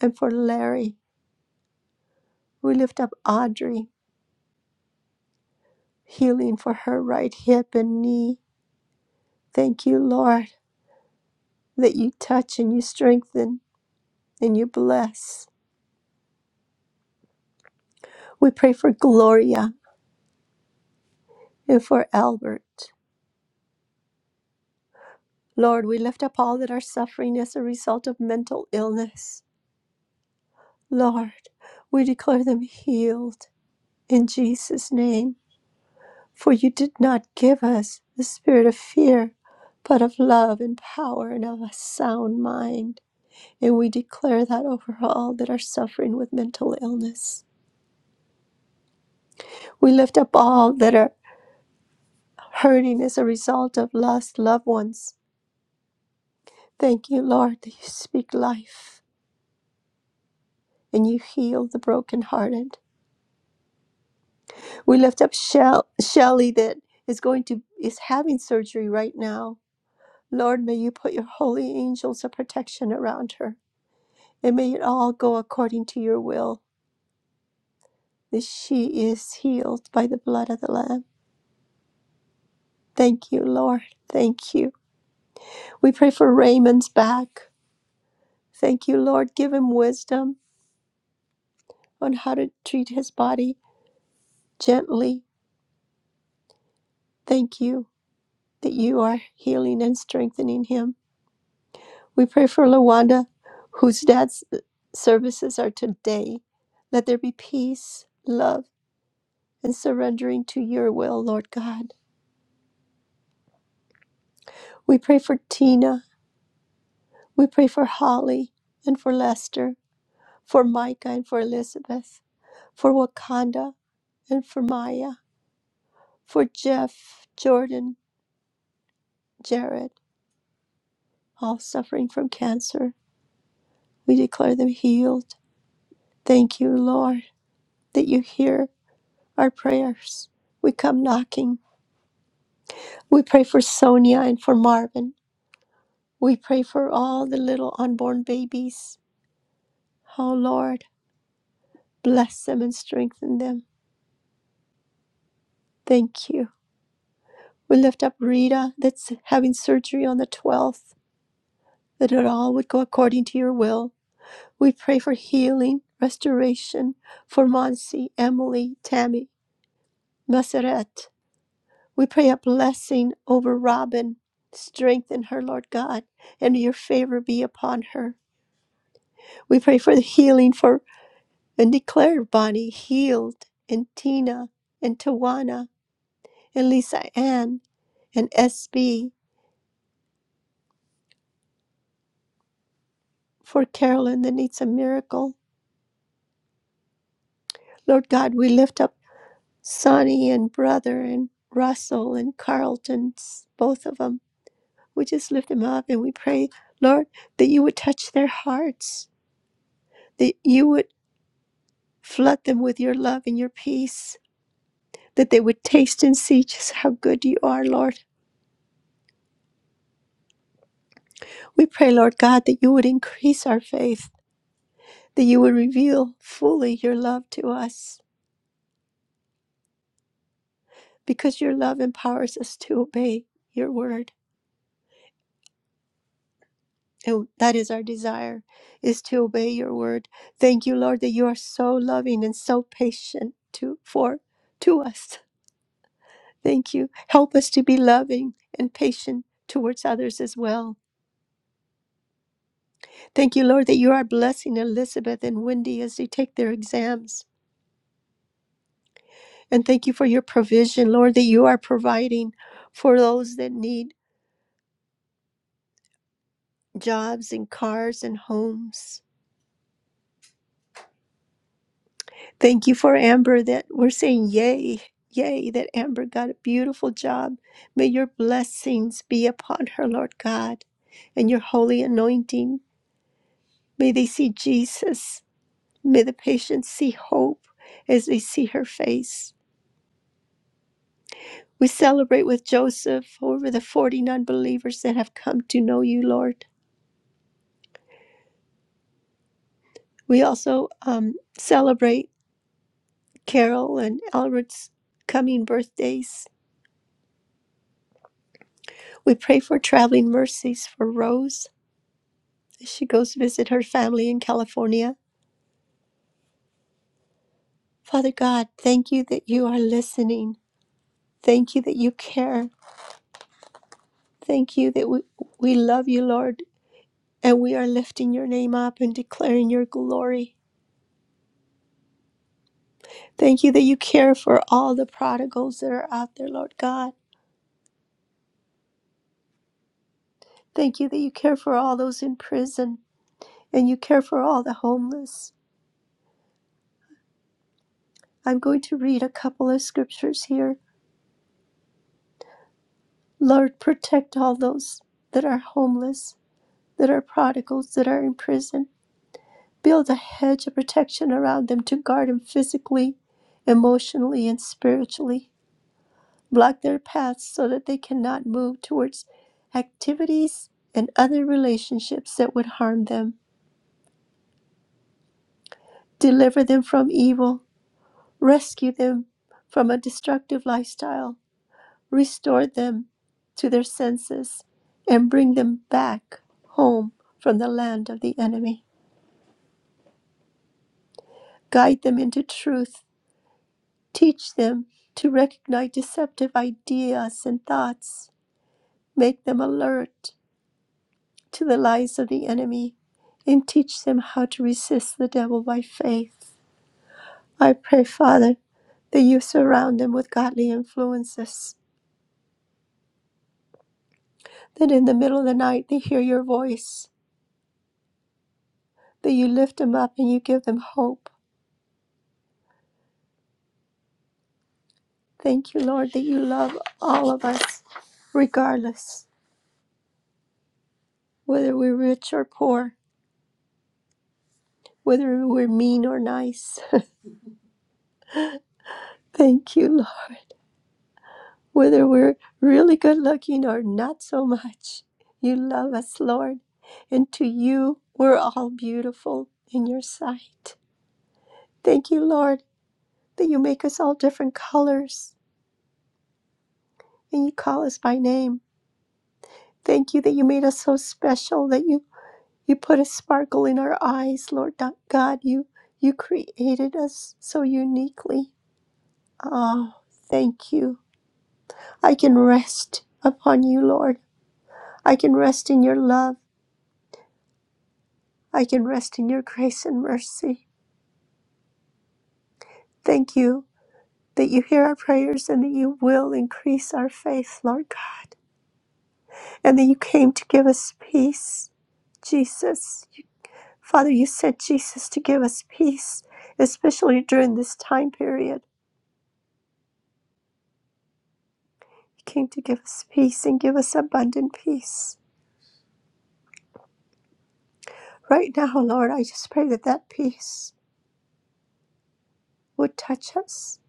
J: and for Larry. We lift up Audrey, healing for her right hip and knee. Thank you, Lord, that you touch and you strengthen and you bless. We pray for Gloria and for Albert. Lord, we lift up all that are suffering as a result of mental illness. Lord, we declare them healed in Jesus' name. For you did not give us the spirit of fear, but of love and power and of a sound mind. And we declare that over all that are suffering with mental illness. We lift up all that are hurting as a result of lost loved ones. Thank you, Lord, that you speak life. and you heal the brokenhearted. We lift up Shell- Shelly that is going to is having surgery right now. Lord, may you put your holy angels of protection around her, and may it all go according to your will. That she is healed by the blood of the Lamb. Thank you, Lord. Thank you. We pray for Raymond's back. Thank you, Lord. Give him wisdom on how to treat his body gently. Thank you that you are healing and strengthening him. We pray for Lawanda, whose dad's services are today. Let there be peace, love, and surrendering to your will, Lord God. We pray for Tina. We pray for Holly and for Lester, for Micah and for Elizabeth, for Wakanda and for Maya, for Jeff, Jordan, Jared, all suffering from cancer. We declare them healed. Thank you, Lord, that you hear our prayers. We come knocking We pray for Sonia and for Marvin. We pray for all the little unborn babies. Oh Lord, bless them and strengthen them. Thank you. We lift up Rita that's having surgery on the 12th, that it all would go according to your will. We pray for healing, restoration for Monsi, Emily, Tammy, Maseret. We pray a blessing over Robin. Strengthen her, Lord God, and your favor be upon her. We pray for the healing for and declared Bonnie healed and Tina and Tawana and Lisa Ann and SB for Carolyn that needs a miracle. Lord God, we lift up Sonny and brother and Russell and Carlton, both of them. We just lift them up and we pray, Lord, that you would touch their hearts, that you would flood them with your love and your peace, that they would taste and see just how good you are, Lord. We pray, Lord God, that you would increase our faith that you would reveal fully your love to us because your love empowers us to obey your word and that is our desire is to obey your word thank you lord that you are so loving and so patient to for to us thank you help us to be loving and patient towards others as well thank you lord that you are blessing elizabeth and wendy as they take their exams and thank you for your provision lord that you are providing for those that need jobs and cars and homes. Thank you for Amber that we're saying yay, yay, that Amber got a beautiful job. May your blessings be upon her, Lord God, and your holy anointing. May they see Jesus. May the patients see hope as they see her face. We celebrate with Joseph over the 40 non believers that have come to know you, Lord. We also um, celebrate Carol and Elred's coming birthdays. We pray for traveling mercies for Rose as she goes to visit her family in California. Father God, thank you that you are listening. Thank you that you care. Thank you that we, we love you, Lord, and we are lifting your name up and declaring your glory. Thank you that you care for all the prodigals that are out there, Lord God. Thank you that you care for all those in prison and you care for all the homeless. I'm going to read a couple of scriptures here Lord, protect all those that are homeless, that are prodigals, that are in prison. Build a hedge of protection around them to guard them physically, emotionally, and spiritually. Block their paths so that they cannot move towards activities and other relationships that would harm them. Deliver them from evil. Rescue them from a destructive lifestyle restore them to their senses, and bring them back home from the land of the enemy. Guide them into truth. Teach them to recognize deceptive ideas and thoughts. Make them alert to the lies of the enemy and teach them how to resist the devil by faith. I pray, Father, that you surround them with godly influences, that in the middle of the night they hear your voice, that you lift them up and you give them hope Thank you, Lord, that you love all of us, regardless whether we're rich or poor, whether we're mean or nice. Thank you, Lord, whether we're really good looking or not so much. You love us, Lord, and to you we're all beautiful in your sight. Thank you, Lord, that you make us all different colors and you call us by name. Thank you that you made us so special that you You put a sparkle in our eyes, Lord God. You you created us so uniquely. Oh, thank you. I can rest upon you, Lord. I can rest in your love. I can rest in your grace and mercy. Thank you that you hear our prayers and that you will increase our faith, Lord God, and that you came to give us peace. Jesus. Father, you sent Jesus to give us peace, especially during this time period. He came to give us peace and give us abundant peace. Right now, Lord, I just pray that that peace would touch us.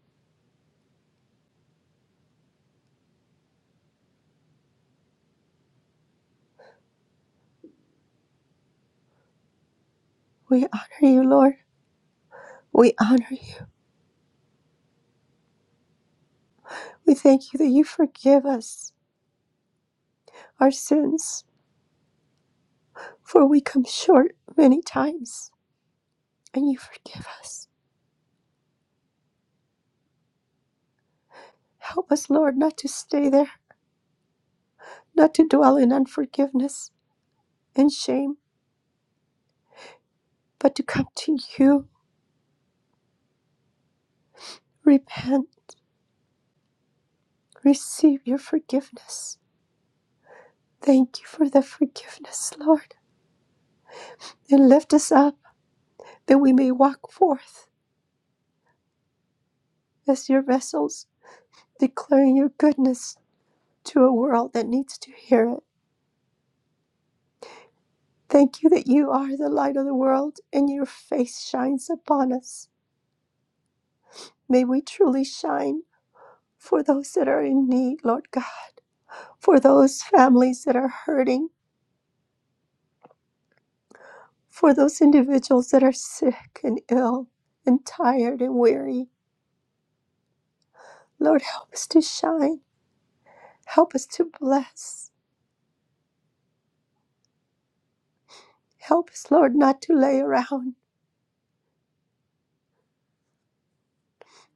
J: We honor you, Lord. We honor you. We thank you that you forgive us our sins, for we come short many times, and you forgive us. Help us, Lord, not to stay there, not to dwell in unforgiveness and shame, but to come to you, repent, receive your forgiveness. Thank you for the forgiveness, Lord, and lift us up. that we may walk forth as your vessels, declaring your goodness to a world that needs to hear it. Thank you that you are the light of the world and your face shines upon us. May we truly shine for those that are in need, Lord God, for those families that are hurting, for those individuals that are sick and ill and tired and weary. Lord, help us to shine. Help us to bless. Help us, Lord, not to lay around,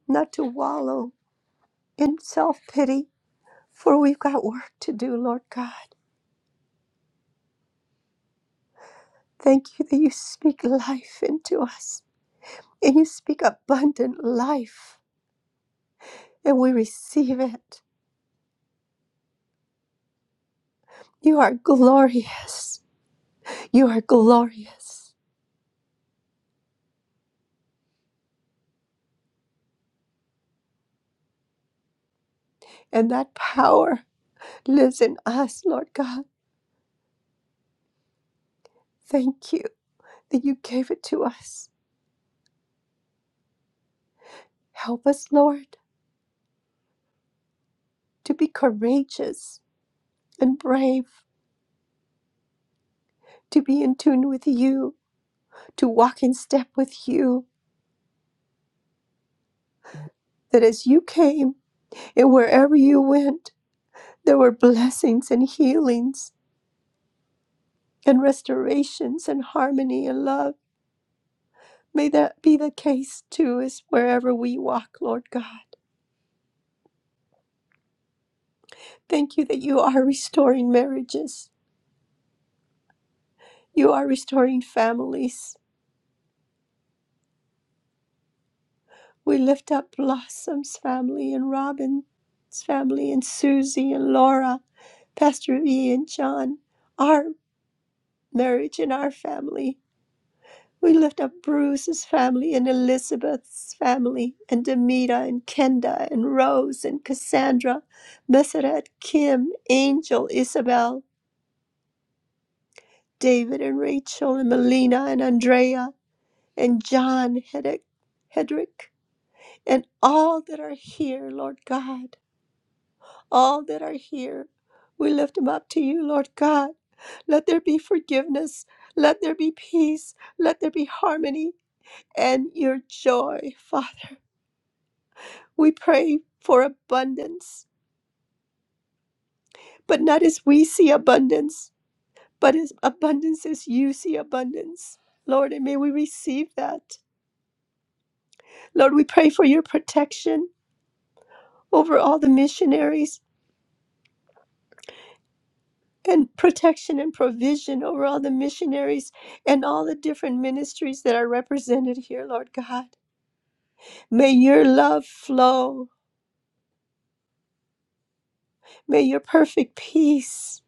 J: not to wallow, in self pity, for we've got work to do, Lord God. Thank you that you speak life into us and you speak abundant life, and we receive it. You are glorious. You are glorious. And that power lives in us, Lord God. Thank you that you gave it to us. Help us, Lord, to be courageous and brave, to be in tune with you, to walk in step with you, that as you came, And wherever you went, there were blessings and healings and restorations and harmony and love. May that be the case too, is wherever we walk, Lord God. Thank you that you are restoring marriages, you are restoring families. We lift up Blossom's family and Robin's family and Susie and Laura, Pastor V and John, our marriage and our family. We lift up Bruce's family and Elizabeth's family and Demita and Kenda and Rose and Cassandra, Messeret, Kim, Angel, Isabel, David and Rachel and Melina and Andrea and John Hedrick, Hedrick and all that are here, Lord God, all that are here. We lift them up to you, Lord God. Let there be forgiveness. Let there be peace. Let there be harmony and your joy, Father. We pray for abundance, but not as we see abundance, but as abundance as you see abundance. Lord, and may we receive that. Lord, we pray for your protection over all the missionaries and protection and provision over all the missionaries and all the different ministries that are represented here, Lord God. May your love flow. May your perfect peace.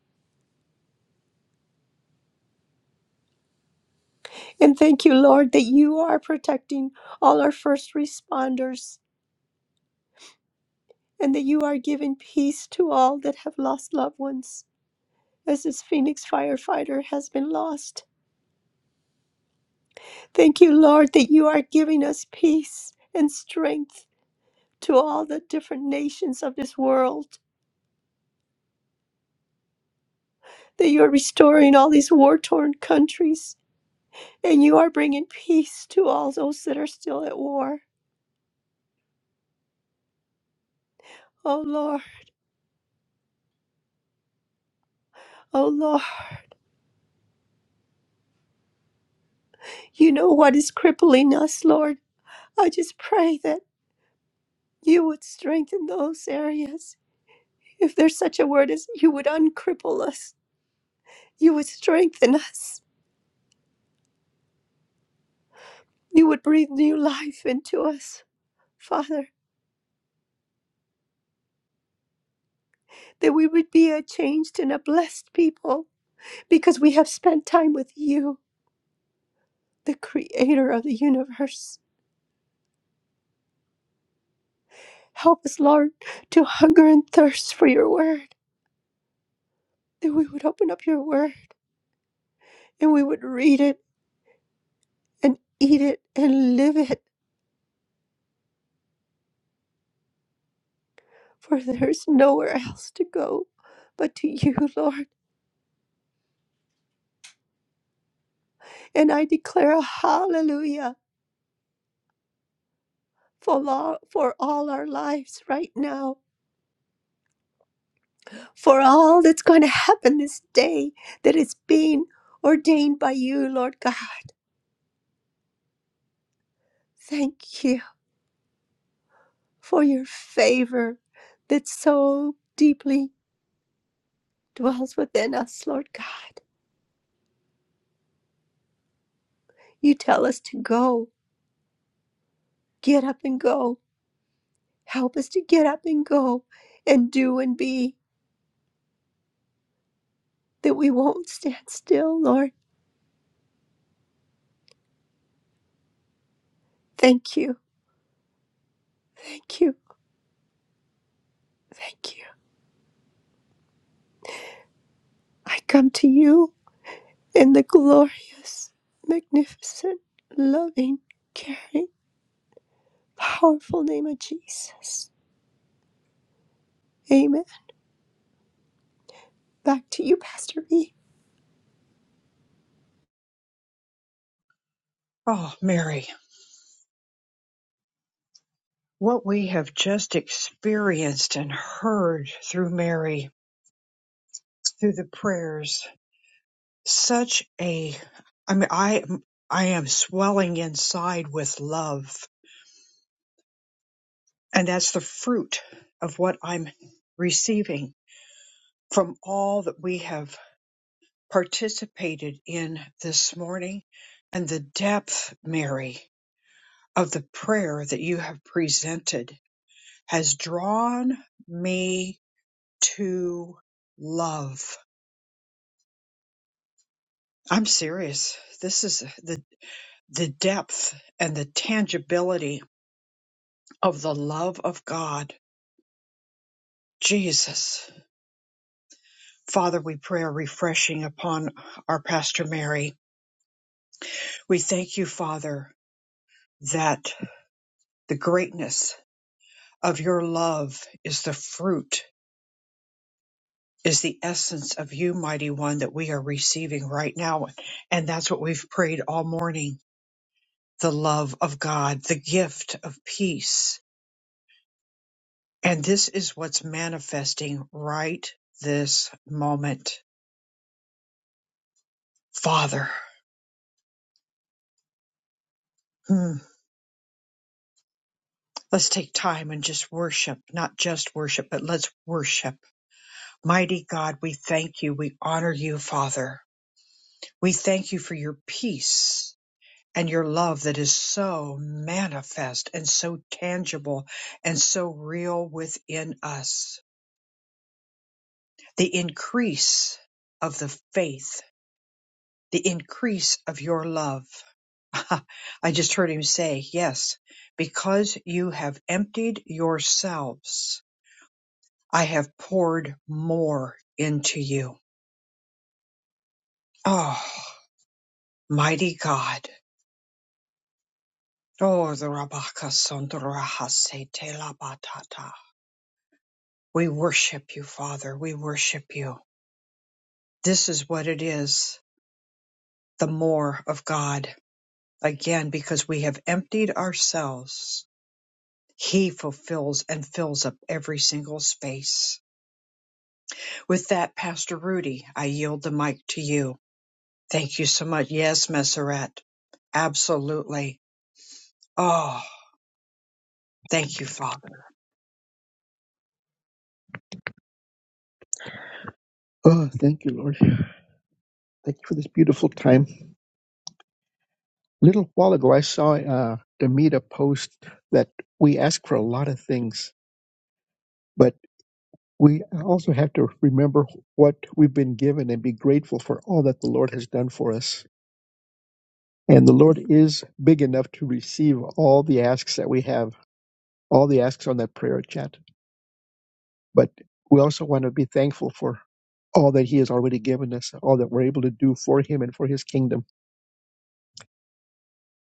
J: And thank you, Lord, that you are protecting all our first responders and that you are giving peace to all that have lost loved ones, as this Phoenix firefighter has been lost. Thank you, Lord, that you are giving us peace and strength to all the different nations of this world, that you are restoring all these war torn countries, and you are bringing peace to all those that are still at war. Oh, Lord, oh, Lord, you know what is crippling us, Lord. I just pray that you would strengthen those areas If there's such a word as you would uncripple us, you would strengthen us, you would breathe new life into us, Father, that we would be a changed and a blessed people because we have spent time with you, the creator of the universe. Help us, Lord, to hunger and thirst for your word, that we would open up your word and we would read it and eat it and live it, for there's nowhere else to go but to you, Lord. And I declare a hallelujah for lo- for all our lives right now, for all that's going to happen this day that is being ordained by you, Lord God. Thank you for your favor that so deeply dwells within us, Lord God. You tell us to go, get up and go. Help us to get up and go and do and be that we won't stand still, Lord. Thank you. Thank you. Thank you. I come to you in the glorious, magnificent, loving, caring, powerful name of Jesus. Amen. Back to you, Pastor B.
A: Oh, Mary, what we have just experienced and heard through Mary, through the prayers, such a, I mean, I, I am swelling inside with love And that's the fruit of what I'm receiving from all that we have participated in this morning and the depth, Mary, of the prayer that you have presented has drawn me to love. I'm serious. This is the, the depth and the tangibility of the love of God. Jesus, Father, we pray a refreshing upon our Pastor Mary We thank you, Father, that the greatness of your love is the fruit, is the essence of you, mighty one, that we are receiving right now. And that's what we've prayed all morning the love of God, the gift of peace. And this is what's manifesting right this moment. Father, hmm, let's take time and just worship, not just worship, but let's worship. Mighty God, we thank you. We honor you, Father. We thank you for your peace and your love that is so manifest and so tangible and so real within us. The increase of the faith, the increase of your love. I just heard him say, Yes, because you have emptied yourselves, I have poured more into you. Oh, mighty God. Oh, the Rabaka Sondaraha Se Te La Batata. We worship you, Father. We worship you. This is what it is the more of God. Again, because we have emptied ourselves, He fulfills and fills up every single space. With that, Pastor Rudy, I yield the mic to you. Thank you so much. Yes, Messeret. Absolutely. Oh, thank you, Father.
B: Oh, thank you, Lord. Thank you for this beautiful time. A little while ago, I saw uh, Demita post that we ask for a lot of things, but. we also have to remember what we've been given and be grateful for all that the Lord has done for us. And the Lord is big enough to receive all the asks that we have, all the asks on that prayer chat. But we also want to be thankful for all that He has already given us, all that we're able to do for Him and for His kingdom.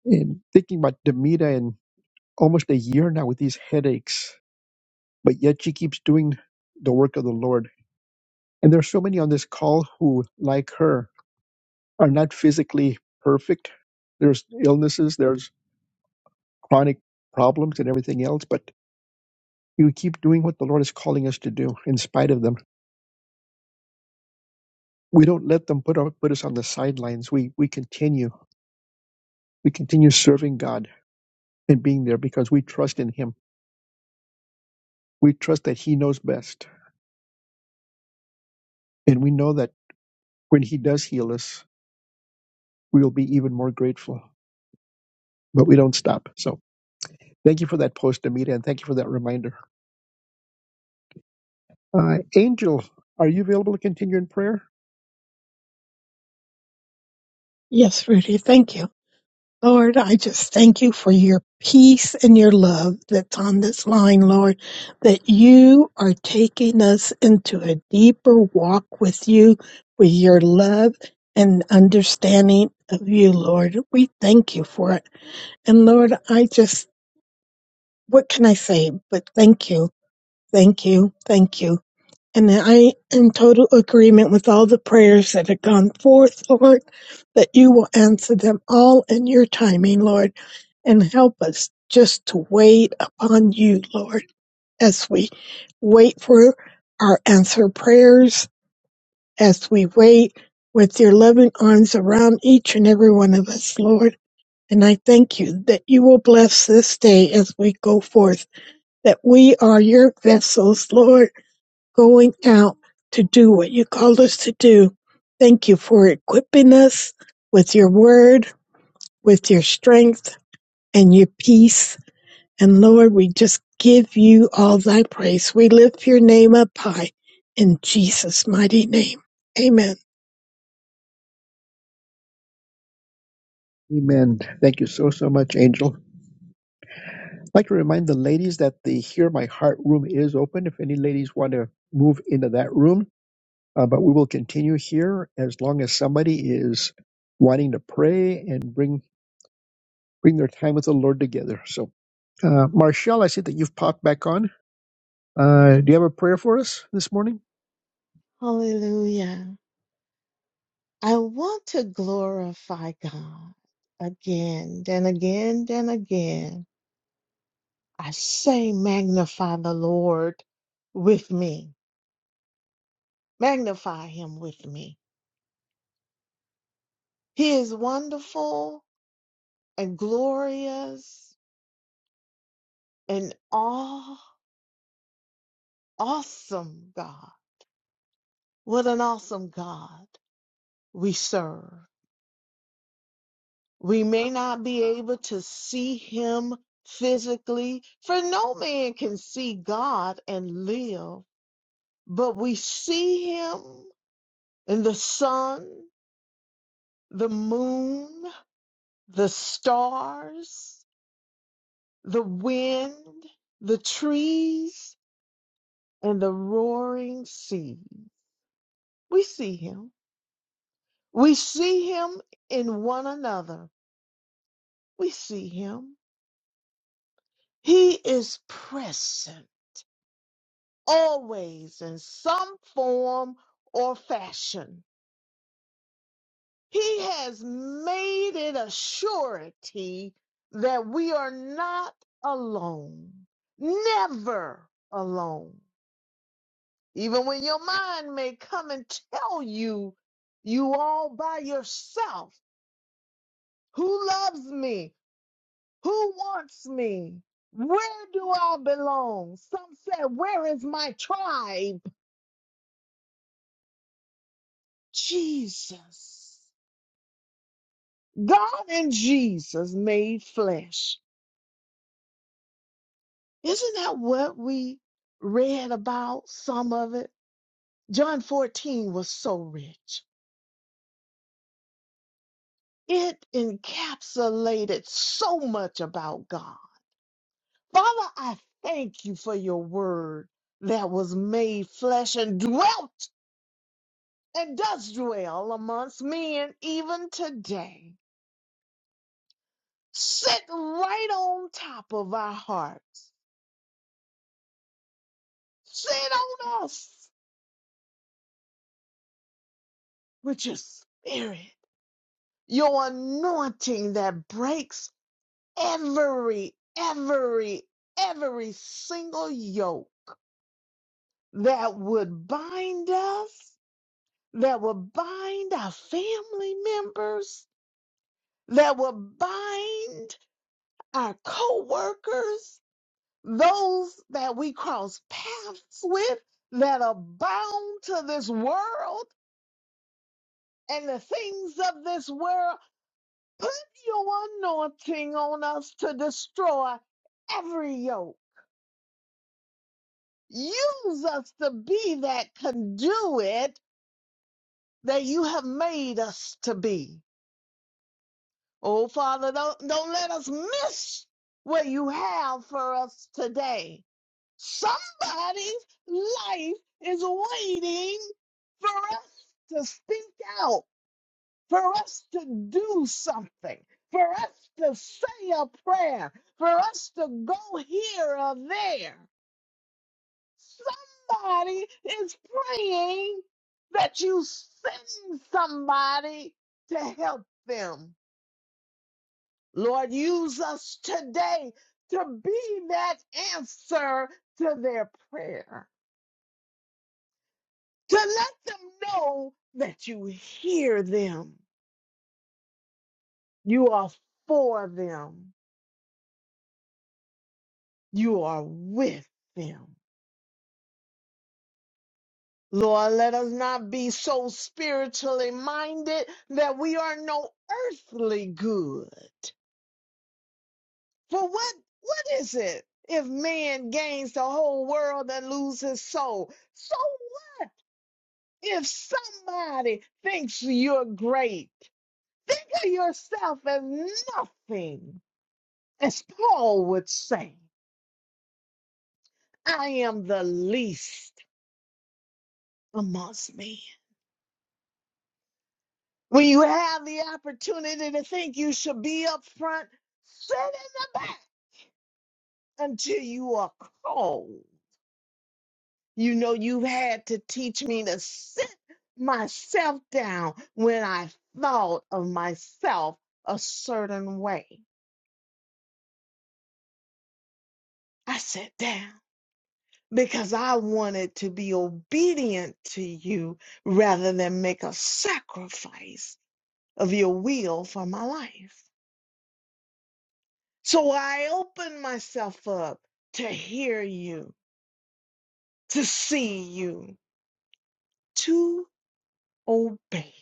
B: And thinking about Demita and almost a year now with these headaches, but yet she keeps doing the work of the Lord. And there are so many on this call who, like her, are not physically perfect. There's illnesses, there's chronic problems and everything else, but you keep doing what the Lord is calling us to do in spite of them. We don't let them put, our, put us on the sidelines. We, we continue. We continue serving God and being there because we trust in Him. We trust that He knows best. And we know that when He does heal us, we will be even more grateful, but we don't stop. So thank you for that post, Amita, and thank you for that reminder. Uh, Angel, are you available to continue in prayer?
K: Yes, Rudy, thank you. Lord, I just thank you for your peace and your love that's on this line, Lord, that you are taking us into a deeper walk with you, with your love and understanding of you, Lord. We thank you for it. And Lord, I just, what can I say but thank you, thank you, thank you. And I am total agreement with all the prayers that have gone forth, Lord, that you will answer them all in your timing, Lord, and help us just to wait upon you, Lord, as we wait for our answer prayers, as we wait with your loving arms around each and every one of us, Lord. And I thank you that you will bless this day as we go forth, that we are your vessels, Lord going out to do what you called us to do. Thank you for equipping us with your word, with your strength, and your peace. And Lord, we just give you all thy praise. We lift your name up high in Jesus' mighty name. Amen.
B: Amen. Thank you so, so much, Angel. I'd like to remind the ladies that the Hear My Heart room is open if any ladies want to move into that room. Uh, but we will continue here as long as somebody is wanting to pray and bring bring their time with the Lord together. So, uh, Marshall, I see that you've popped back on. Uh, do you have a prayer for us this morning?
F: Hallelujah. I want to glorify God again, then again, then again. I say, magnify the Lord with me, magnify him with me. He is wonderful and glorious and aw- awesome God. What an awesome God. we serve. We may not be able to see him physically, for no man can see God and live, but we see him in the sun, the moon, the stars, the wind, the trees, and the roaring sea. We see him. We see him in one another. We see him. He is present. always in some form or fashion. He has made it a surety that we are not alone, never alone. Even when your mind may come and tell you you all by yourself, who loves me? Who wants me? Where do I belong? Some said, where is my tribe? Jesus God and Jesus made flesh. Isn't that what we read about? Some of it. John 14 was so rich. It encapsulated so much about God. Father, I thank you for your word that was made flesh and dwelt and does dwell amongst men even today. Sit right on top of our hearts. Sit on us with your spirit Your anointing that breaks every, every, every single yoke that would bind us, that would bind our family members, that would bind our co-workers, those that we cross paths with that are bound to this world and the things of this world. Put your anointing on us to destroy every yoke. Use us to be that conduit that you have made us to be. Oh, Father, don't, don't let us miss what you have for us today. Somebody's life is waiting for us to speak out for us to do something, for us to say a prayer, for us to go here or there. Somebody is praying that you send somebody to help them. Lord, use us today to be that answer to their prayer, to let them know that you hear them, you are for them. you are with them. Lord, let us not be so spiritually minded that we are no earthly good. For what what is it if man gains the whole world and lose his soul? So what if somebody thinks you're great? Think of yourself as nothing. As Paul would say, I am the least amongst men. When you have the opportunity to think you should be up front, sit in the back until you are cold. You know, you've had to teach me to sit myself down when I thought of myself a certain way. I sat down because I wanted to be obedient to you rather than make a sacrifice of your will for my life. So I opened myself up to hear you to see you, to obey.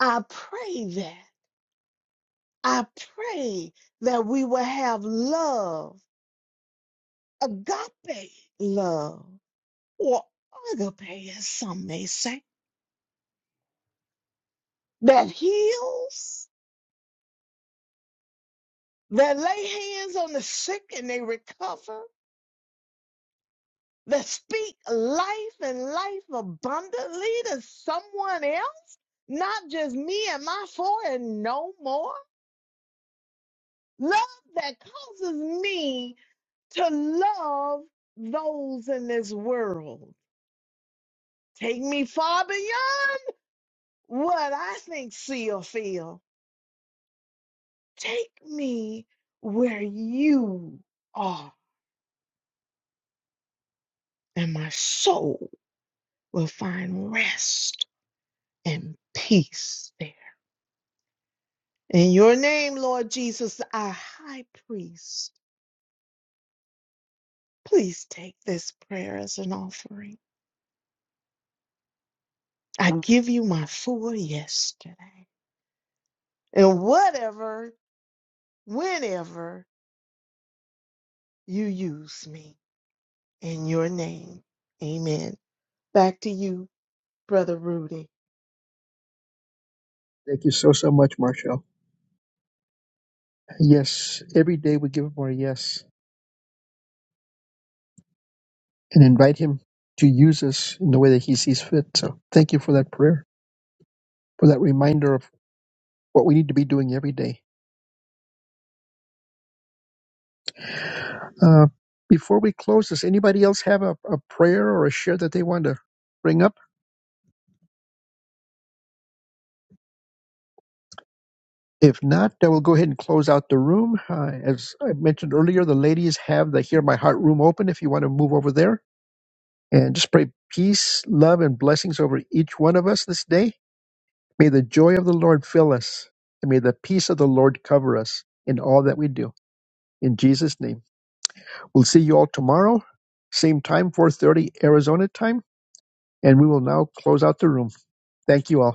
F: I pray that. I pray that we will have love, agape love, or agape, as some may say, that heals, that lay hands on the sick and they recover, that speak life and life abundantly to someone else, not just me and my four and no more. Love that causes me to love those in this world. Take me far beyond what I think, see, or feel. Take me where you are, and my soul will find rest and peace there. In your name, Lord Jesus, our high priest, please take this prayer as an offering. I give you my full yesterday and whatever, whenever You use me in your name. Amen. Back to you, Brother Rudy.
B: Thank you so, so much, Marshall. Yes, every day we give him our yes and invite him to use us in the way that he sees fit. So, thank you for that prayer. for that reminder of what we need to be doing every day. Uh, before we close, does anybody else have a, a prayer or a share that they want to bring up? If not, then we'll go ahead and close out the room. Uh, as I mentioned earlier, the ladies have the Hear My Heart room open if you want to move over there. And just pray peace, love, and blessings over each one of us this day. May the joy of the Lord fill us, and may the peace of the Lord cover us in all that we do. In Jesus' name. We'll see you all tomorrow, same time, 4.30 Arizona time. And we will now close out the room. Thank you all.